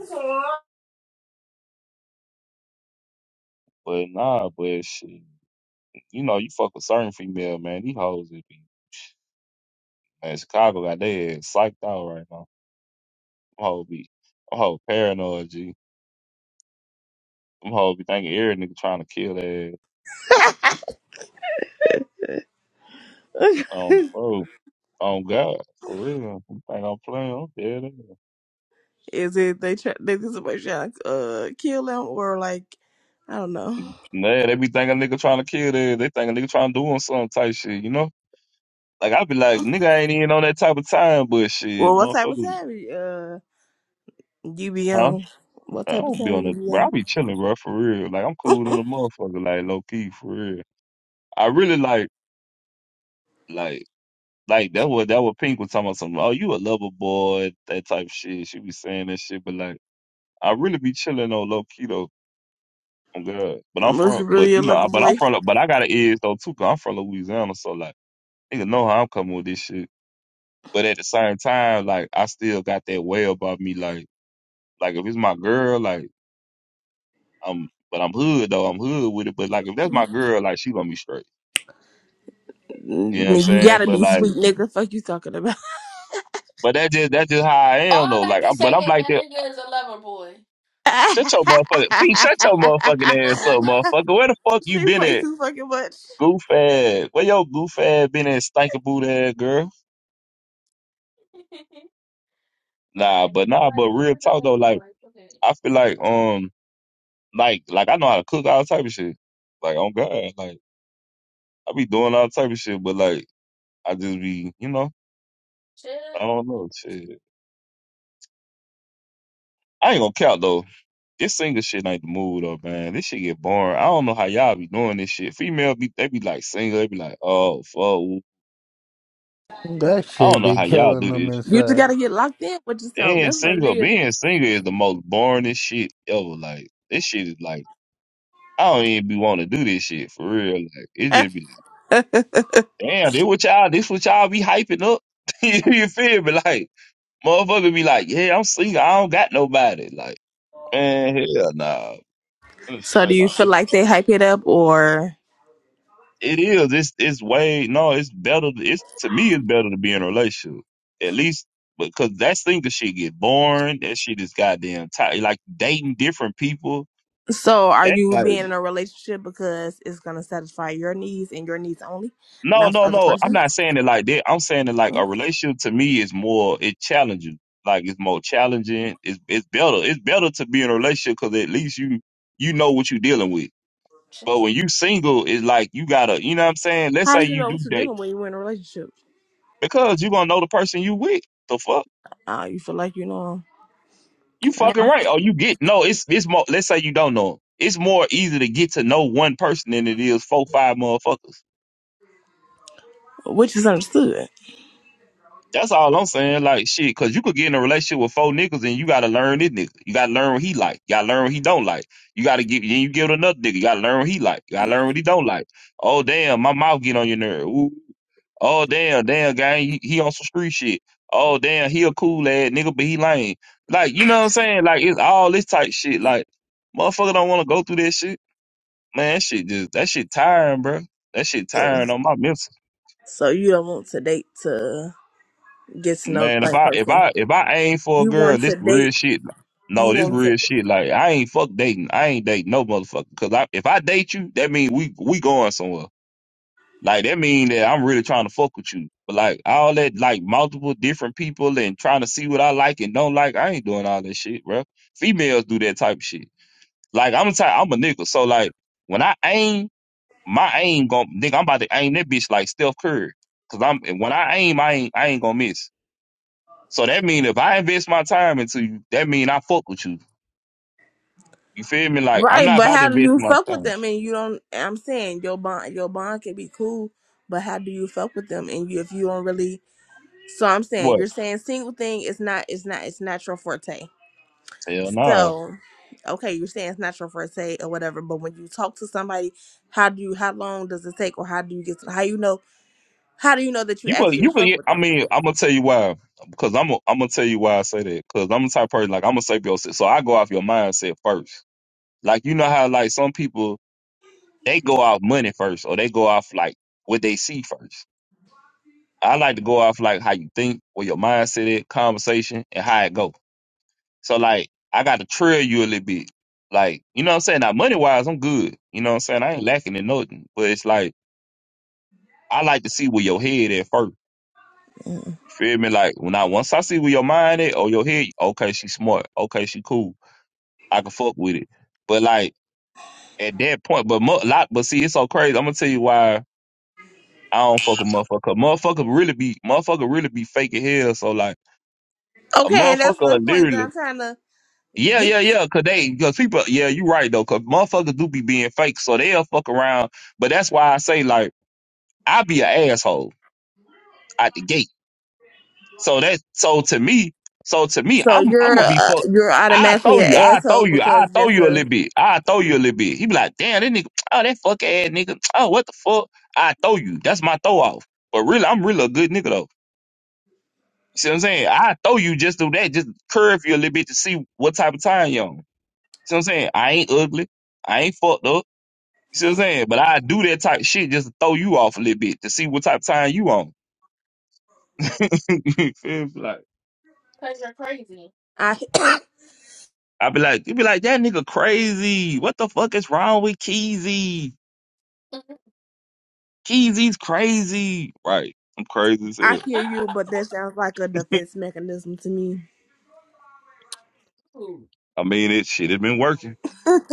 but nah, but shit. You know, you fuck with certain female man. These hoes it be man. Chicago got their head psyched out right now. I'm whole be, I'm whole paranoid, G. Them hoes be thinking every nigga trying to kill their ass, Um, bro, on God, for real. Them think I'm playing. I'm dead. ass.
is it they try they just somebody trying to uh kill them or like I don't know.
Nah, they be thinking a nigga trying to kill their ass. They think a nigga trying to do them some type shit, you know? Like, I be like, nigga, I ain't even on that type of time, but shit,
Well, what type of
motherfucker,
time uh you be
huh?
on? What
I
type of
don't be
time
on
you
that, bro. I
be
be chilling, bro, for real. Like, I'm
on?
cool than a motherfucker, like, low key, for real. I really like, like, like that what that what Pink was talking about some oh you a lover boy that type of shit she be saying that shit but like I really be chilling on low key though. I'm good. But I'm
Was
from, but
really a
you know,
lover
I- but I'm
boy?
from, but I got an edge though too, cause I'm from Louisiana, so like, nigga know how I'm coming with this shit. But at the same time, like, I still got that way about me, like, like if it's my girl, like, I'm, but I'm hood though, I'm hood with it. But like, if that's my girl, like, she gonna be straight. You know what I'm
Nigga, you
saying?
gotta
But
be
like,
sweet, nigga. Fuck you talking about.
but that just that's just how I am
All
though.
I
Like,
can
I'm, but
say
I'm
that
like
that
that.
nigga is a lover boy.
Shut your motherfucking, Pete, shut your motherfucking ass up, motherfucker. Where the fuck you
she
been
plays
at,
too fucking much.
goof ass? Where your goof ass been at, stinking boot ass girl?
like,
Nah, but
boy,
nah, but
you
real
is a
talk
lover
though, like
boy. Okay.
I feel like um like like I know how to cook all type of shit. Like on God, like I be doing all type of shit, but like I just be, you know, I
Chill.
don't know shit. I ain't gonna count though. This single shit ain't the mood though, man. This shit get boring. I don't know how y'all be doing this shit. Female be they be like single, they be like, oh fuck.
That
I don't
shit
know
be
how y'all
killing
do
them
this shit.
You just
inside.
gotta get locked in with yourself.
And
That's what
single,
it
being single is the most boringest shit ever. Like this shit is like I don't even be want to do this shit for real. Like it just be like.
is.
Damn, this what y'all, this what y'all be hyping up. you feel me? Like, motherfucker be like, yeah, I'm single. I don't got nobody. Like, man, hell nah. It's
so do
Straight
you
up.
feel
It,
like they hype it up or
it is. It's, it's way, no, it's better. It's, to me, it's better to be in a relationship. At least, because that single shit get boring. That shit is goddamn tight. Like, dating different people.
so are
that's
you
like.
being in a relationship because it's gonna satisfy your needs and your needs only,
No,
not the
no,
other
no. I'm
person's?
not saying it like that. I'm saying it like a relationship to me is more it's challenging. Like it's more challenging. It's it's better. It's better to be in a relationship because at least you you know what you're dealing with. But when
Chill.
you single, it's like you gotta, you know what I'm saying? Let's
How
say
do you
you
know
do
what you're
date
dealing when you're in a relationship?
because you're gonna know the person you with. The fuck?
Uh, you feel like you know,
You
'em.
fucking
uh,
right. Or you get no. It's it's more. Let's say you don't know. 'em. It's more easy to get to know one person than it is four five motherfuckers.
which is understood.
That's all I'm saying. Like shit, cause you could get in a relationship with four niggas and you gotta learn this nigga. You gotta learn what he like. You gotta learn what he don't like. You gotta give then you give it another nigga. You gotta learn what he like. You gotta learn what he don't like. Oh damn, my mouth get on your nerve. Ooh. Oh damn, damn gang, he, he on some street shit. Oh damn, he a cool ass nigga, but he lame. Like, you know what I'm saying? Like it's all this type shit. Like, motherfucker don't wanna go through that shit. Man, that shit just that shit tiring, bro. That shit
So
tiring on my mental.
so you don't want to date to get to know the
Man, if
right
I if
person.
I if I aim for a
You
girl,
want to
this real
date.
shit.
You
No, this
want to.
real shit. Like I ain't fuck dating. I ain't dating no motherfucker. Cause I, if I date you, that mean we we going somewhere. Like that mean that I'm really trying to fuck with you. But like all that, like multiple different people and trying to see what I like and don't like. I ain't doing all that shit, bro. Females do that type of shit. Like I'm the type. I'm a nigga. So like when I aim, my aim gon' nigga. I'm about to aim that bitch like Steph Curry. Cause I'm when I aim, I ain't I ain't gonna miss. So that mean if I invest my time into you, that mean I fuck with you. You feel me? Like I'm
Right,
not
but
about to
how do
invest
you
my
fuck with
time.
them and you don't? I'm saying your bond, your bond can be cool, but how do you fuck with them and you if you don't really? So I'm saying
What?
you're saying single thing is not, it's not, it's not your forte.
Hell no.
So, okay, you're saying it's not your forte or whatever, but when you talk to somebody, how do you? How long does it take, or how do you get? To, how you know? How do you know that you
You gonna,
actually
You going
fuck
go.
with
I
them?
mean, I'm gonna tell you why. Because I'm. i I'm gonna tell you why I say that. Because I'm the type of person like I'm gonna a sapio. So I go off your mindset first. Like you know how like some people they go off money first, or they go off like what they see first. I like to go off like how you think, where your mindset is, conversation, and how it go. So like I gotta trail you a little bit. Like, you know what I'm saying? Now money wise, I'm good. You know what I'm saying? I ain't lacking in nothing. But it's like I like to see where your head at first.
Mm.
You feel me? Like when I once I see where your mind at or your head, okay, she smart. Okay, she cool. I can fuck with it. But like at that point, but mo- lot but see, it's so crazy. I'm gonna tell you why I don't fuck a motherfucker. Motherfucker really be motherfucker really be fake as hell. So like a
Okay, and that's the
motherfucker
point that
literally
I'm trying to
Yeah,
get.
yeah, yeah. Cause they, cause people, yeah, you right though. Cause motherfuckers do be being fake, so they'll fuck around. But that's why I say like I be an asshole at the gate. So that, so to me, so to me,
So
I'm I'm
you're
gonna be
uh,
fuck.
you're
I throw
automatically an
you, I throw
asshole
you, I
because
throw
that's
you a
a
little bit, I throw you a little bit. He be like, damn, that nigga, oh that fuck ass nigga, oh what the fuck, I throw you. That's my throw off. But really, I'm really a good nigga though. You see what I'm saying? I throw you just do that, just curve you a little bit to see what type of time you on. See what I'm saying? I ain't ugly. I ain't fucked up. You see what I'm saying? But I do that type of shit just to throw you off a little bit to see what type of time you on. You feel me? like
Cause you're crazy.
I.
I be like, you be like, that nigga crazy. What the fuck is wrong with Keezy? Keezy's crazy. Right. I'm crazy as
I
hell.
hear you, but that sounds like a defense mechanism to me.
Ooh.
I mean it shit, it been working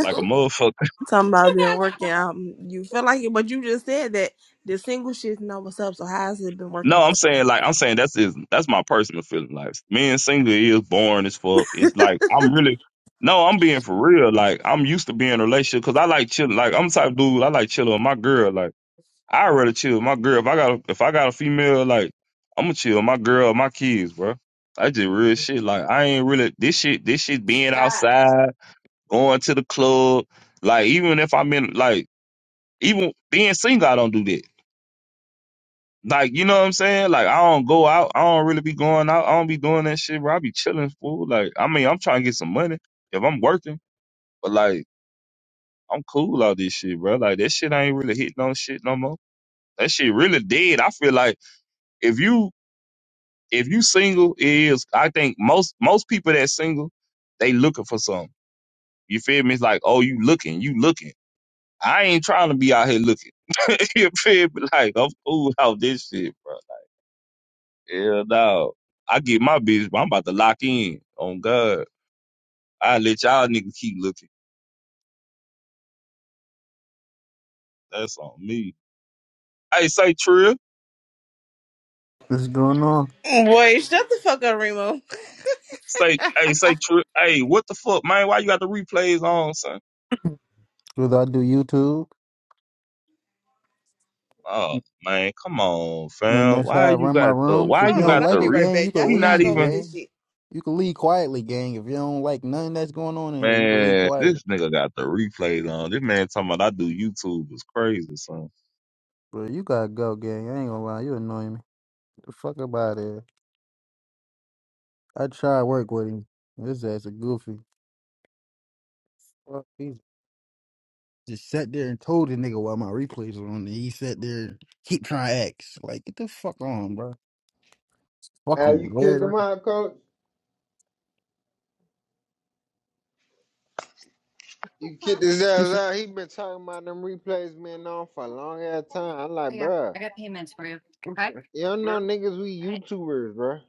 like a
Ooh.
motherfucker.
Talking about been working out. mm, You feel like it, but you just said that the single shit's not what's up. So how's it been working
No, I'm
for you?
saying like I'm saying that's is that's my personal feeling. Like being single is boring as fuck. It's like I'm really no, I'm being for real. Like I'm used to being in a relationship because I like chilling. Like I'm the type of dude I like chilling with my girl. Like I rather chill with my girl. If I got a, if I got a female, like I'm gonna chill with my girl, my kids, bro. That's just real shit. Like I ain't really this shit. This shit being outside, going to the club. Like even if I'm in like even being single, I don't do that. Like, you know what I'm saying? Like, I don't go out. I don't really be going out. I don't be doing that shit, bro. I be chilling, fool. Like, I mean, I'm trying to get some money if I'm working, but like, I'm cool out this shit, bro. Like, that shit ain't really hitting on shit no more. That shit really dead. I feel like if you if you single it is, I think most most people that single, they looking for something. You feel me? It's like, oh, you looking, you looking. I ain't trying to be out here looking. you feel me? Like, I'm cool out this shit, bro. Yeah, dog. I get my bitch, but I'm about to lock in on God. I let y'all niggas keep looking. That's on me. Hey, say Trill.
What's going on?
Boy, shut the fuck up, Remo.
Say, hey, say Trill. Hey, what the fuck, man? Why you got the replays on, son?
Cause I do YouTube,
Oh man, come on,
and
fam.
that's how
Why
I
you
run my
got the?
rooms.
Why
If you
Hold
you
on,
don't
got
I'll
the
like
be
it,
re?
right
gang, you
back. Y'all
can
We
hear y'all
not
go
leave,
with
even.
this
gang.
shit.
You can leave quietly, gang. If you don't like nothing that's going on in here, you can leave
Man,
quietly.
this nigga got the replays on. This man talking about I do YouTube is crazy, son.
Bro, you gotta go, gang. I ain't gonna lie, you annoying me. The fuck about it. I tried to work with him. This ass a goofy. Fuck, He just sat there and told the nigga while my replays were on. And he sat there and keep trying to ask. Like, get the fuck on, bro. Fuck
How you
Fucking
kicked him
weirdo.
out, coach? You kicked his ass out. He been talking about them replays being on for a long ass time. I'm like, bruh, you don't know niggas, we YouTubers, bruh.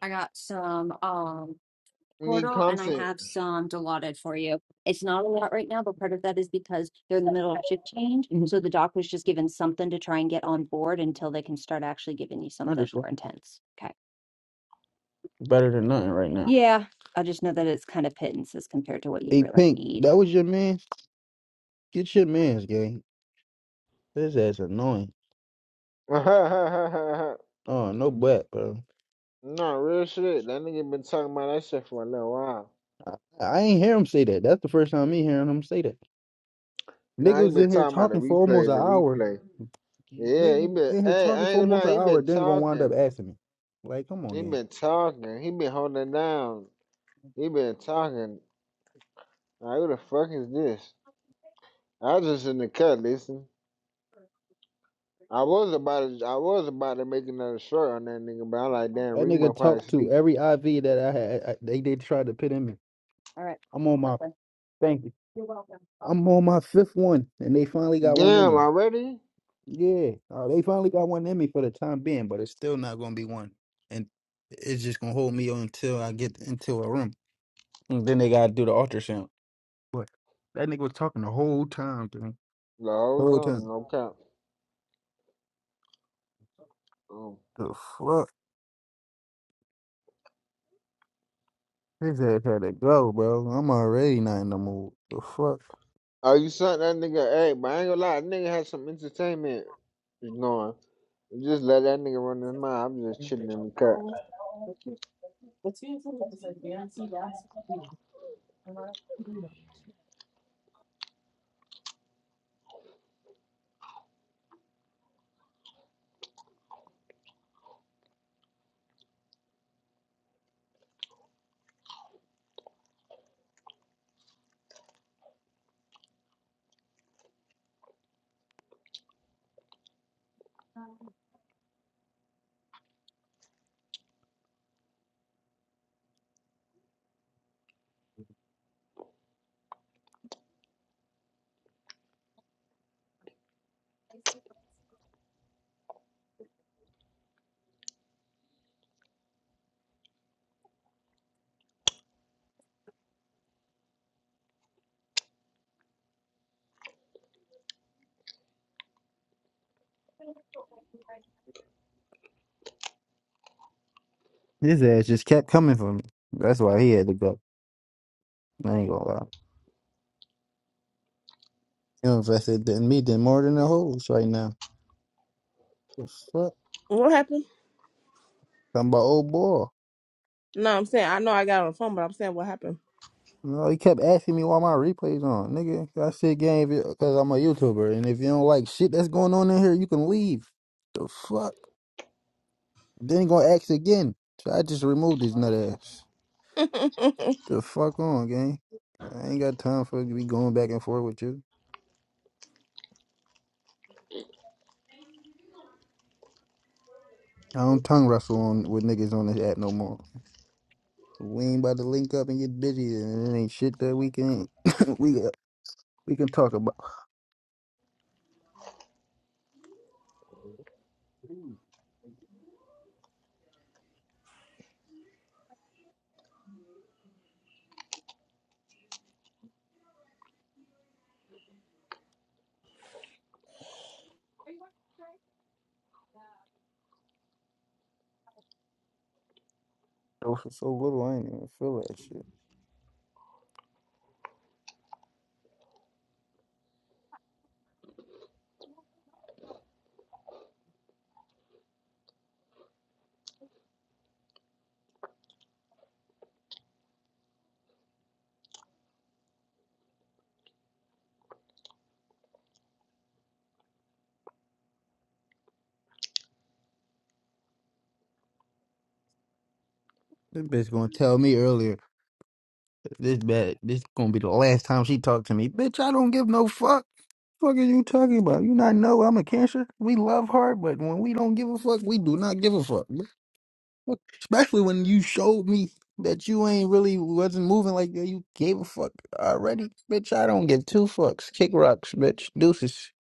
We need
portal and I
content.
have some allotted for you. It's not a lot right now, but part of that is because they're in the middle of shift change. Mhm. So the doc was just given something to try and get on board until they can start actually giving you something Understood. more intense. Okay. Better than nothing right now. Yeah. I just know that it's kind of pittances compared to what you Hey, really Pink, need. that was your man. Get your man's gang. This ass annoying.
no,
Oh, no black, bro.
real shit. That nigga been talking about that shit for a little while.
I, I ain't hear him say that. That's the first time me hearing him say that. Nigga
Nah, he
was
been
in here
talking about the
talking for almost
replays,
an
the
hour.
replay. Yeah,
Nigga
he
was
been.
in here
Hey,
talking
I
for
ain't gonna
almost
lie,
an
he
hour,
been
then gonna wind up
talking.
asking me. Like, come on,
He
gang.
been talking. He been holding down. He been talking. Like, who the fuck is this? I was just in the cut, listen. I was about to, I was about to make another short on that nigga, but I like damn
That
Remo
nigga
probably
talked to
sleep.
every IV that I had. I, they they tried to put in me. I'm on my thank you. I'm on my fifth one, and they finally got one in
Damn,
me.
already?
Yeah, uh, they finally got one in me for the time being, but it's still not gonna be one, and it's just gonna hold me on until I get into a room. And then they gotta do the ultrasound. But that nigga was talking the whole time, dude.
No,
The
hold
whole
on,
time.
no cap. Um,
The fuck. His ass had to go, bro. I'm already not in the mood. The fuck?
oh, you suck that nigga? Hey, but I ain't gonna lie, that nigga had some entertainment going. Just let that nigga run his mouth. I'm just chilling in the cut.
His ass just kept coming for me. That's why he had to go. I ain't gonna lie. You invested in me than more than the hoes right now. The fuck?
What happened?
Talking about old boy.
No, I'm saying I know I got on the phone, but I'm saying what happened.
No, he kept asking me why my replays on, nigga. I said game because I'm a YouTuber, and if you don't like shit that's going on in here, you can leave. The fuck? Then he gonna ask again. So I just removed his nut ass. The fuck on, gang. I ain't got time for to be going back and forth with you. I don't tongue wrestle on with niggas on this app no more. We ain't about to link up and get busy, and it ain't shit that we can we uh, we can talk about. So for so little, I ain't even feel that shit. This bitch gonna tell me earlier. This bad. This gonna be the last time she talked to me. Bitch, I don't give no fuck. Fuck are you talking about? You not know I'm a cancer. We love hard, but when we don't give a fuck, we do not give a fuck. Especially when you showed me that you ain't really wasn't moving like that. You gave a fuck already, bitch. I don't give two fucks. Kick rocks, bitch. Deuces.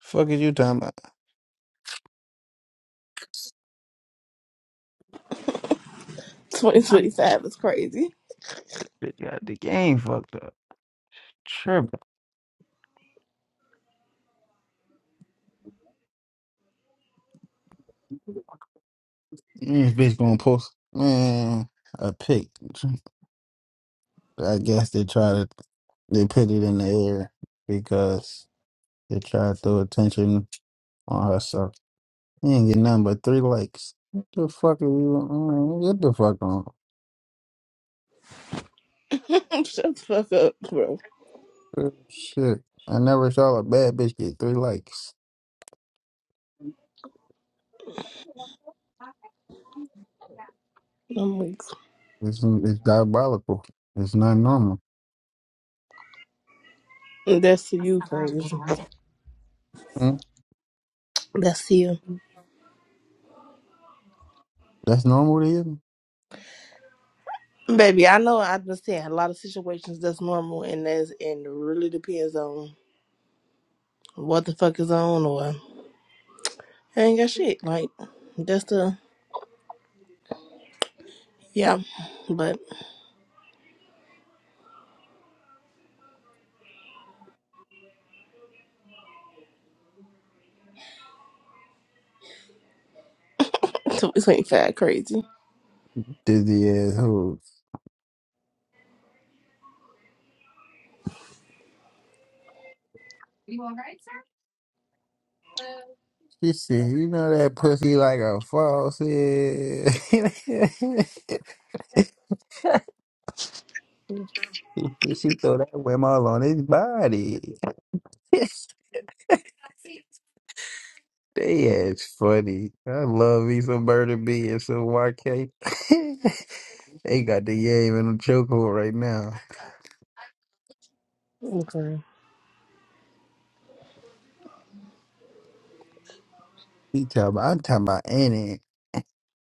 Fuck is you talking about?
2025 is crazy.
Bitch got the game fucked up. Sure. Mm, This bitch gonna post man a pic. I guess they try to they put it in the air because they try to throw attention on herself. You ain't get nothing but three likes. What the fuck are you? mm, Get the fuck on.
Shut the fuck up, bro.
Oh, Shit, I never saw a bad bitch get three likes.
I'm weak.
It's, it's diabolical. It's not normal.
That's to you crazy.
Hmm?
That's to you.
That's normal to you?
Baby, I know I understand a lot of situations that's normal and that's and it really depends on what the fuck is on or I ain't got shit. Like that's the yeah. But it's ain't fat crazy.
Dizzy asshole. She said, you know that pussy like a faucet. she throw that whammo on his body. they ass funny. I love me some Murder B and some YK. they got the game in a chokehold right now.
Okay.
He talking about, I'm talking about any.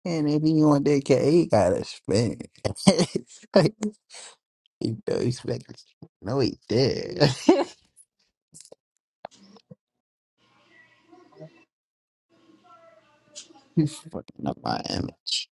And if you want that cat, he gotta spend. he know he's fucking, no he did. he's fucking up my image.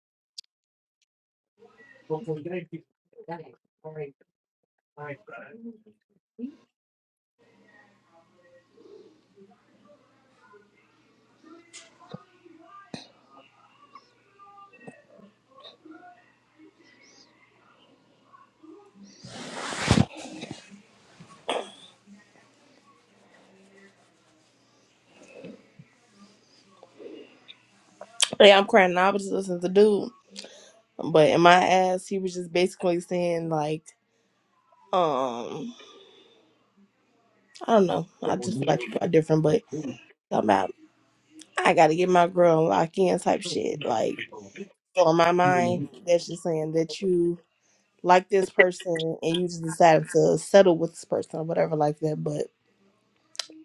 Yeah, I'm crying now just listening to dude. But in my ass he was just basically saying like, um I don't know. I just feel like people are different, but I'm out. I gotta get my girl locked in type shit. Like so in my mind, that's just saying that you like this person and you just decided to settle with this person or whatever like that, but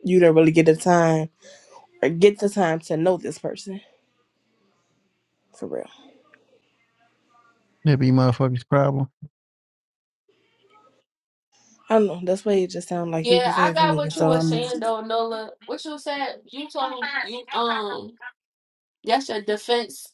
you didn't really get the time or get the time to know this person for real.
That be motherfuckers' problem.
I don't know. That's what it just sounded like he
yeah,
was
I
saying to
got
me.
what you
So
were
I'm like,
saying though, Nola. What you said, you told me you um That's your defense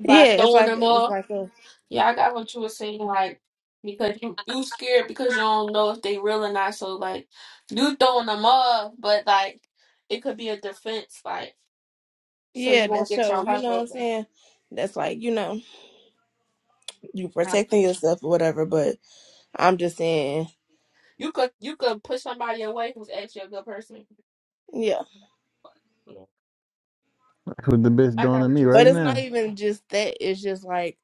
by
yeah, it's
throwing
like
them
it's
up.
like a
Yeah, I got what you were saying, like because you you scared because you don't know if they real or not. So like you throwing them up, but like it could be a defense, like so
yeah
you
that
won't get
show.
your
You
heart
know what I'm
broken.
saying? That's like you know you protecting yourself or whatever. But I'm just saying
You could you could push somebody away who's actually a good person.
yeah.
Yeah.
That's what the bitch
I
doing
got
to
what
me
you were
But
right
saying.
it's not
now.
even just that. It's just like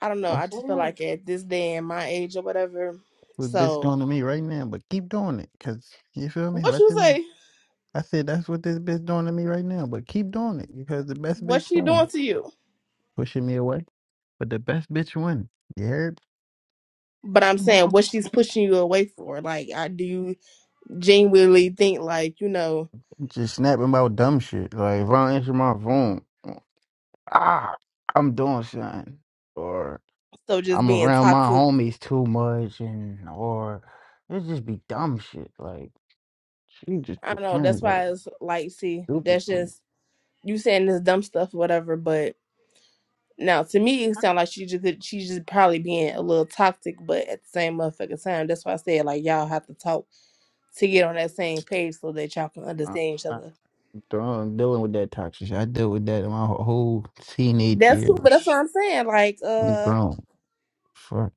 I don't know.
Come
I
That's
just feel
on,
like at this day and my age or whatever.
What the bitch
So
doing to me right now, but keep doing it. Cause you feel me?
what
What
you
them?
say?
I said that's what this bitch doing to me right now, but keep doing it because the best bitch
What's she doing
won.
to you?
Pushing me away. But the best bitch won. Yeah.
But I'm saying what she's pushing you away for. Like, I do you genuinely think like you know.
Just snapping about dumb shit. Like if I don't answer my phone, ah, I'm doing something, or
So just
I'm
being
around my
toxic.
homies too much, and or it just be dumb shit. Like she just
I don't know.
complaining
That's
about
why it's like, see,
stupid
that's
shit.
just you saying this dumb stuff, whatever. But now to me, it sounds like she just she's just probably being a little toxic. But at the same motherfucking time, that's why I said like y'all have to talk to get on that same page so that y'all can
I'm
understand each
not
other.
done dealing with that toxic shit. I dealt with that in my whole teenage
That's cool, but that's what
years.
I'm saying. Like,
I'm
uh,
grown. Fuck,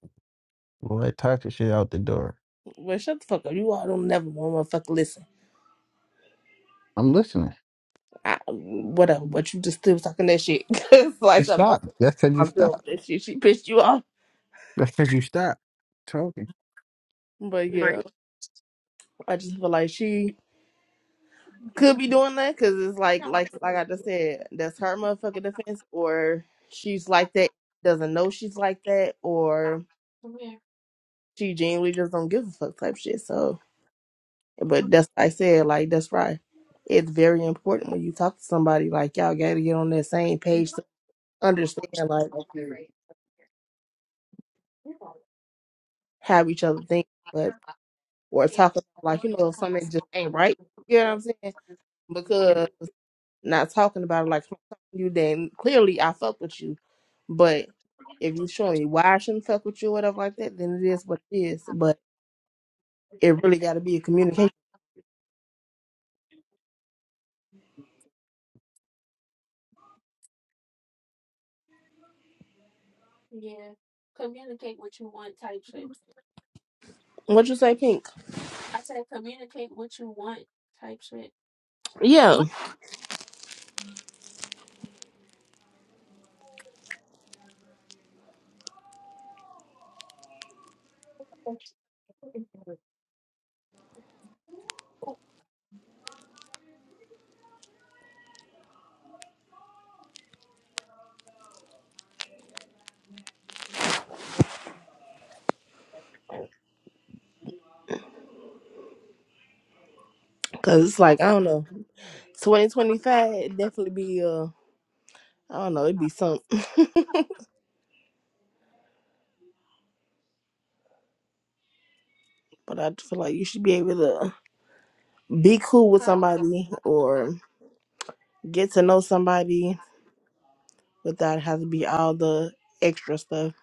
blow that toxic shit out the door.
well, shut the fuck up. You all don't never want to fucking listen.
I'm listening.
I, whatever, but you just still talking that shit. Cause
You
like I'm,
stop. That's because you
I'm done with
stop.
that shit. She pissed you off,
That's because you stop talking.
but yeah, I just feel like she could be doing that because it's like, like, like I just said, that's her motherfucking defense, or she's like that, doesn't know she's like that, or
come here.
she genuinely just don't give a fuck type shit. So, but that's like I said, like that's right. It's very important when you talk to somebody like y'all gotta get on that same page to understand like how each other think. or talking like you know if something just ain't right. You know what I'm saying? Because not talking about it like if I'm talking to you, then clearly I fuck with you. But if you showing me why I shouldn't fuck with you, or whatever like that, then it is what it is. But it really got to be a communication.
Yeah, communicate what you want type shit.
What you say, Pink?
I said communicate what you want type shit.
Yeah, cause it's like I don't know, 2025 definitely be uh I don't know it'd be something. But I feel like you should be able to be cool with somebody or get to know somebody without having to be all the extra stuff.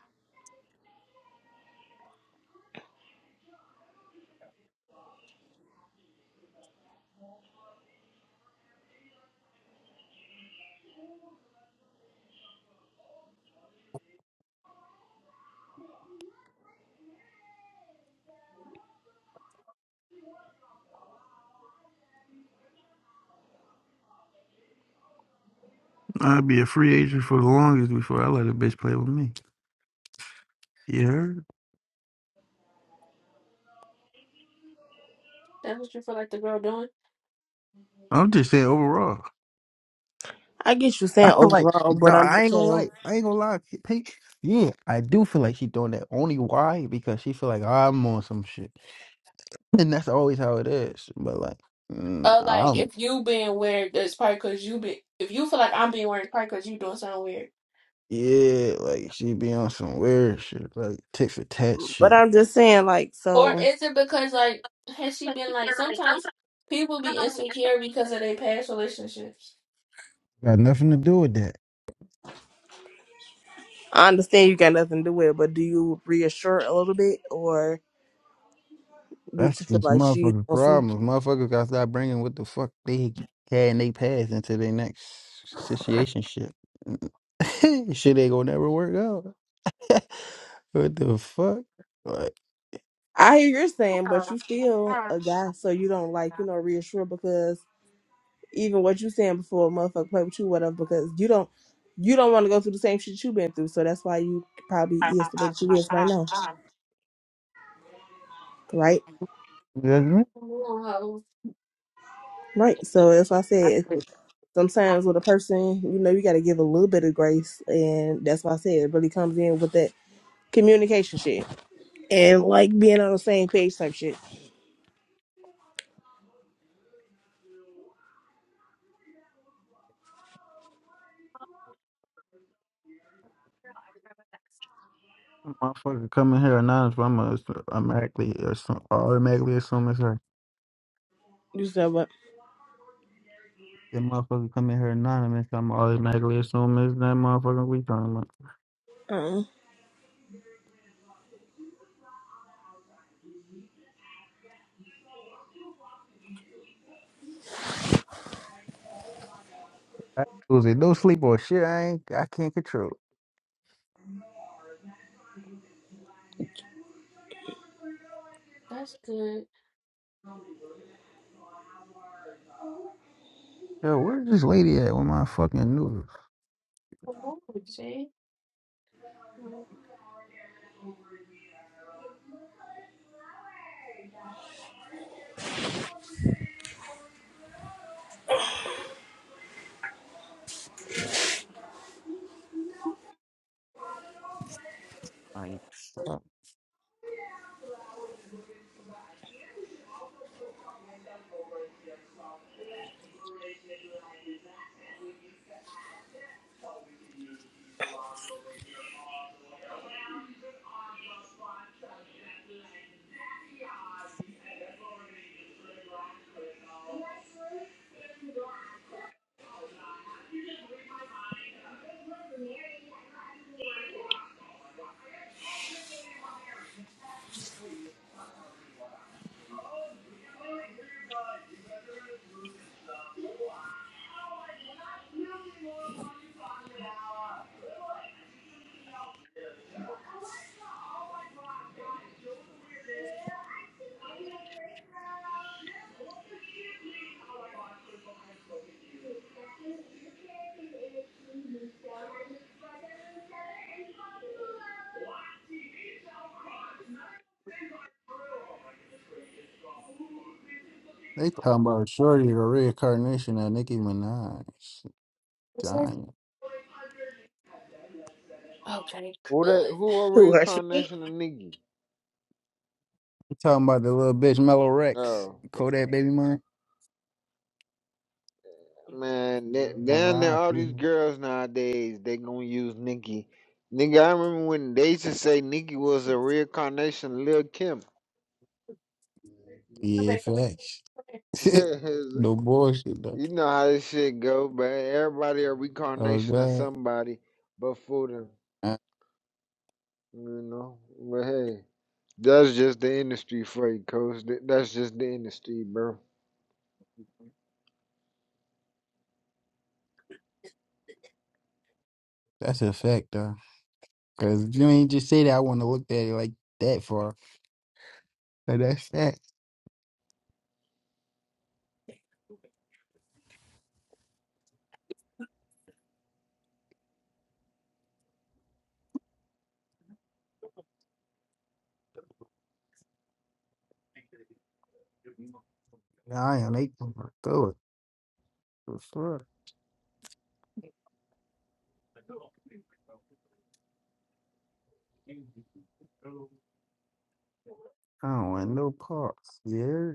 I'd be a free agent for the longest before I let a bitch play with me. You heard?
That's what you feel like the girl doing.
I'm just saying overall.
I get you
I
saying
feel like
overall,
no,
but I'm
I
just
ain't gonna
saying,
lie. I ain't gonna lie. She- Hey, yeah, I do feel like she doing that. Only why? Because she feel like I'm on some shit, and that's always how it is. But like, mm,
Uh, like
I'm
if you being weird, that's probably because you be. If you feel like I'm being weird, it's probably because you doing something weird.
yeah, like she be on some weird shit, like tit for tat
but
shit.
I'm just saying like
Or
so.
is it because like has she
Got
been like sometimes people be insecure because of their past relationships?
nothing to do with that.
I understand you got nothing to do with it, but do you reassure a little bit, or do you
That's
just feel
these
like she's
motherfucker's
on some?
problems. Motherfuckers gotta stop bringing what the fuck they had in they past into their next situation. Shit, shit ain't gonna never work out. what the fuck? Like,
I hear you're saying, but you still a guy, so you don't like you know reassure because even what you saying before a motherfucker play with you, whatever, because you don't you don't want to go through the same shit you been through. So that's why you probably is the way that you is right now. Right?
you know
Come on, hoe.
Right. So that's why I said sometimes with a person, you know, you gotta give a little bit of grace and that's why I said it really comes in with that communication shit. And like being on the same page type shit.
Motherfucker coming here anonymous. I'm gonna assu- automatically assume, automatically assume it's her.
You said what?
That motherfucker coming here anonymous. I'm automatically assume it's that motherfucker we talking about.
Uh-uh.
I lose it. No sleep or shit. I ain't. I can't control.
That's good.
Yo, where's this lady at with my fucking noodles?
Come on, see. Like,
Like, fuck. They talking about Shorty, the reincarnation of Nicki Minaj. She
it's like-
Dying.
okay,
Who that?
good.
Who a
Who hurts you?
reincarnation of Nigga?
They talking about the little bitch Mellow Rex,
Oh.
Kodak Baby Mine? Ain't
Man, th-
gonna
down there,
lie
all
to
these girls nowadays, they gonna use Nikki. Nigga, I remember when they used to say Nikki was a reincarnation of Lil' Kim.
Come
Yeah,
back, come back,
facts.
come
you
no bullshit though.
know how this shit go, but everybody a
Oh
reincarnation of
god,
somebody but for them,
Uh,
you know? But hey, that's just the industry for you, coach. Th- That's just the industry, bro.
that's a fact though. Cause if you ain't just say that, I want to look at it like that far. But that's that. Nah, I am making my do it. The fuck? I don't want no parts. Yeah.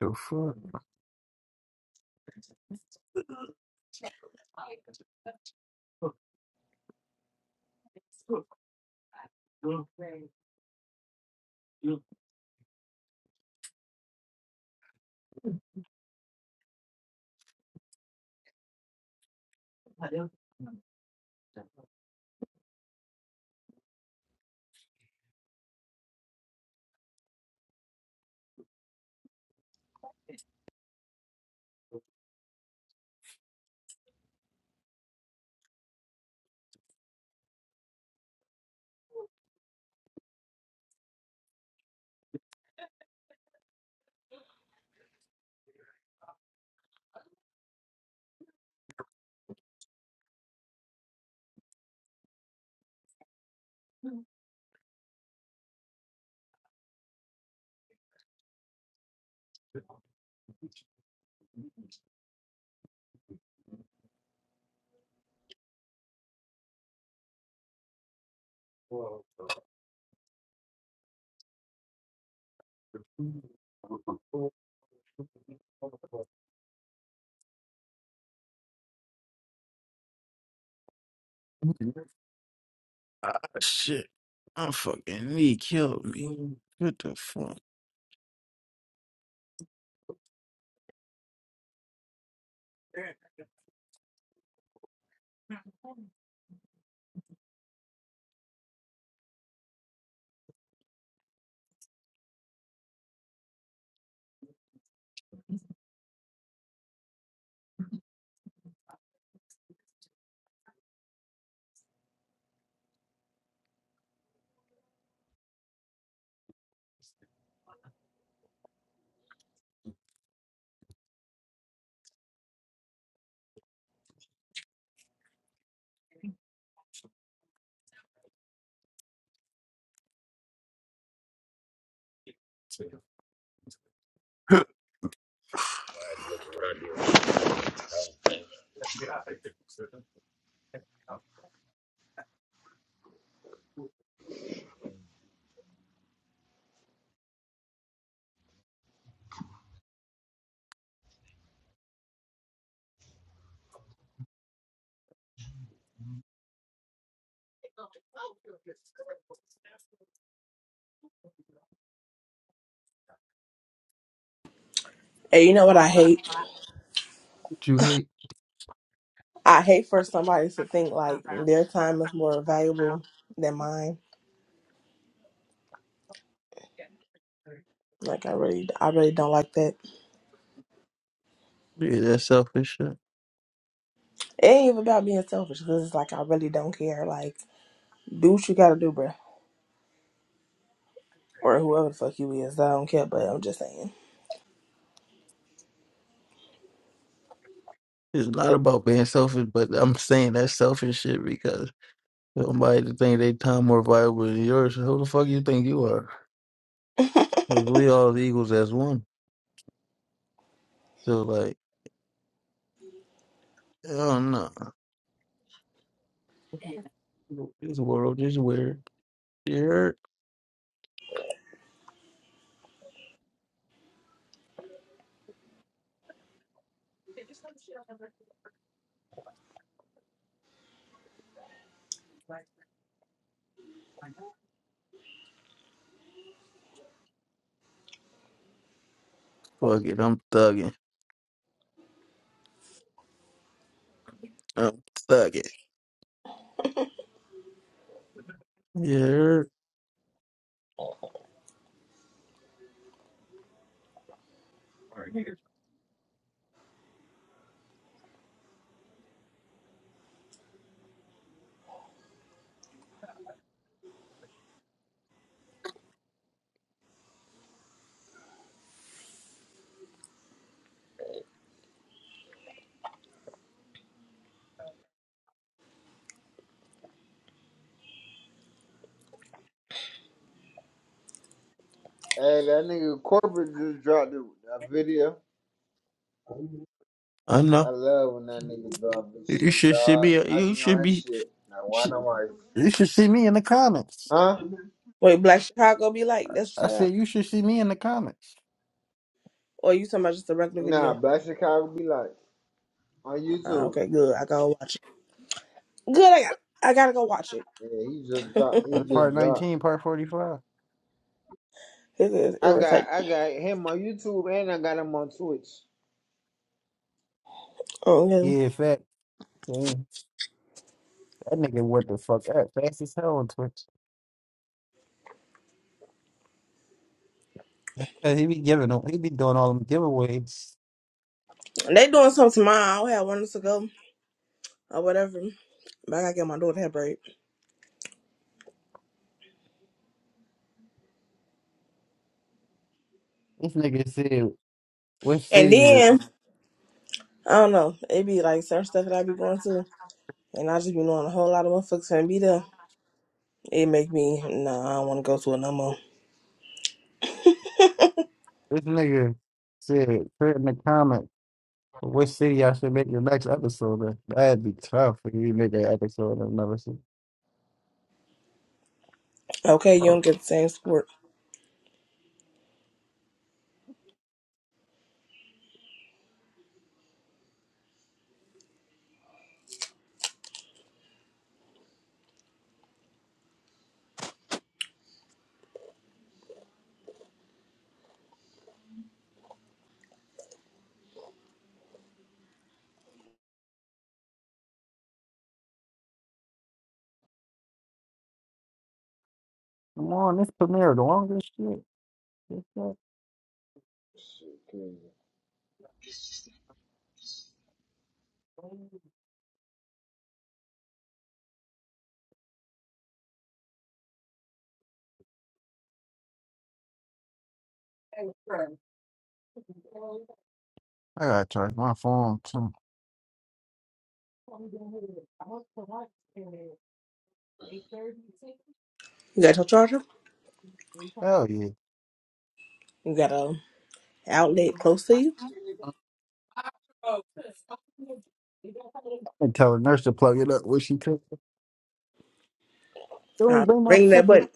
The fuck?
back.
Ah, shit. My fucking knee killed me. What the fuck?
And you know what I hate?
What you hate?
I hate for somebody to think like their time is more valuable than mine. Like I really I really don't like that
Yeah, that selfish shit.
It ain't even about being selfish because it's like I really don't care. Like, do what you gotta do, bruh. Or whoever the fuck you is. I don't care, but I'm just saying.
It's not about being selfish, but I'm saying that selfish shit because somebody to think they time more valuable than yours. Who the fuck you think you are? Like, we all equals as one. So like, I don't know. This world is weird. Yeah. Fuck it, I'm thugging. I'm thugging. Yeah,
Hey, that nigga corporate just dropped a, a video.
I
I
know.
love when that nigga drop this
You
shit,
should see
dog.
me.
I
You
be on
should
his
be.
shit. Now, why do
sh-
not? I?
You should see me in the comments.
Huh?
Wait, Black Chicago be like, that's what
I
you're talking about?
said you should see me in the comments.
Or you talking about just a regular
Nah,
video?
Black Chicago be like on
Uh,
YouTube.
okay, good. I gotta watch it. Good, I got I gotta go watch it.
Yeah, he just dropped. He
Uh, Part
just dropped.
nineteen, part forty-five.
It is
I got
irritating.
I got him on YouTube and I got him on Twitch.
Oh,
Yeah,
yeah.
fat. mm, That nigga, what the fuck? That fast as hell on Twitch. Uh, He be giving them. He be doing all them giveaways.
They doing something tomorrow. I don't have one to go or whatever. But I gotta get my daughter her braid.
This nigga said, "What
And
city?" that-
then, I don't know, it be like certain stuff that I be going to. And I just be knowing a whole lot of motherfuckers finna be there. It make me nah. I don't want to go to it no more.
This nigga said, "Put in the comments." Which city I should make the next episode in? That'd be tough if you make an episode in another city.
Okay, you
Oh,
don't get the same sport.
come on, this premiere the longest shit. This shit.
Shit, crazy.
I gotta charge my phone too.
You got your charger?
Oh yeah. I've
You got a outlet close to you?
been telling nurse to plug it up when she could.
All
Don't
right,
bring my
ring that
fucking
button.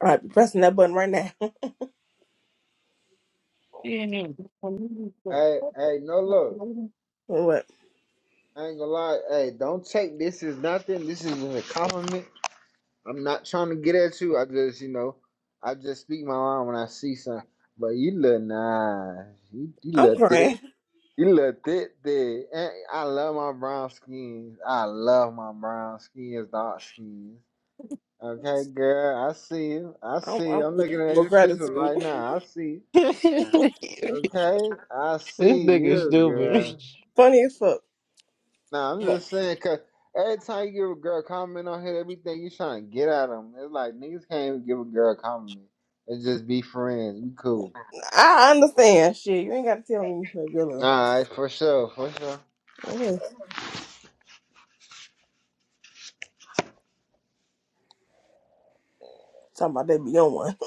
All right, be pressing that button right now.
Hey, hey, no love.
what?
I ain't gonna lie. Hey, don't take this as nothing. This is a compliment. I'm not trying to get at you. I just, you know, I just speak my mind when I see something. But you look nice. You, you
I'm
look thick.
crying.
You look thick, thick. And I love my brown skins. I love my brown skins, dark skins. Okay, girl, I see you. I
I'm,
see
I'm
you. I'm
weak
looking at
with
your picture
gratitude.
right now. I see you.
this
Okay, I see you.
nigga stupid.
Funny as fuck.
Now, I'm
But
just saying, because every time you give a girl a compliment on here, everything you trying to get at them. It's like niggas can't even give a girl a compliment. It's just be friends. We cool.
I understand. Shit, you ain't got to tell me you love your love.
All right, for sure, for sure.
Okay. Talking about that beyond one.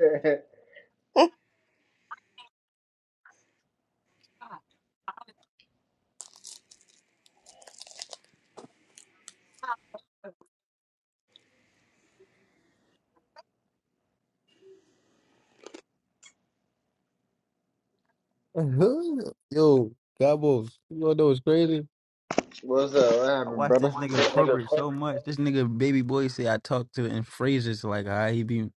Uh-huh. Yo, Gabos, you wanna know what's crazy?
What's up? What
I
happened,
watch
brother?
this nigga
This nigga's
corporate so
hungry.
much. This nigga baby boy say I talk to in phrases like how he be.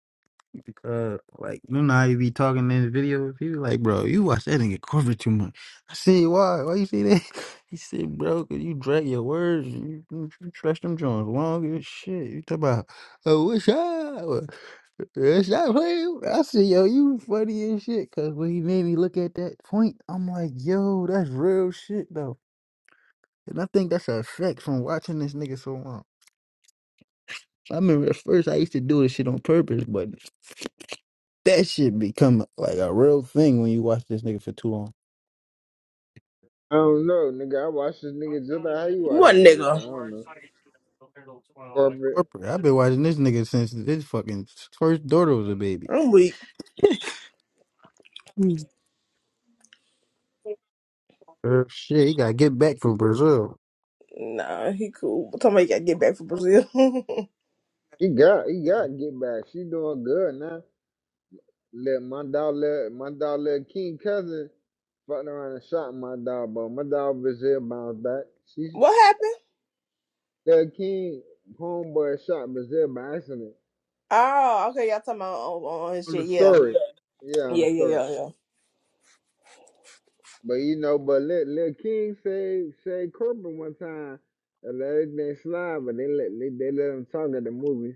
Because like you know how you be talking in the video, people like, bro, you watch that nigga Corbin too much. I see why. Why you see that? He said, bro, cause you drag your words. You, you, you stretch them joints long as shit. You talk about, oh, what's up? What's up, player? I said, yo, you funny as shit. Cause when he made me look at that point, I'm like, yo, that's real shit though. And I think that's a effect from watching this nigga so long. I remember at first I used to do this shit on purpose, but. That shit become like a real thing when you watch this nigga for too long.
I don't know, nigga. I watch this nigga just like how you watch
what
this nigga. So I
nigga?
don't know. Corporate.
Corporate. I've been watching this nigga since his fucking first daughter was a baby.
I'm weak.
Er, shit, he gotta get back from Brazil.
Nah, he cool. But somebody got to get back from Brazil.
He got he got get back. She doing good now. Let my dog let my dog little King cousin fucked around and shot my dog, but my dog Brazil bounced back. She
what happened?
little King homeboy shot Brazil by accident.
Oh, okay. Y'all talking about on, on his
On the
shit. Yeah.
story. Yeah, on
Yeah,
the
yeah,
story.
yeah, yeah.
But you know, but let Lil King say say Corbin one time and let everything slide, but they let they, they let him talk at the movie.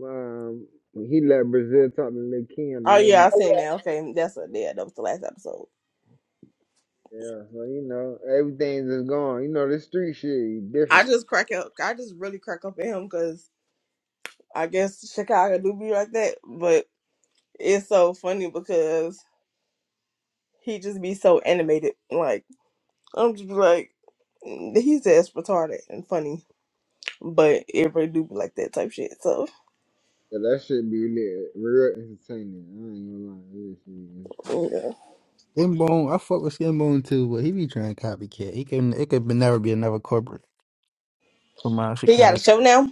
Um, he left Brazil talking to Lil' Kim,
Oh
the little
yeah, I
m-
seen that. Okay, that's a yeah. That was the last episode.
yeah. So you know, everything's just gone. You know, this street shit is
I
different.
just crack up. I just really crack up at him because I guess Chicago do be like that. But it's so funny because he just be so animated. Like I'm just like mm, he's just retarded and funny. But everybody do be like that type shit. So
So that shit be lit, real entertaining. I ain't gonna lie, this shit is entertaining.
yeah,
Skinbone, I fuck with Skinbone too, but he be trying to copycat. He can it could be- never be another corporate from out of
he got a
Chicago.
show now.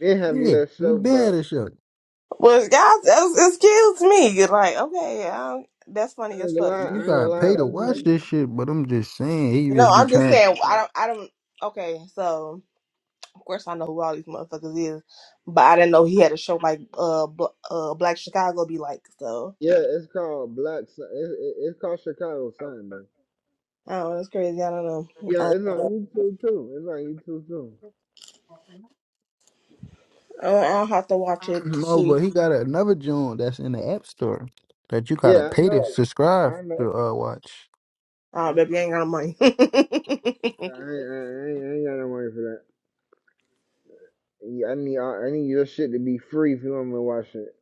Then had a
Yeah,
little
he
show,
bad
but
at shit.
Well, guys, that was- excuse me. Like okay, I don't, that's
I
funny as
ain't gonna
fuck.
lie, I
You
ain't
gotta
gonna lie.
pay to
We
watch
be
this shit, but I'm just saying he
No,
just be
I'm just
trying.
saying I don't. I don't. Okay, so. Of course, I know who all these motherfuckers is, but I didn't know he had a show like uh, Bl- uh Black Chicago be like. So
yeah, it's called Black. Sun- It's, it- it's called Chicago Sun though.
I don't know. It's crazy. I don't know. I
Yeah, it's on
don't,
YouTube too. It's on YouTube too.
I don't- I'll have to watch it to
No,
see.
but he got another joint that's in the app store that you gotta
Yeah, I
pay to
know.
subscribe
I know.
to uh watch.
Oh,
I
baby, I ain't got no money.
ain't, I ain't, I ain't got no money for that. Yeah, I need I need your shit to be free if you want me to watch it.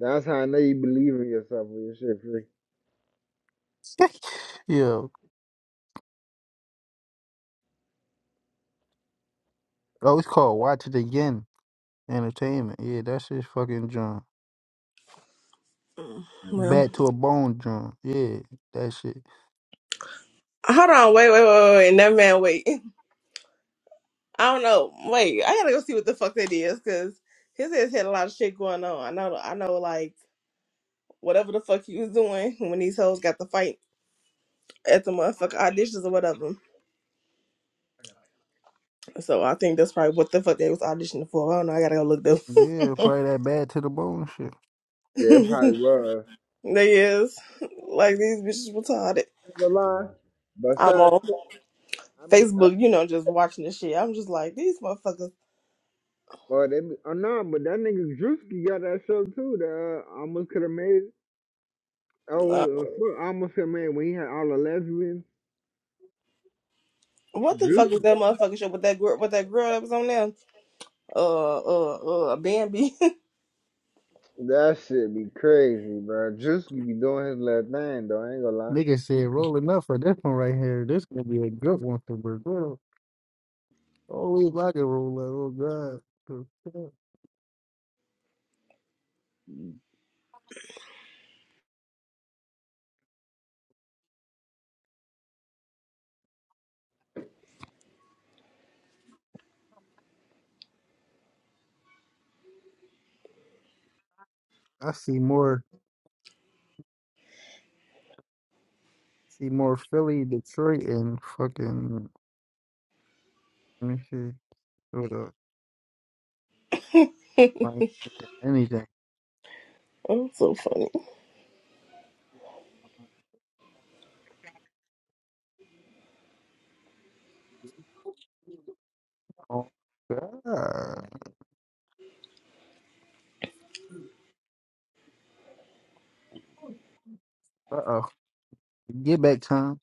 That's how I know you believe in yourself when your shit free.
Yeah. Oh, it's called Watch It Again Entertainment. Yeah, that shit's fucking drunk.
Mm.
well,
Bad to a bone drunk. Yeah, that shit.
hold on. Wait, wait, wait, wait. wait. Never man, wait. I don't know. Wait, I gotta go see what the fuck that is because his ass had a lot of shit going on. I know. I know. Like whatever the fuck he was doing when these hoes got the fight at the motherfucker auditions or whatever. So I think that's probably what the fuck they was auditioning for. I don't know. I gotta go look them.
Yeah, probably that bad to the bone shit.
Yeah, it probably was.
they is like these bitches retarded.
I ain't gonna lie. Mm.
I'm
Besides,
on
I mean, I,
Facebook, you know, just watching this shit. I'm just like these motherfuckers.
well, they be, oh no, but that nigga Drewski got that show too. That uh, almost could have made it. Oh wait,
Uh,
uh, fuck, almost could have made it when he had all the lesbians.
what the fuck is
Drewski,
that motherfucking show with that girl? With that girl that was on there? Uh, uh, uh, Bambi. That's
that shit be crazy, bro. Drewski be doing his little thing though. I ain't gonna lie.
Nigga said rolling up for this one right here. This gonna be a good one for Brazil. Only if I can roll that. Oh God. Okay. I see more. See more Philly, Detroit, and fucking. Let me see. Hold up. Miami than Anything.
so funny.
Oh God. Uh uh Get back, Tom.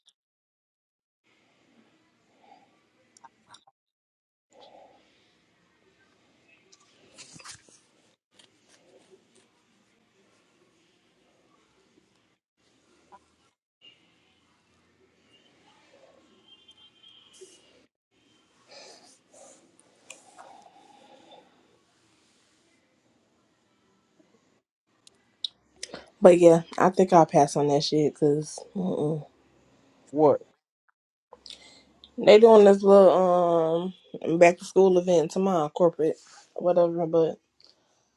But yeah, I think I'll pass on that shit because
What?
they doing this little um back to school event tomorrow, corporate, whatever. But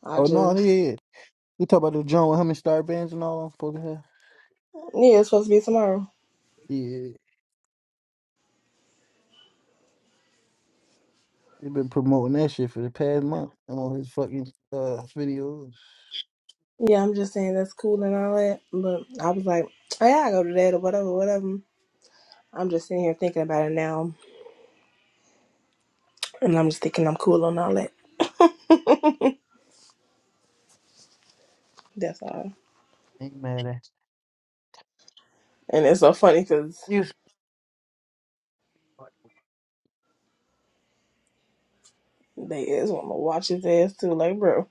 I
Oh no,
just
yeah. yeah. We talk about the joint with him and Star Bands and all. Supposed to have.
yeah, it's supposed to be tomorrow.
Yeah. He been promoting that shit for the past month I'm on his fucking uh videos.
Yeah, I'm just saying that's cool and all that. But I was like, oh, yeah, I go to that or whatever, whatever. I'm just sitting here thinking about it now. And I'm just thinking I'm cool and all that. That's all.
Ain't mad at
And it's so funny because
you.
they is want to watch his ass too. Like, bro.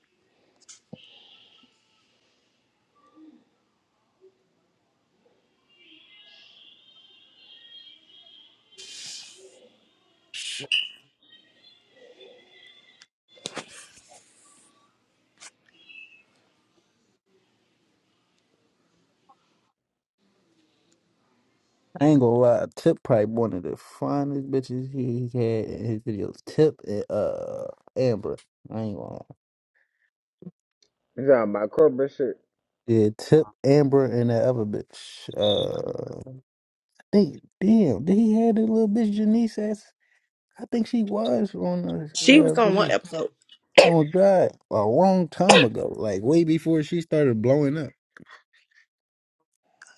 I ain't gonna lie, Tip probably one of the finest bitches he had in his videos. Tip and uh Amber. I ain't gonna lie.
He's talking about corporate shit.
Yeah, Tip, Amber, and that other bitch. Uh, I think damn, did he have that little bitch Janice as? I think she was on the
She
uh,
was on one
video.
episode.
Oh God, a long time ago, like way before she started blowing up.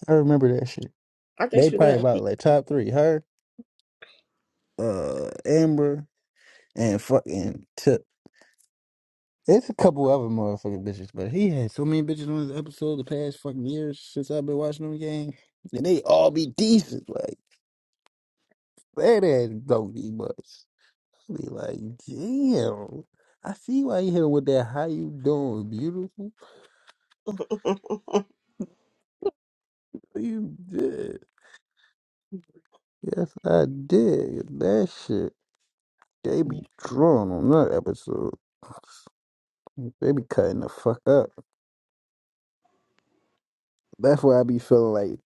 I remember that shit.
I think
They
she was
probably
there.
about like top three. Her, uh, Amber, and fucking Tip. It's a couple other motherfucking bitches, but he had so many bitches on his episode the past fucking years since I've been watching them game, and they all be decent, like bad ass doggy butts. be I be like, damn, I see why you hit him with that. How you doing, beautiful?
oh,
You did, yes, I did. That shit, they be drawn on that episode. They be cutting the fuck up. That's why I be feeling like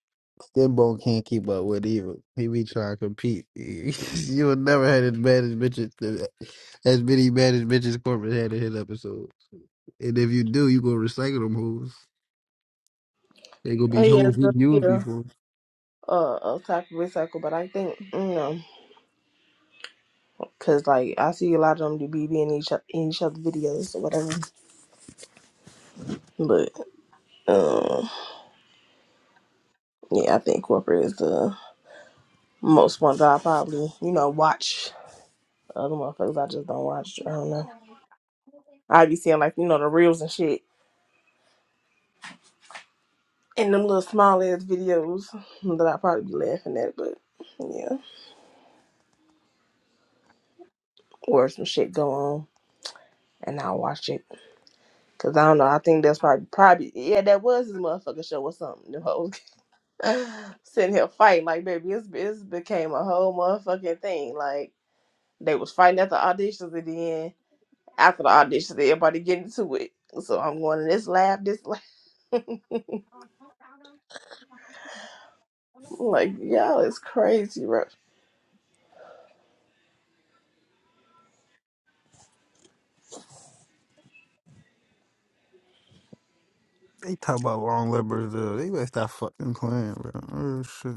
Skin Bone can't keep up with either. He be trying to compete. you will never had as bad as bitches, as many bad as bitches Corbin had in his episodes. And if you do, you gonna recycle them hoes. They gonna be
yeah,
hoes
so,
he used
yeah.
before.
Uh, a type of recycle, but I think, you know, because, like, I see a lot of them to be in each, o- in each other videos or whatever. But, um, yeah, I think corporate is the. Most ones I probably, you know, watch. Other motherfuckers I just don't watch. I don't know. I be seeing like, you know, the reels and shit. And them little small ass videos that I probably be laughing at, but yeah. Or some shit go on and I'll watch it. Cause I don't know, I think that's probably probably yeah, that was his motherfucking show or something. Them hoes sitting here fighting like baby, it's it's became a whole motherfucking thing. Like they was fighting at the auditions and then after the auditions everybody getting to it. So I'm going to this lab, this lab. Like y'all is crazy, bro.
They talk about long livers though. They better stop fucking playing, bro. Oh shit.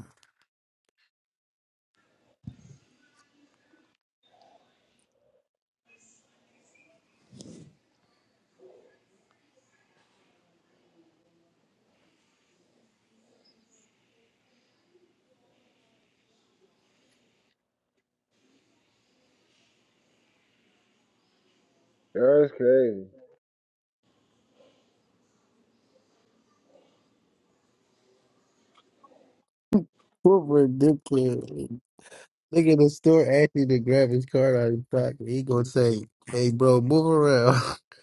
That's crazy.
What ridiculous. Look at the store asking to grab his card out of his pocket. He gonna say, "Hey, bro, move around."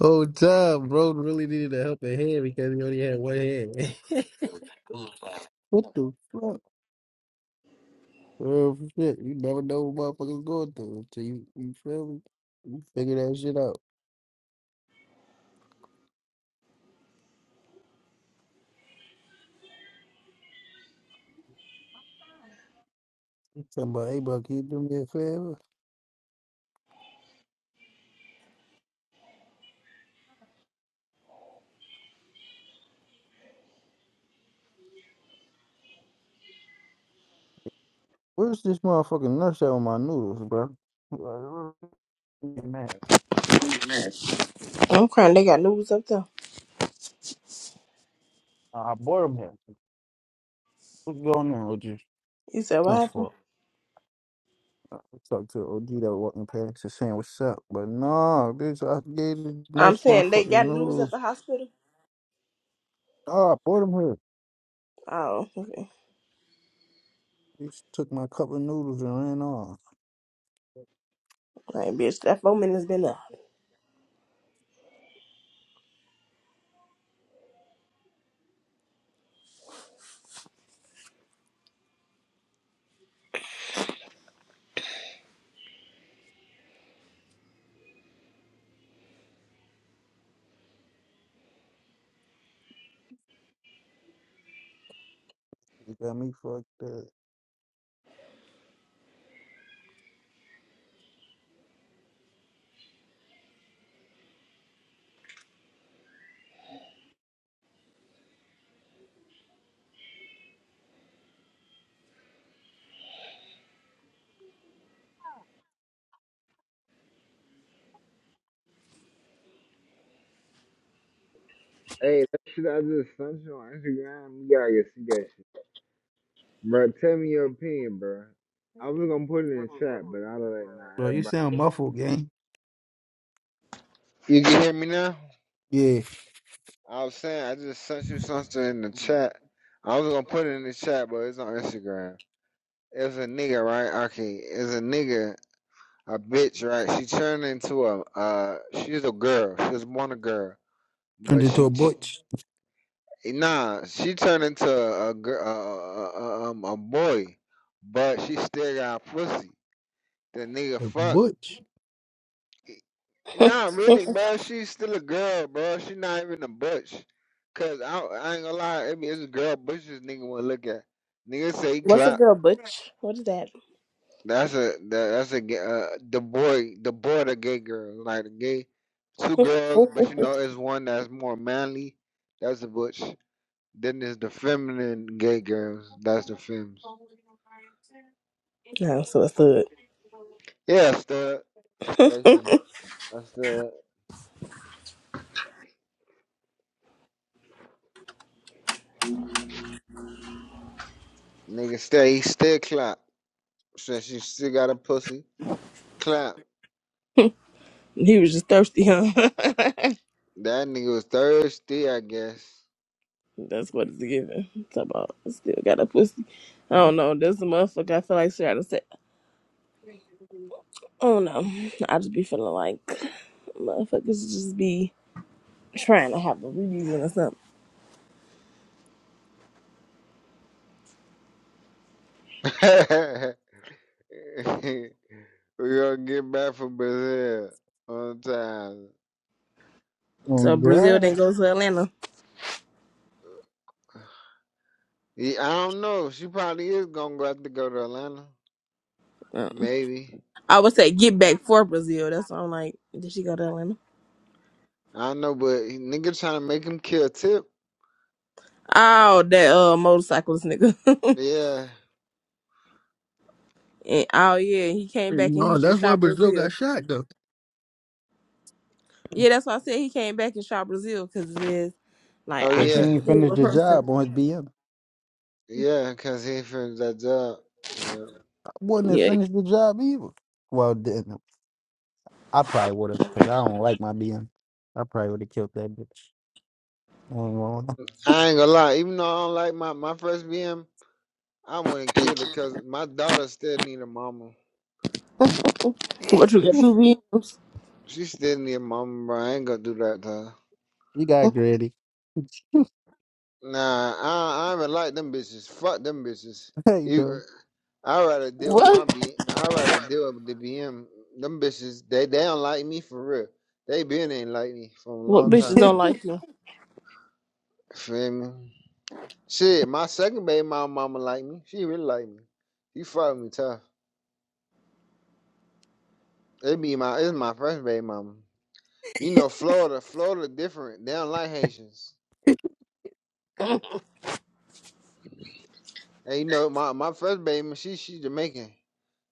Oh, time, bro, really needed a helping hand because he only had one hand. what the fuck? Oh shit! You never know what motherfuckers going through until you you feel me. You figure that shit out. You talking about, hey, bro, can you do me a favor? Where's this motherfucking nurse at with my noodles, bro? Like, Man,
I'm crying. They got news up there.
I bought them here. What's going on, OG?
You said what
I'm
happened?
for. I talked to OG that walking past and saying, What's up? But no, bitch, I gave the
I'm
nurse my
saying they
fucking
got news at
noodles.
the hospital.
Oh, I bought them here.
Oh, okay.
He just took my cup of noodles and ran off.
Like bitch, that foreman has been up.
You got me fucked up.
Hey, that shit I just sent you on Instagram, you gotta get see that shit. Bro, tell me your opinion, bro. I was gonna put it in the chat, but I don't like nah,
Bro, you
everybody.
sound muffled, gang.
You can hear me now?
Yeah,
I was saying I just sent you something in the chat. I was gonna put it in the chat, but it's on Instagram. It's a nigga, right? Okay, it's a nigga, a bitch, right? She turned into a uh, she's a girl. She was born a girl,
turned
but
into a
she, she
butch.
Nah, she turned into a girl, a, a, a, um, a boy, but she still got pussy. The nigga
A
fuck.
butch?
e, Nah, really, bro. She's still a girl, bro. She not even a butch. Cause I, I ain't gonna lie, I mean, it's a girl butch this nigga wanna look at. Nigga say he
What's a
clap.
girl, butch? What is that?
That's a that, that's a ga- uh, the boy the boy the gay girl like the gay two girls, but you
no,
know it's one that's more manly. That's a butch. Then there's the feminine gay girls. That's the fems.
so it's good.
Yeah, still basically. I still nigga stay he still clap. Since you still got a pussy. Clap.
He was just thirsty, huh?
That nigga was thirsty, I guess.
That's what it's giving. Talk about still got a pussy. I don't know. This motherfucker, I feel like she gotta say. Oh no, I just be feeling like motherfuckers just be trying to have a reason or something.
we gonna get back from Brazil on time.
So Brazil didn't go to Atlanta.
Yeah, I don't know. She probably is gonna go have to go to Atlanta.
Uh,
Maybe.
I would say get back for Brazil. That's why I'm like, did she go to Atlanta?
I don't know, but he- nigga trying to make him kill Tip.
Oh, that uh motorcyclist nigga.
Yeah.
and, oh yeah, he came back and he
Oh,
just
that's why
shot
Brazil got
Brazil.
shot, though.
Yeah, that's why I said he came back and shot Brazil because it is like
Oh
I
Because he
yeah.
can't
ain't
kill
finished
a
the
person.
job on his BM.
Yeah, cause he finished that job. Yeah.
wouldn't have
Yeah,
finished the job either. Well, didn't I probably would have because I don't like my BM. I probably would have killed that bitch. I ain't gonna lie.
I ain't gonna lie, even though I don't like my, my first BM, I wouldn't kill it because my daughter still need a mama.
what you got
She,
two VMs?
she still need a mama, bro. I ain't gonna do that to her.
You got gritty.
Nah, I, I even like them bitches. Fuck them bitches.
Hey,
You-
dude.
i rather deal with my
What?
B. I'd rather deal with the BM. Them bitches, they, they don't like me for real. They been ain't like me for a
What
long
bitches don't
time.
like you?
Feel me? Shit, my second baby mama, mama like me. She really like me. She fuck me tough. It be my, it's my first baby mama. You know, Florida, Florida different. They don't like Haitians. And you know, my, my first baby, she she Jamaican.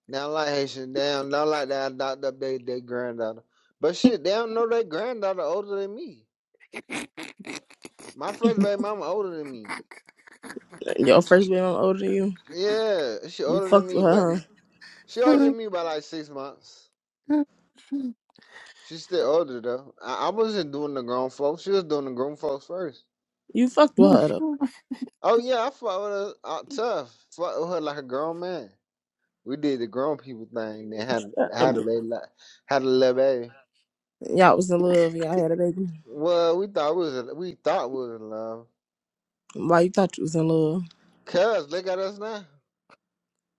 They don't like Haitians. They don't, they don't like that adopt up their their granddaughter. But shit, they don't know their granddaughter older than me. My first baby mama older than me.
Your first man on older than you.
Yeah, she
You
older than
fucked
me,
with
but
her.
n-
Huh?
she older than me by like six months. She's still older though. I, I wasn't doing the grown folks. She was doing the grown folks first.
You fucked with her though.
Oh yeah, I fought with her uh, tough. Fought with her like a grown man. We did the grown people thing and had
Shut up.
had a baby, li- had a little baby.
Y'all was in love. Y'all had a baby.
Well, we thought we was in- we thought we was in love.
Why you thought you was in love?
Cuz look at us now.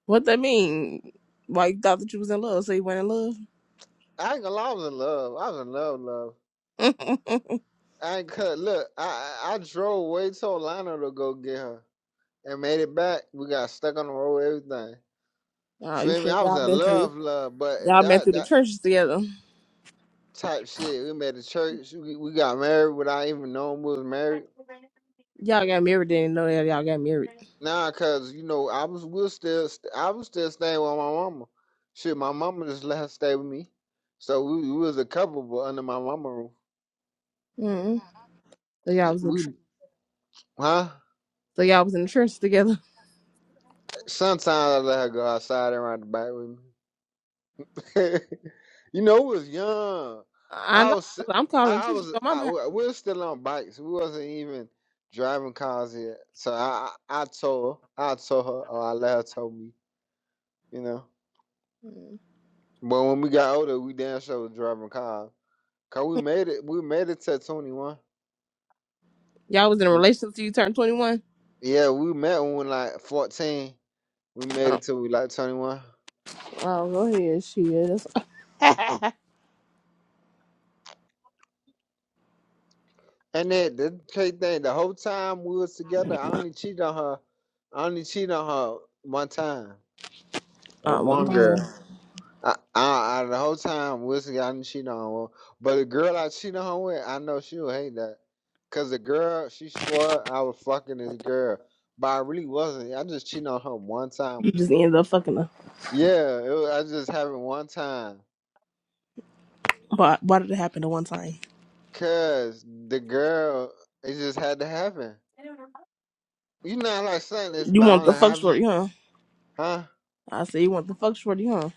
What that mean? Why you thought that you was in love, so you weren't in love?
I ain't gonna lie, I was in love. I was in love, love. I ain't cut. Look, I I I drove way to Orlando to go get her and made it back. We got stuck on the road, everything.
oh, you
Feel me?
said
I was
y'all
in
been through
love, love, but
y'all been
that
through the
that
trenches together.
type shit. We made a church. We, we got married without even knowing we was married.
Y'all got married, didn't know that y'all got married.
Nah, cause you know I was will still st- I was still staying with my mama. Shit, my mama just let her stay with me, so we, we was a couple, but under my mama roof.
mm So y'all was in the tren-
We, huh?
so y'all was in the trenches together.
Sometimes I let her go outside and ride the bike with me. you know, we was young.
I
I
know.
was
That's what I'm
I
calling
I
trenches
was
on my
I,
mama.
we we was still on bikes. We wasn't even driving cars yet. So I I, I told her I told her or I let her told me. You know,
Mhm.
but when we got older, we damn sure was driving cars. Cause we made it. We made it to twenty one.
Y'all was in a relationship till you turned twenty one.
Yeah, we met when we were like fourteen. We made
Oh,
it till we like twenty one.
oh, go ahead, shit. That's
And that the crazy thing, the whole time we was together, I only cheated on her. I only cheated on her one time
uh,
with
one
one girl.
time.
I, I, I the whole time we was together, I only cheated on her. one- But the girl I cheated on her with, I know she would hate that. Cause the girl, she swore I was fucking this girl, but I really wasn't. I just cheated on her one time
You
with
just
this
ended
girl.
up fucking her.
Yeah, it was, I just happened one time.
But why did it happen the one time?
Cause the girl, it just had to happen. You know, like something it's
You want
bound to
the fuck
happen,
shorty, huh?
huh?
I say you want the fuck shorty, huh?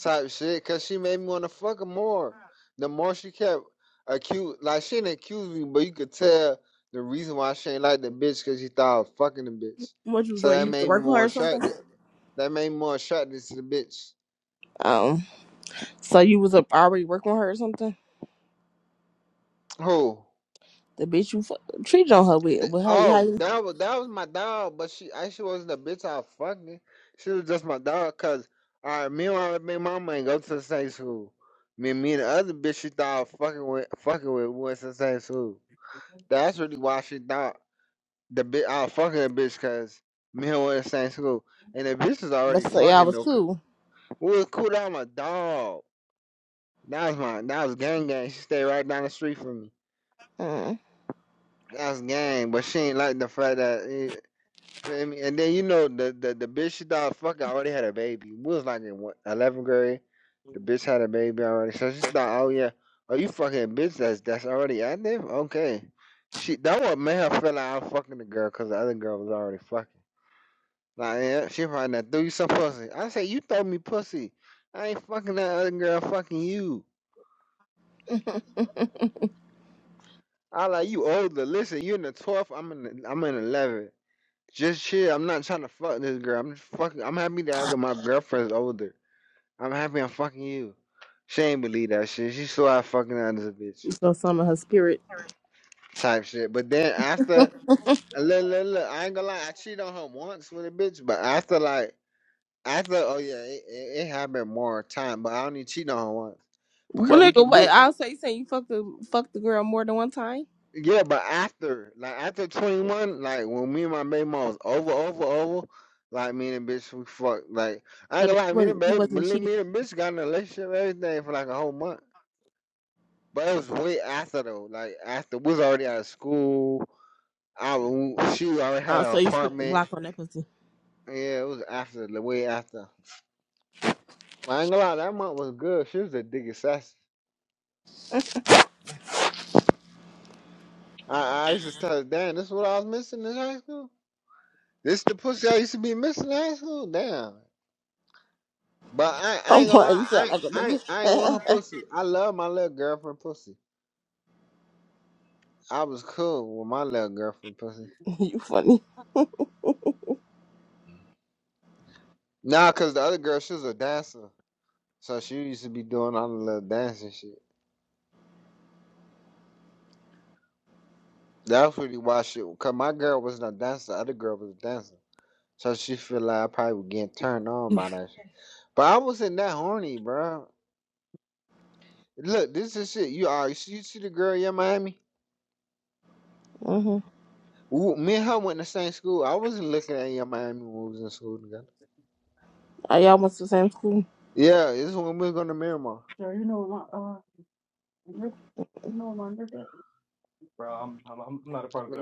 Type shit. Cause she made me want to fuck her more. The more she kept accuse, like she didn't accuse me, but you could tell the reason why she ain't like the bitch, cause she thought I was fucking the bitch.
What you was
So
gonna
that
use to
made me
work for her
more
or something?
attracted. That made me more attracted to the bitch.
Oh. So you was up already working with her or something?
Who?
The bitch you fu- treated on her with,
Th-
but how you, how
Oh,
you,
that was that was my dog, but she actually wasn't the bitch I was fucking. She was just my dog, cause all right, me and my big mama ain't go to the same school. Me, me and the other bitch she thought I was fucking with, fucking with, went to the same school. That's really why she thought the bitch I was fucking the bitch, cause me and her went to the same school, and the bitch was
but
already
so y'all
fucking
was
though. 'cause
cool.
We was cool. That was my dog. That was my that was gang gang. She stayed right down the street from me.
Mm.
That's gang, but she ain't like the fact that. Feel me? And then you know the the, the bitch she thought fuck I already had a baby. We was like in what, 11th grade. The bitch had a baby already. So she thought, oh yeah, oh you fucking bitch that's that's already active? Okay. She that what made her feel like I'm fucking the girl because the other girl was already fucking. Like yeah, she probably not threw you some pussy. I say you throw me pussy. I ain't fucking that other girl fucking you. I like you older. Listen, you in the 12th, I'm in the, I'm in eleven. Just shit, I'm not trying to fuck this girl. I'm just fucking I'm happy that I got my girlfriend's older. I'm happy I'm fucking you. She ain't believe that shit. She saw I fucking her as a bitch
so some of her spirit.
type shit. But then after, uh, look, look, look, I ain't gonna lie, I cheated on her once with a bitch, but after like, after, oh yeah, it, it, it happened more time, but I only cheated on her once
Well,
because we
nigga,
can,
wait.
we,
I'll say you saying you fucked the fucked the girl more than one time.
yeah, but after, like after 21, like when me and my baby mom was over, over, over, like me and the bitch, we fucked, like I
So
ain't
that
gonna
you
lie, me and the
wasn't, you
baby,
wasn't
me
cheating.
and the bitch got in a relationship, everything for like a whole month. But it was way after though. Like after we was already out of school. I was- she already had
Uh,
her
so you spent the
apartment.
block on that pussy.
Yeah, it was after the way after. Well, I ain't gonna lie, that month was good. She was a dig sassy. I, I used to tell her, damn, this is what I was missing in high school. This the pussy I used to be missing in high school. Damn. But I, I
Oh
ain't gonna
boy, you
lie, I,
sound
ain't-
like a
I,
nigga.
ain't- I ain't want her pussy. I love my little girlfriend pussy. I was cool with my little girlfriend pussy.
you funny.
Nah, cause the other girl, she was a dancer, so she used to be doing all the little dancing shit. That's really why she, cause my girl wasn't a dancer, other girl was a dancer, so she feel like I probably was getting turned on by that. But I wasn't that horny, bro. Look, this is shit. You are you see, you see the girl in Miami?
Mm-hmm.
Ooh, me and her went to the same school. I wasn't looking at young Miami when we was in school together.
Oh, y'all went to the same school.
Yeah, this is when we was going to Miramar.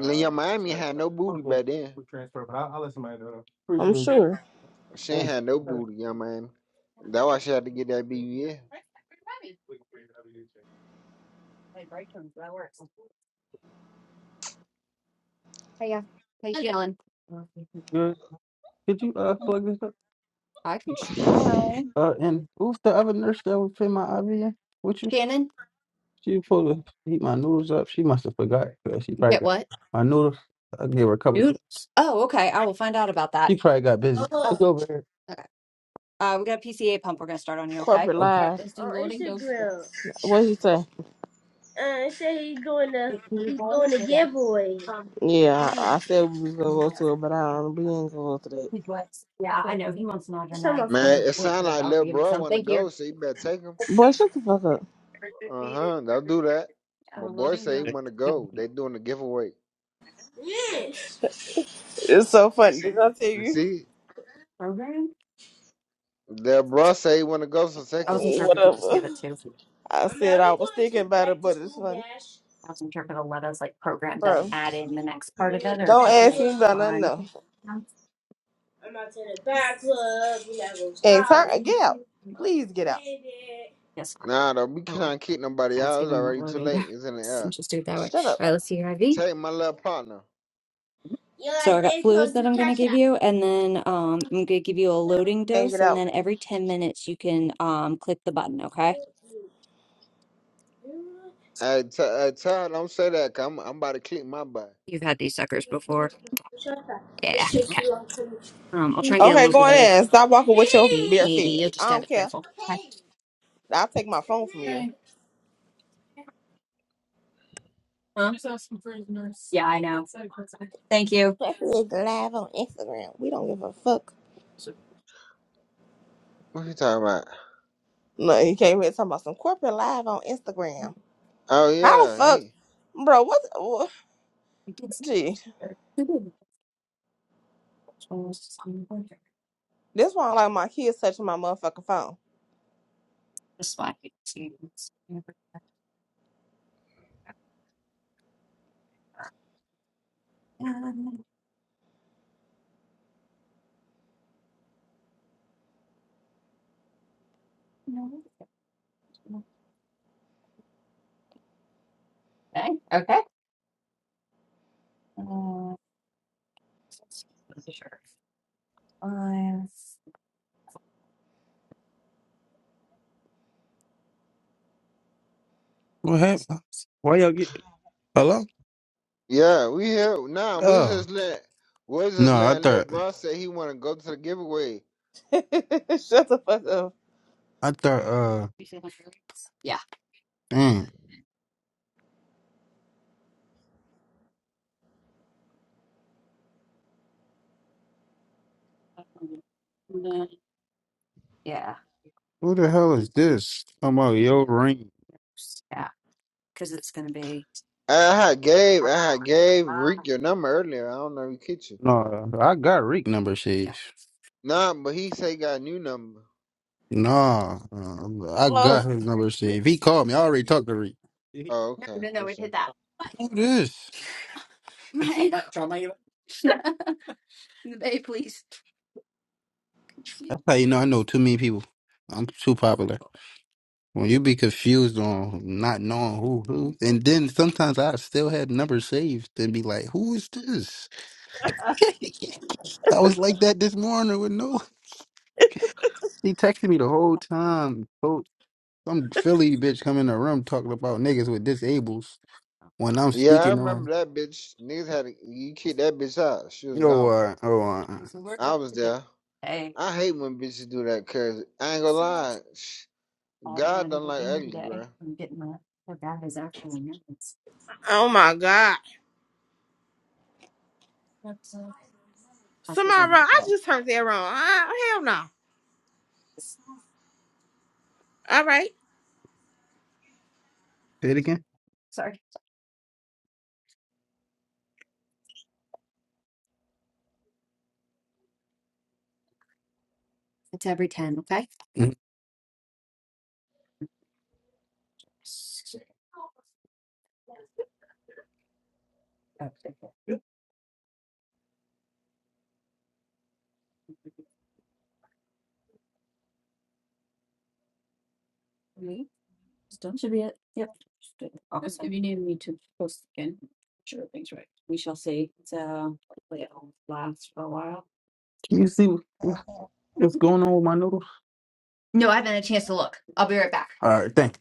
Young Miami had no booty back then.
I'm sure.
She ain't had no booty, young Miami. That's why she had to get that BBL.
Hey, Dylan, I can try. uh, and who's the other nurse that was in my IV? What you? Shannon, She was supposed to heat my noodles up. She must have forgot. 'cause She probably get got what? my noodles. I gave her a couple. Noodles. Oh, okay. I will find out about that. She probably got busy. Uh, Look Oh, over here. uh, we got a PCA pump. We're gonna start on you, okay?
Corporate
Okay.
life. On Instagram. What did you say? uh, it said he's doing the he's doing the giveaway. Yeah, I said we was gonna go to it, but I don't. We ain't gonna go to that. It's on my
Man,
court.
it sound like little bro want to go, so you better take him.
Boy, shut the fuck up.
Uh huh. They'll do that. My boy say he want to go. They doing a giveaway.
Yes. It's so funny. Did I tell
You
you?
see, their bro say he want to go, so take him.
Whatever. I I'm said I even was going thinking to about back it, to but it's school, funny, Dash. bro. I'm gonna hit the Don't back ask me club. about nothing else. I'm not to the back club. We're not gonna And talk. turn, get out. Please get out.
Nah, though, we can't kick nobody
That's
out. It's
giving me
already too late. It's in the
and
air.
just do it that way.
Shut up.
All right, let's see your IV.
Take my little partner.
You're
So
like
I got
they
fluids
gonna
that
do
I'm going
cha
to give
cha.
you, and then um, I'm going to give you a loading
Can't get
dose, and
out.
then every 10 minutes you can um, click the button, okay?
Hey, t- hey Todd, don't say that. because I'm, I'm about to click my butt.
You've had these suckers before. Yeah,
Mm,
okay. Um, I'll try and get a
Okay, go
little
on
bit
in. Stop walking with
of
your
eight,
bare
maybe.
feet.
You'll just
I
gotta
don't
be
care.
careful. Okay.
I'll take my phone from you.
Uh, yeah, I know. Thank you.
Corporate is live on Instagram. We don't give a fuck.
What you talking about?
No, you came here talking about some corporate live on Instagram.
Oh
How the
yeah,
fuck,
he.
bro? What? what gee, this one like my kids touching my motherfucking phone.
Hello?
Yeah, we here. Nah, we
Oh.
just let. We just
No, I
letting little
thought
bro say he want to go to the giveaway.
Shut the fuck up.
I thought uh man, Yeah. who the hell is this? I'm out your ring. Yeah, because it's going to be.
I had Gabe. I had Gabe. Reek your number earlier. I don't know if he kicked you.
No, I got Rick number shit.
Nah, but he say he got a new number.
No, uh, I
Oh,
got his number shit. If he called me, I already talked to Rick.
Oh, okay. Listen.
Who this? That's how you know I know too many people. I'm too popular. When you be confused on not knowing who who, and then sometimes I still had numbers saved and be like, "Who is this?" I was like that this morning with no. He texted me the whole time. So some Philly bitch come in the room talking about niggas with disables when I'm
Yeah, I
speaking on.
remember that bitch. Niggas had to, you kicked that bitch out. She was
You know
gone.
what? Hold on.
I was there. I hate when bitches do that cause I ain't gonna lie. sh- God don't like ugly, bro.
oh my god. Samara! I just turned that wrong. I, hell no. All right.
Say it again. Mhm. No, I haven't had a chance to look. I'll be right back. All right, thank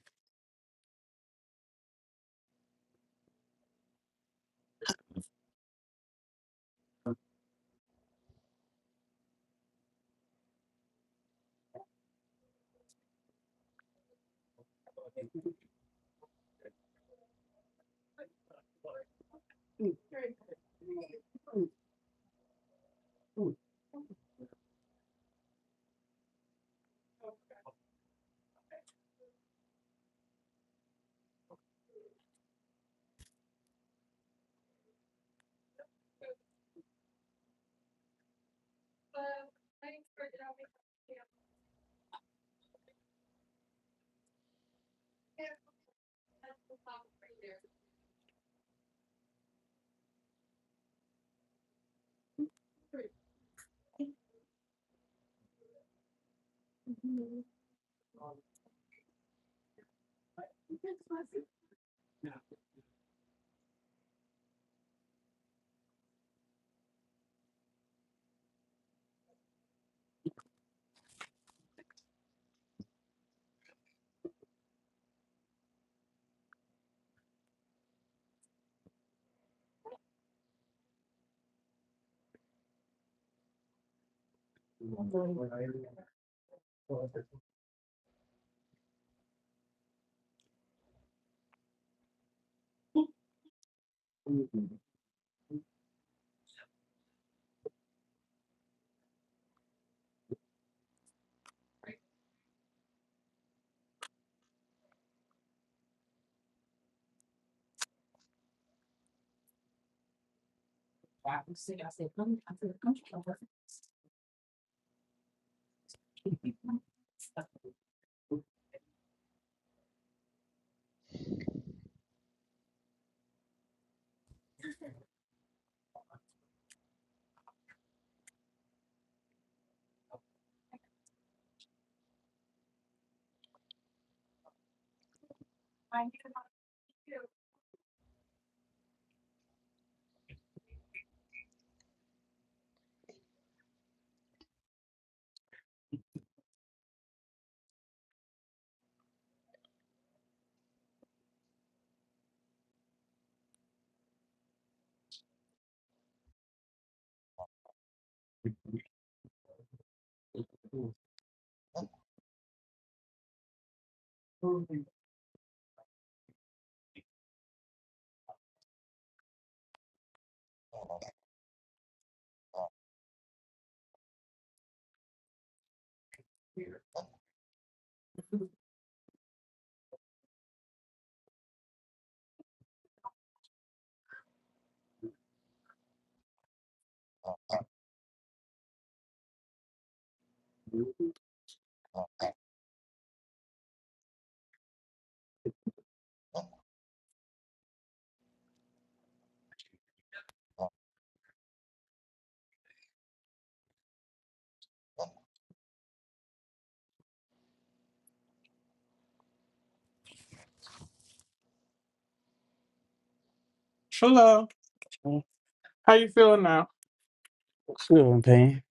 you.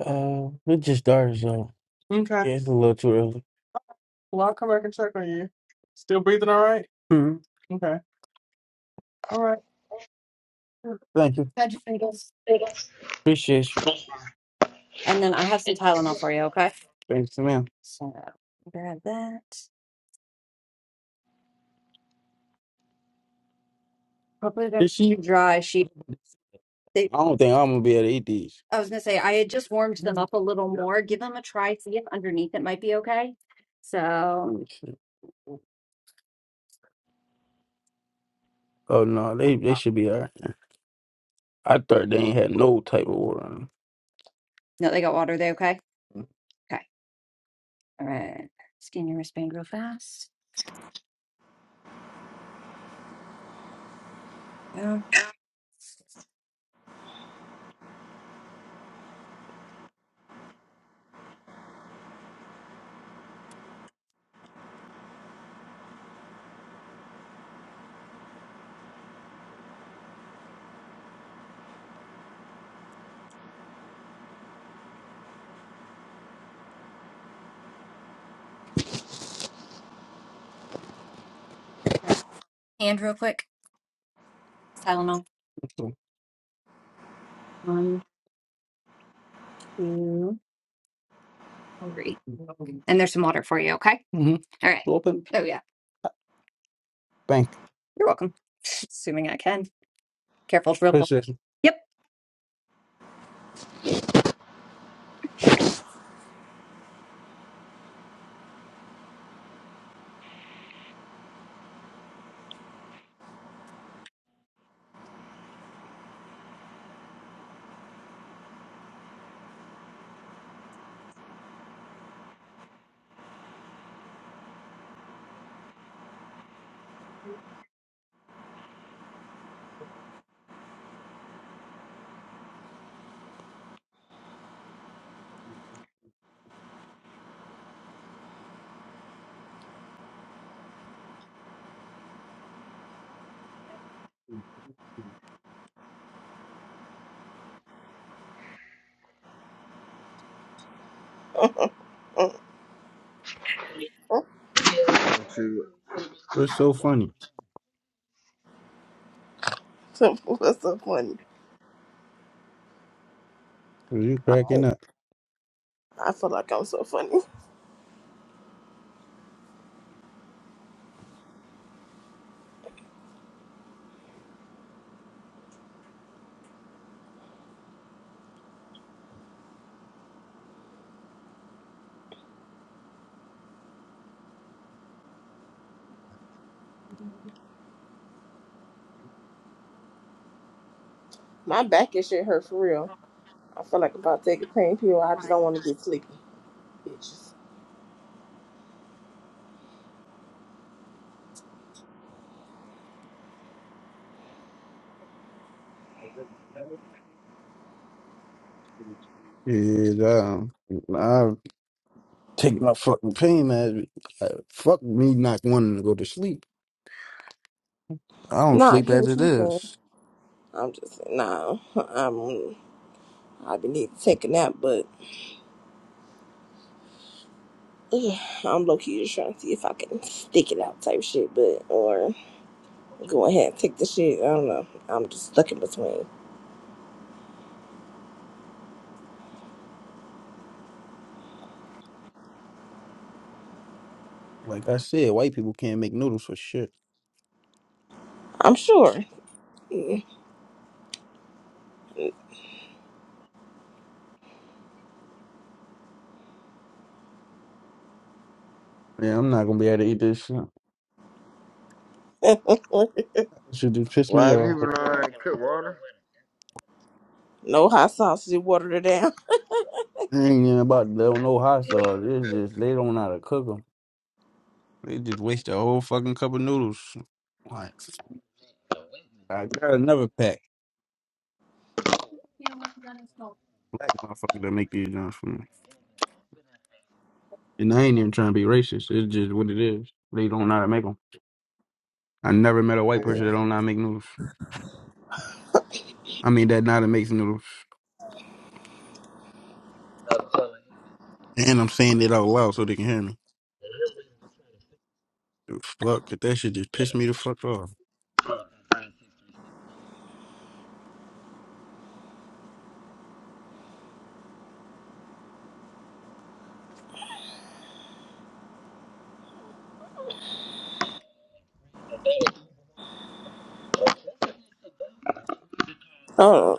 I just started, so it's a little too early. Appreciate you. And then I have some Tylenol for you, okay? So grab that. Hopefully they're Did she? dry. She they I don't think I'm gonna be able to eat these. I was gonna say I had just warmed them up a little more. Give them a try, see if underneath it might be okay. So Oh no, they they should be alright. I thought they ain't had no type of water. in 'em. no, they got water. They okay? Okay. All right. Scan your wristband real fast. Yeah. Hand real quick. Tylenol. Hungry. And there's some water for you, okay? All right. Oh, yeah. You're welcome. Assuming I can. Careful, it's real cold. Chris, Yep. what's so funny?
What's so funny?
Are you
I
cracking
feel
up?
I feel like I'm so funny. My back and shit hurt for real. I feel like if I take a pain pill, I just don't want to get sleepy. Bitches.
Yeah, um, I take my fucking pain as uh, fuck me not wanting to go to sleep. I don't
Nah, I
sleep
get
as
what
it
you saying.
is.
I'm just saying, nah, I'm, I be need to take a nap, but ugh, I'm low key just trying to see if I can stick it out type shit, but, or go ahead and take the shit. I don't know. I'm just stuck in between.
Like I said, white people can't make noodles for shit.
I'm sure.
Yeah, I'm not gonna be able to eat this shit. This shit just pissed me
Why
off,
people
bro.
don't cook
no hot sauce, you watered it down.
I ain't even about to know no hot sauce. It's just they don't know how to cook them. They just waste a whole fucking cup of noodles. Like, I got another pack. Black motherfucker that make these joints for me. And I ain't even trying to be racist. It's just what it is. They don't know how to make them. I never met a white person that don't know how to make noodles. I mean, that know how to make noodles. And I'm saying it out loud so they can hear me. Fuck, that shit just pissed me the fuck off.
Hold on.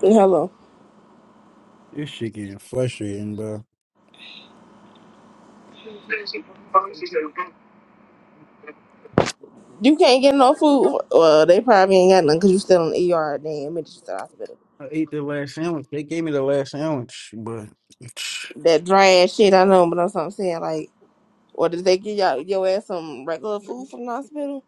Hello.
This shit getting frustrating, bro.
You can't get no food. Well, they probably ain't got nothing because you still in the ER. Damn, admitted you to the hospital.
I ate the last sandwich. They gave me the last sandwich, but it's-
That dry ass shit, I know, but that's what I'm saying. Like, or did they give y'all your ass some regular food from the hospital?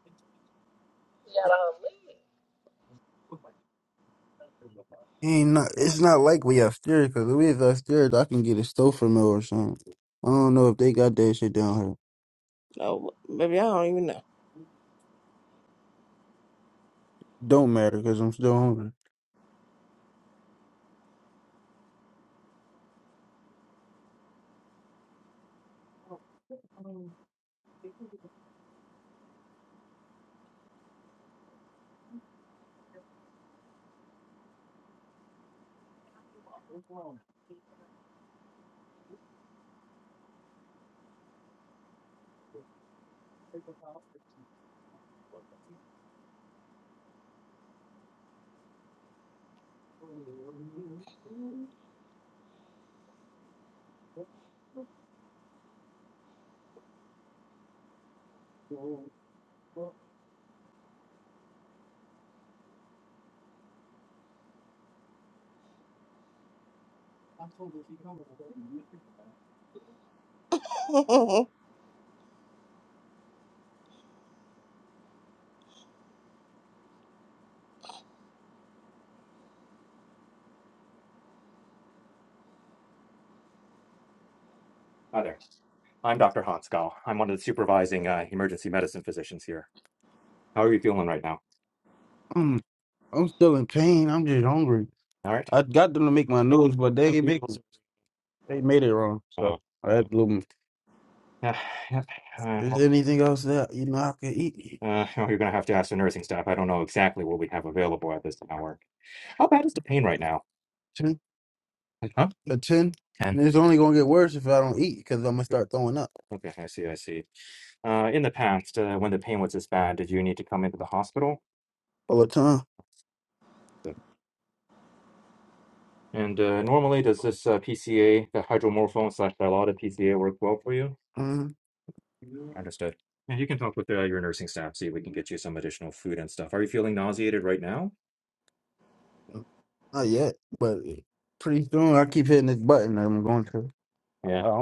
ain't not. It's not like we upstairs because if we was upstairs, I can get a stouffer meal or something. I don't know if they got that shit down here.
No, baby, I don't even
Don't matter because I'm still hungry.
know.
I'm I'm still in pain. I'm just hungry. I got them to make my noodles, but they they made it wrong. So That blew me. Anything else that you know I could eat? Ten, a ten. And it's only gonna get worse if I don't eat because I'm gonna start throwing up all the time. Mm-hmm. Not yet, but pretty soon I keep hitting this button and I'm going to. don't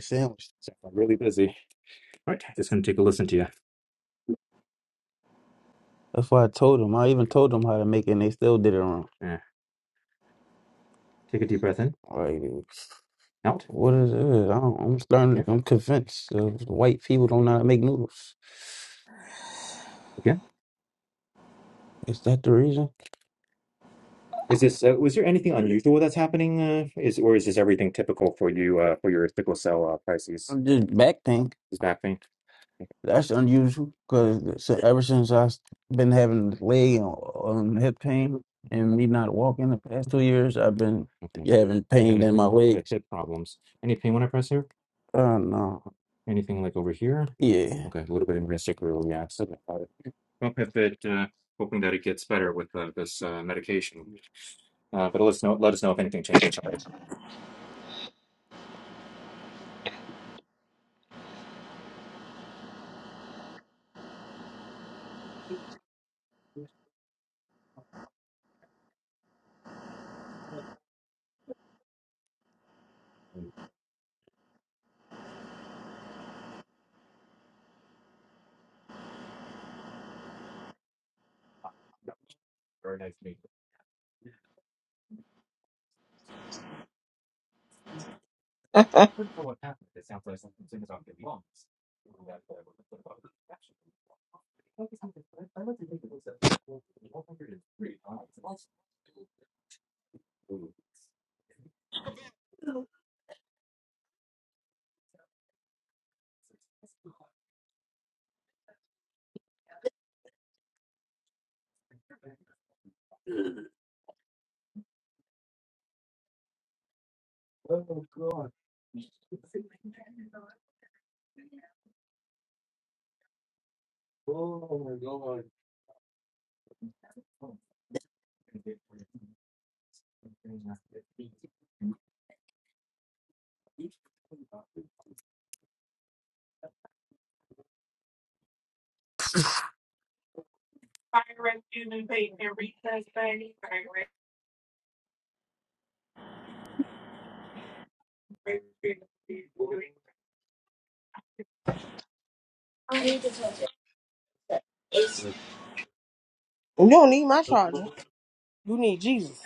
sandwich. That's why I told them. I even told them how to make it and they still did it wrong. Like, what is it? I don't, I'm starting to, I'm convinced uh, white people don't know how to make noodles. Is that the reason? This back thing, that's unusual because ever since I've been having leg and um, hip pain and me not walking the past two years, I've been having pain. Oh, no. Yeah.
you don't need my charger. You need Jesus.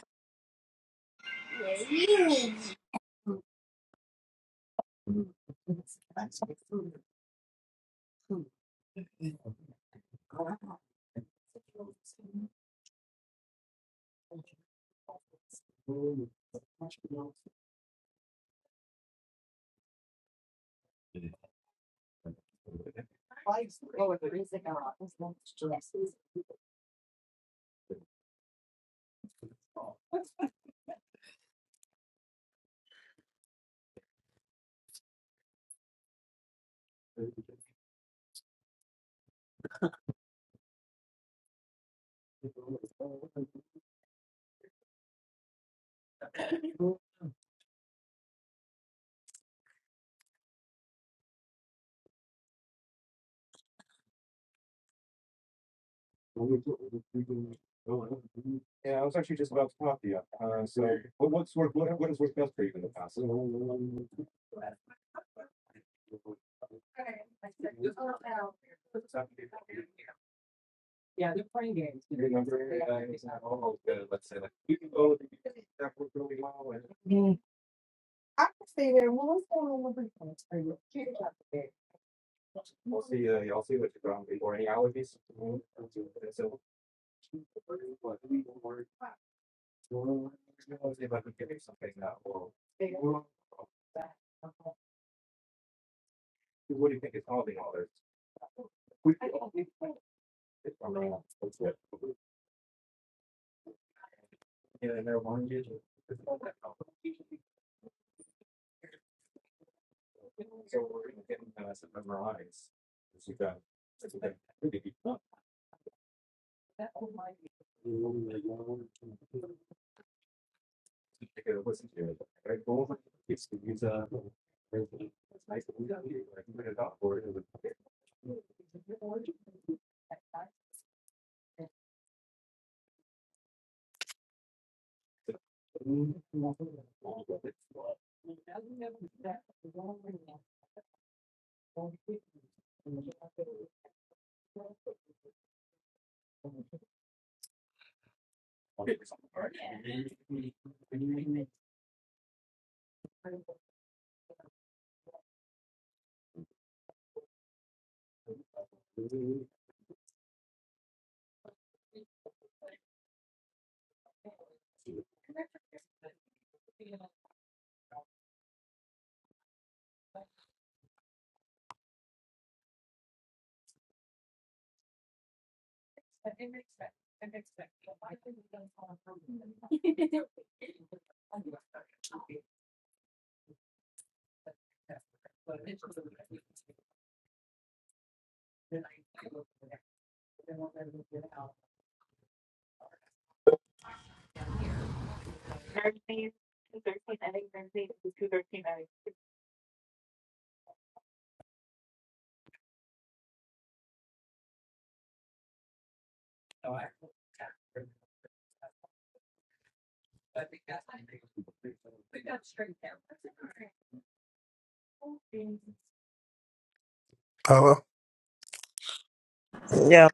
Yeah.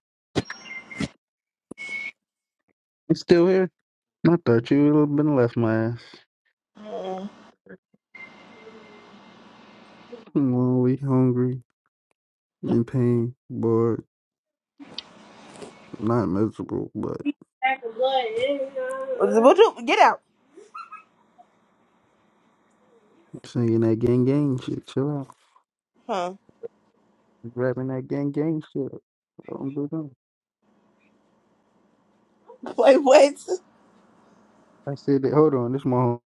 I'm still here. I thought you would have been left my ass. Lonely, hungry, in pain, bored, not miserable, but
What what you, get out.
singing that gang gang shit. Chill out.
Huh?
Rapping that gang gang shit. Don't do that.
Wait, wait.
I said that. Hold on, this my home.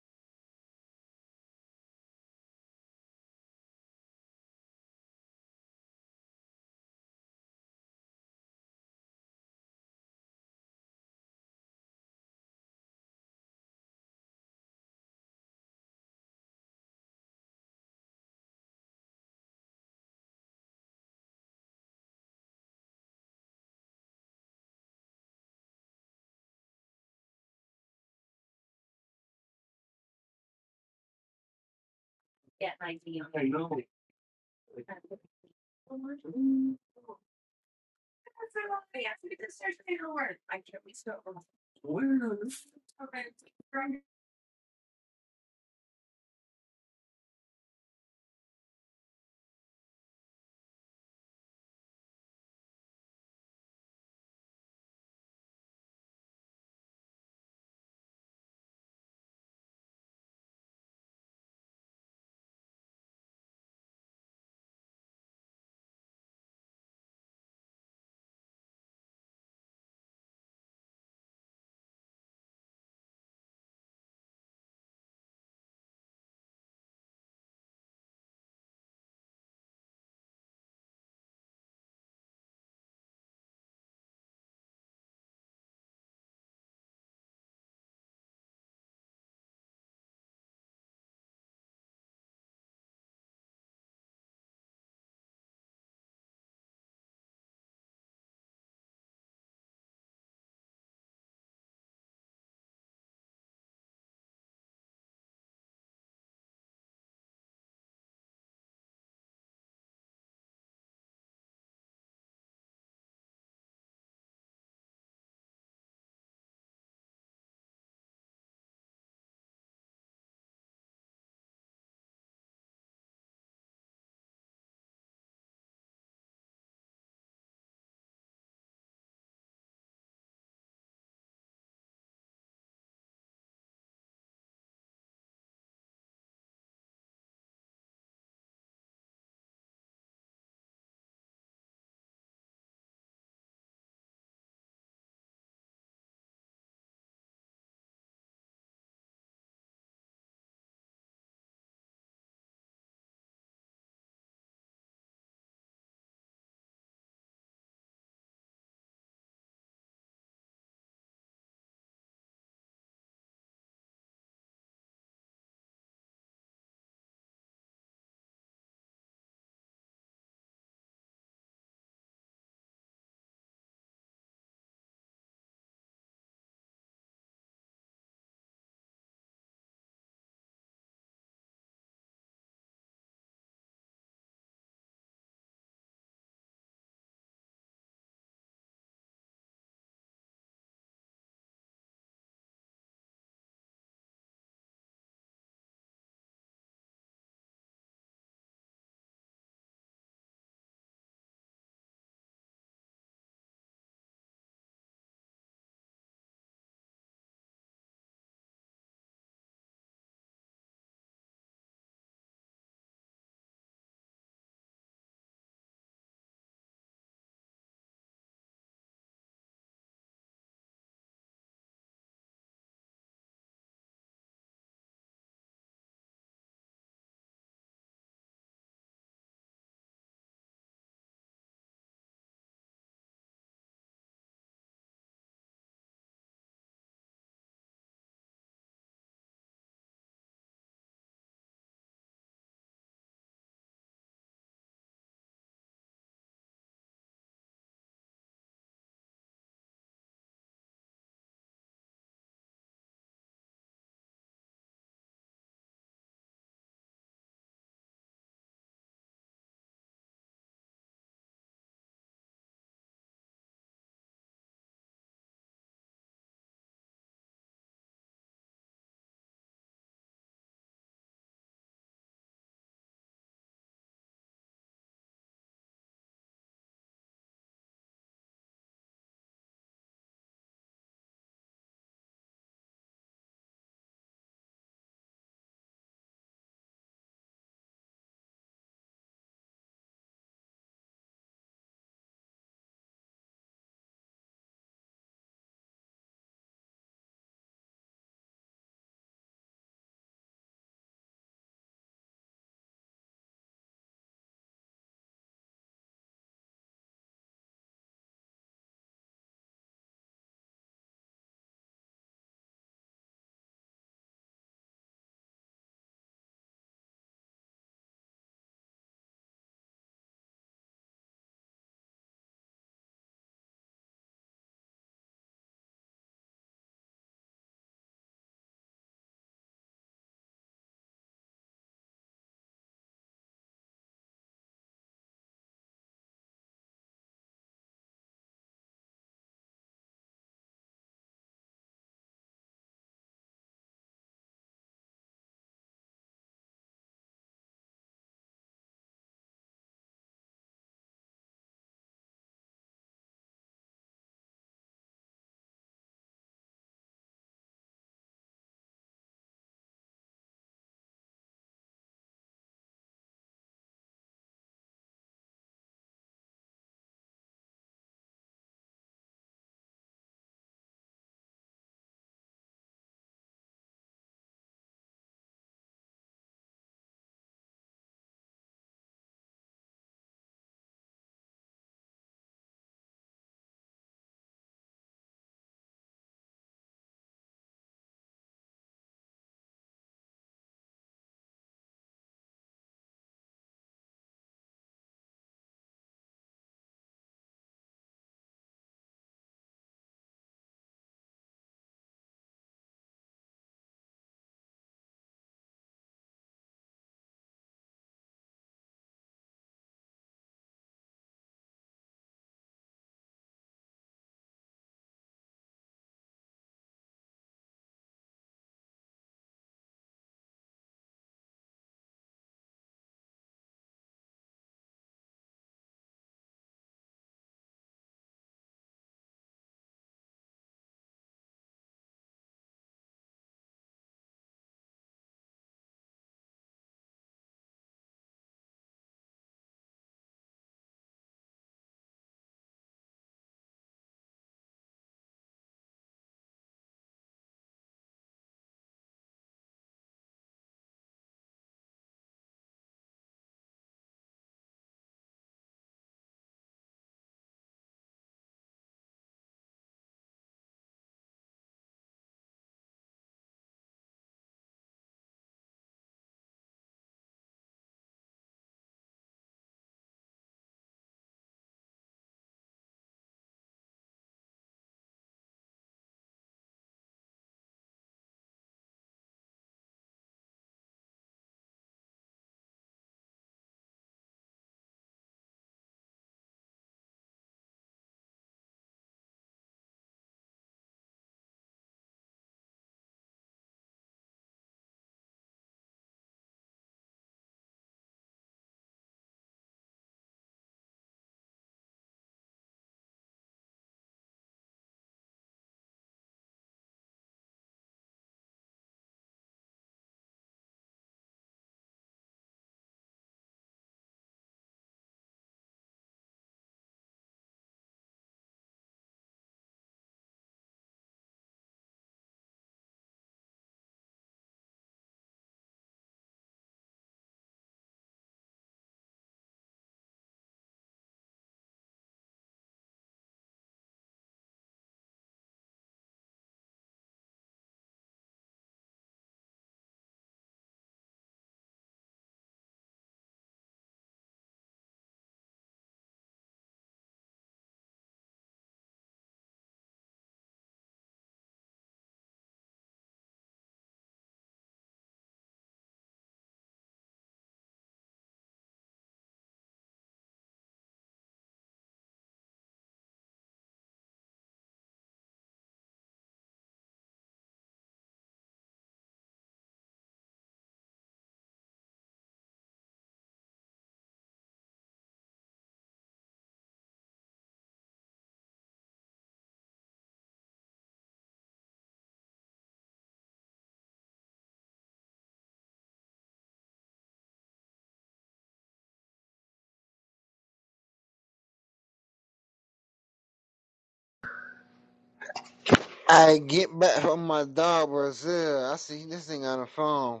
I get back from my dog Brazil. I see this thing on the phone.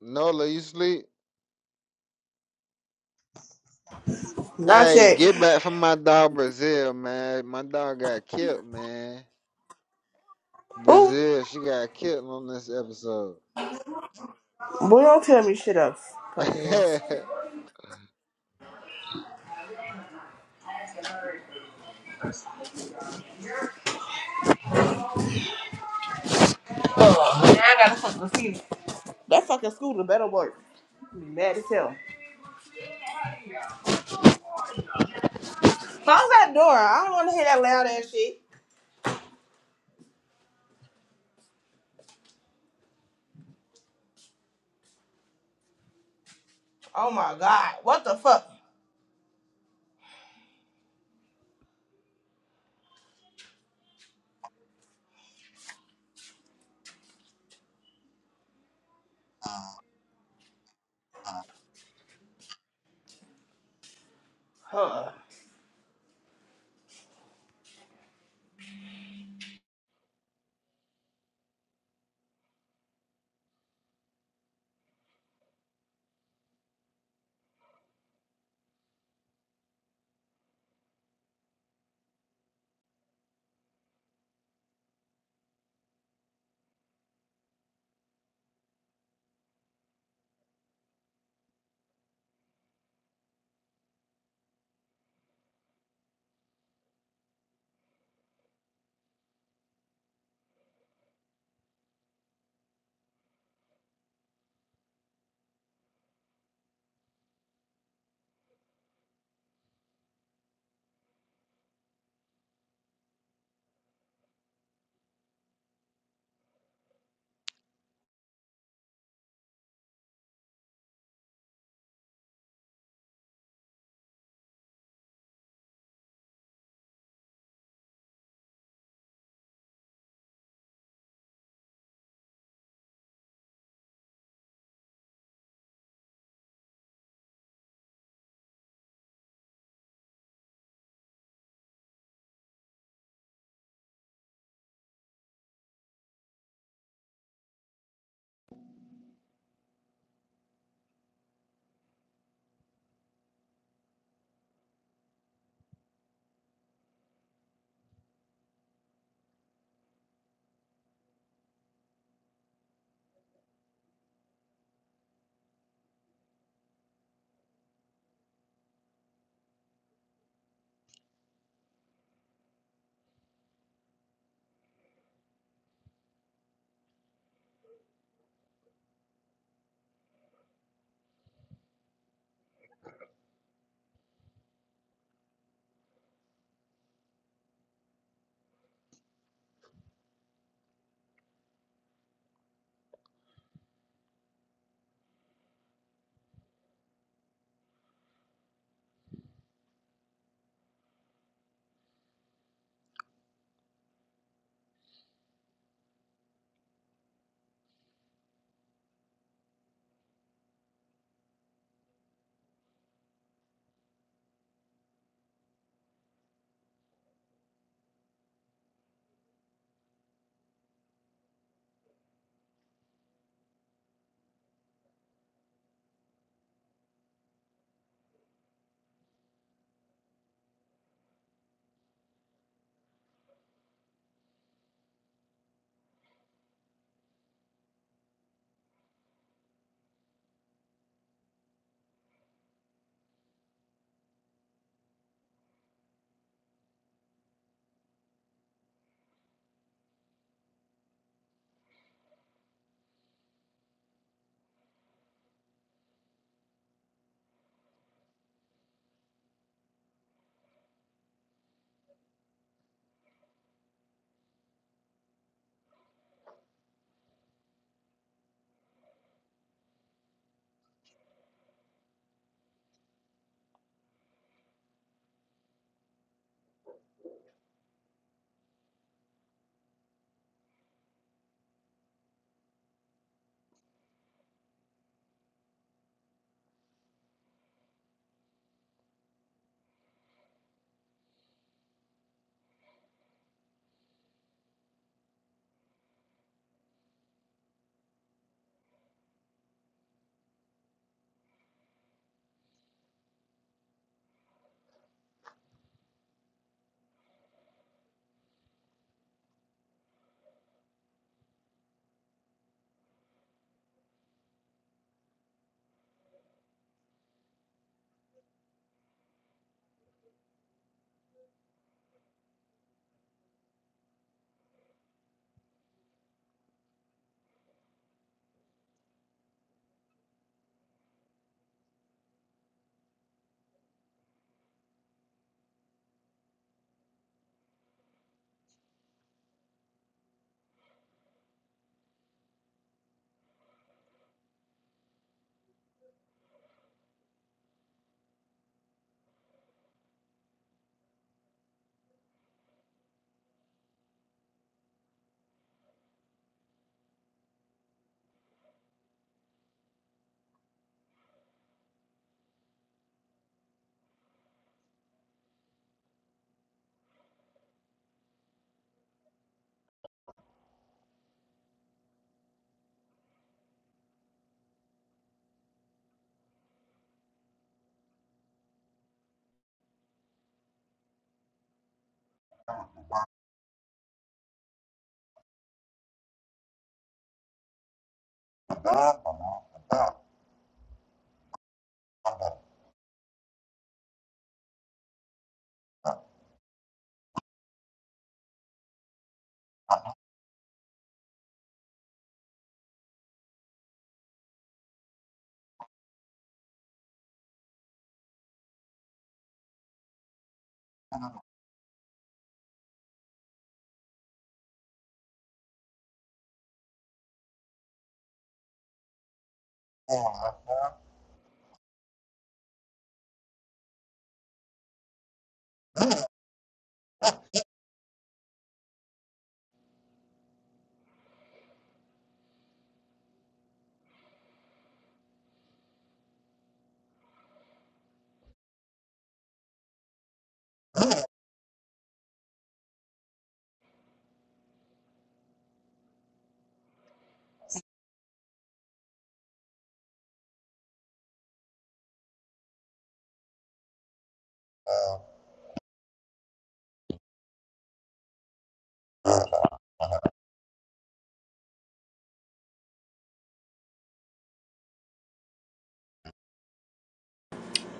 Nola, you sleep?
Not
Hey,
yet.
get back from my dog Brazil, man. My dog got killed, man.
Oh,
Brazil, she got killed on this episode.
boy, don't tell me shit else, puppy ass. Now I gotta fucking see. That fucking scooter better work. Be mad as hell. Close that door. I don't want to hear that loud ass shit. Oh my god. What the fuck? Huh.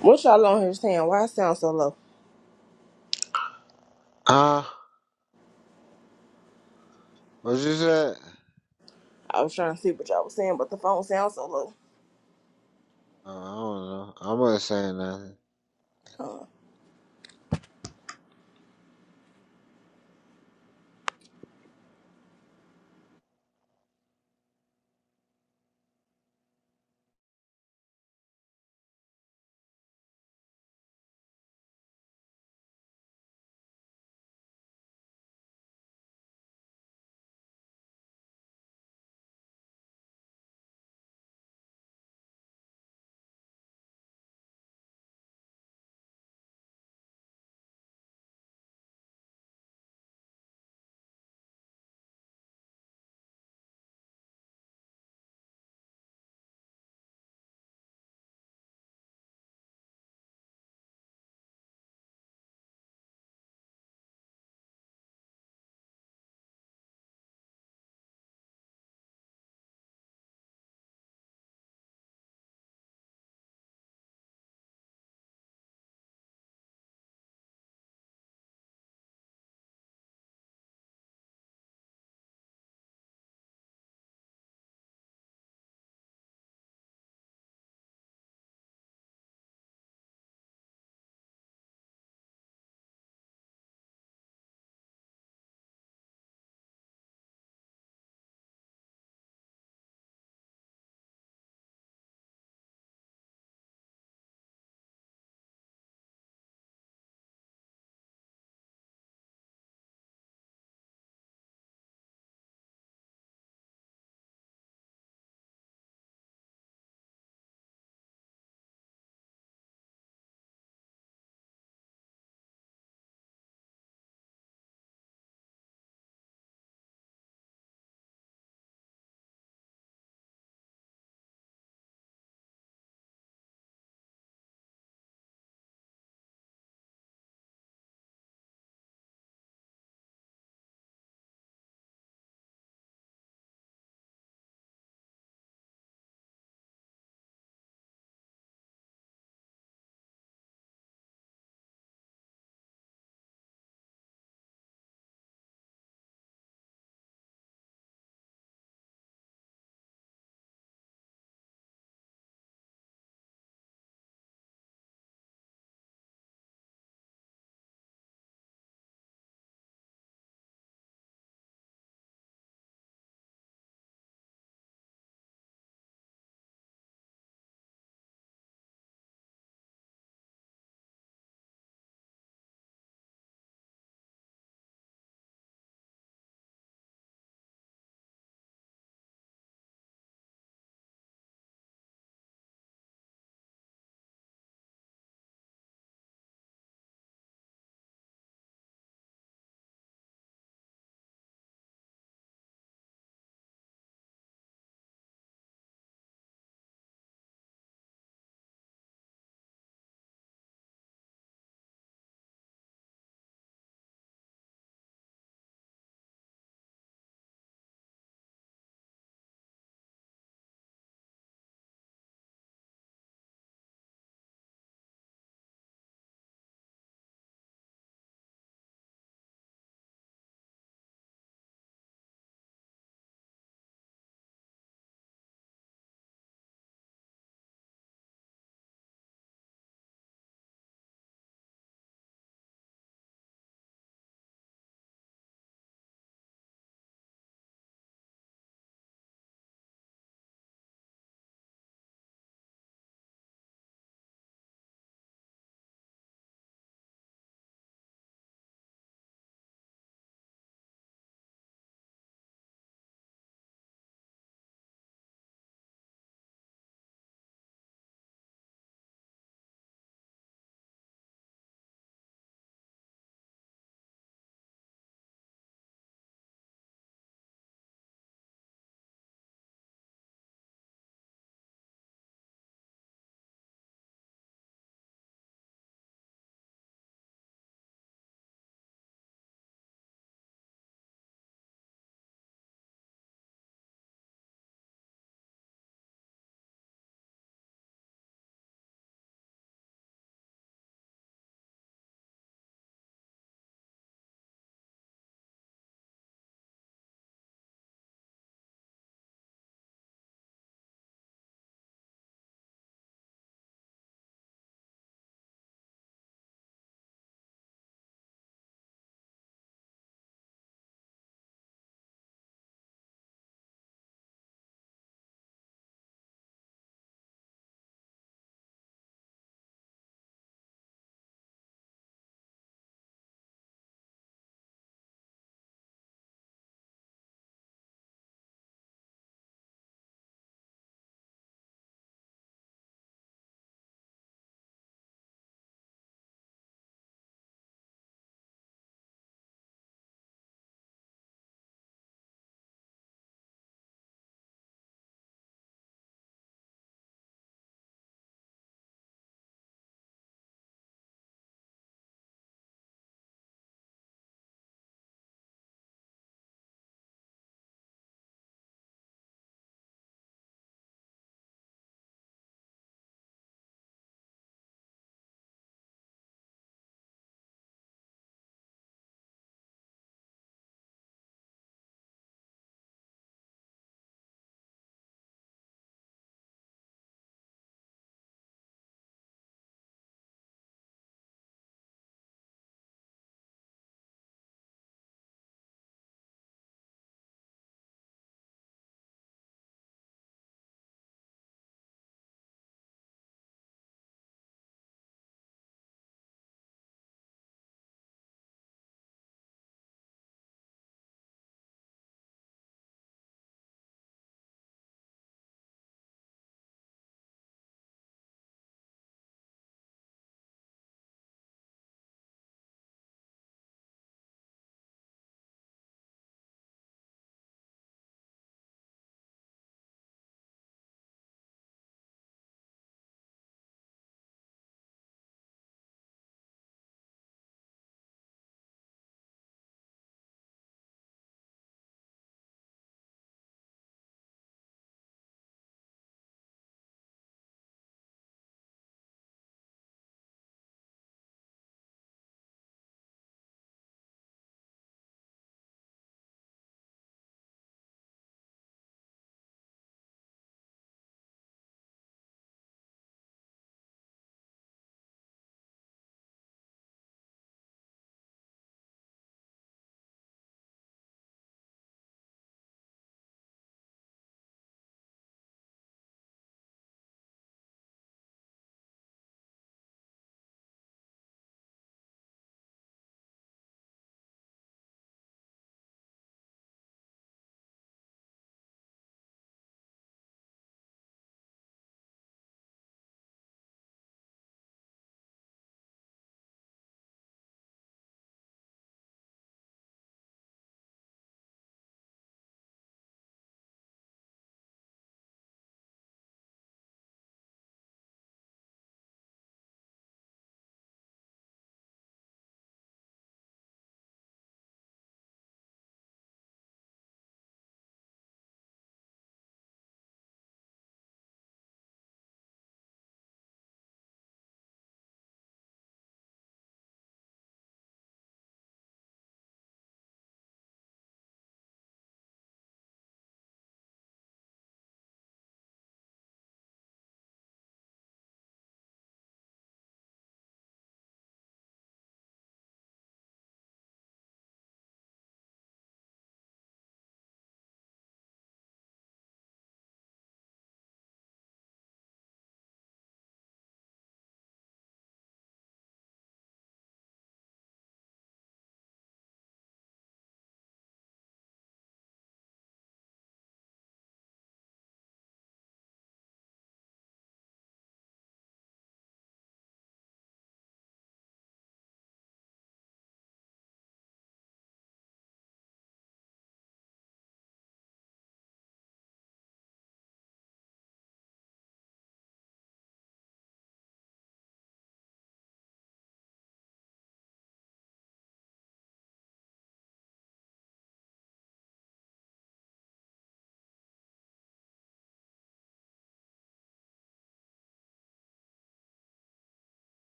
What y'all on here saying? Why it sound so low?
huh? What you said?
I was trying to see what y'all was saying, but the phone sounds so low.
Oh, I don't know. I am not saying nothing.
Huh?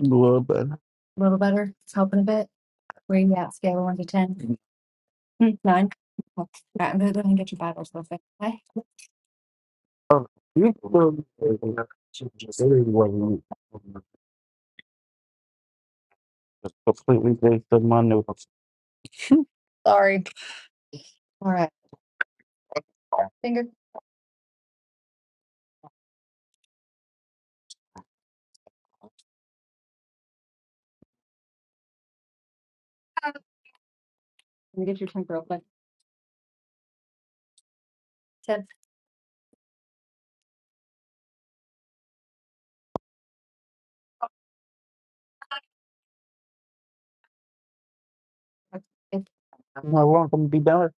Well, but finger ten. I'm not long. I'm gonna be down. There.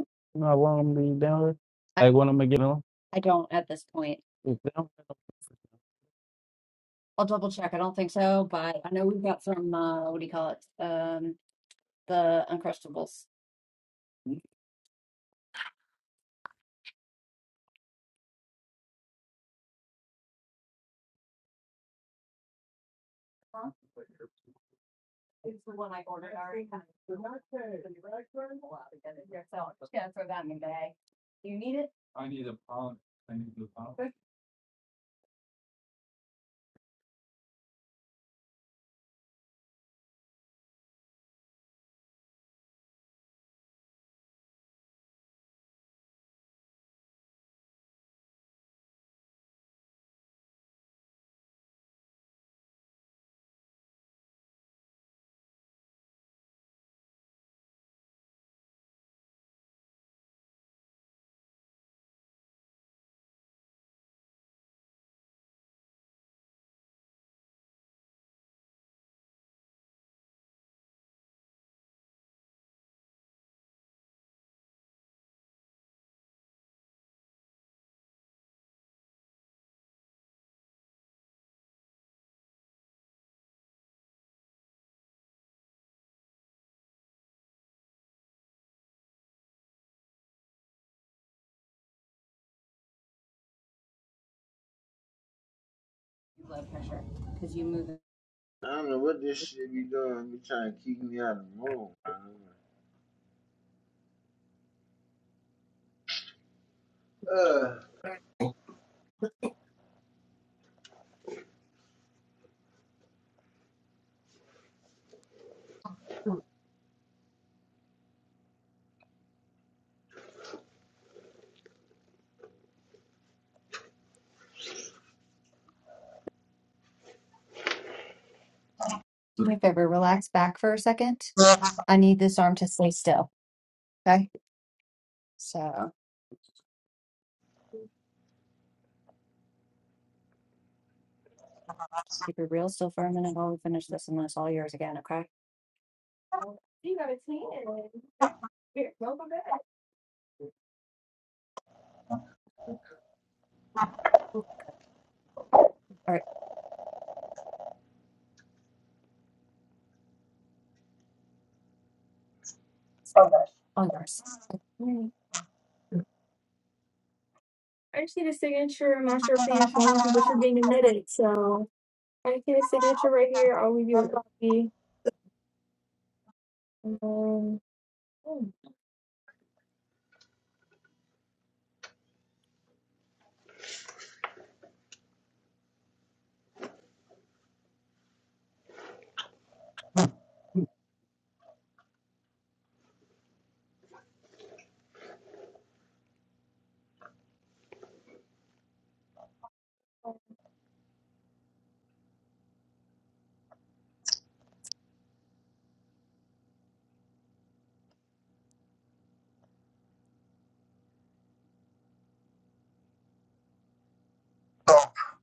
I'm not long. I'm gonna be down. There. I want him to get on. I don't at this point. Is down? I'll double check. I don't think so, but I know we've got some. Uh, what do you call it? Um, the Uncrustables. It's the one I ordered already. Yeah, throw that in the bag. You need it? Cause you move it.
I don't know what this shit be doing. Be trying to keep me out of the room. man. Uh,
Do me a favor, relax back for a second. I need this arm to stay still. Okay. So just keep it real still for a minute while we finish this, and that's all yours again. Okay. All right.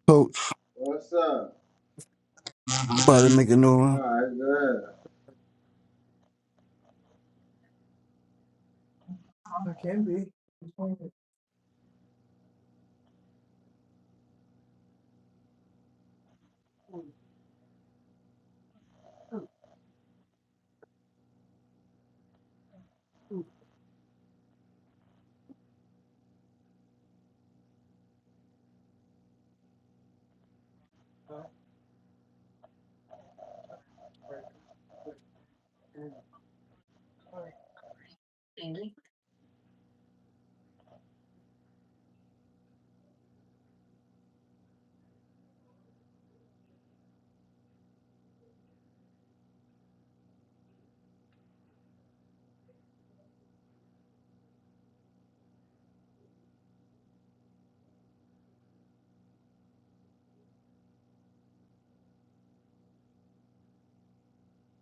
Coach,
what's up?
somebody make a noise.
All right, good.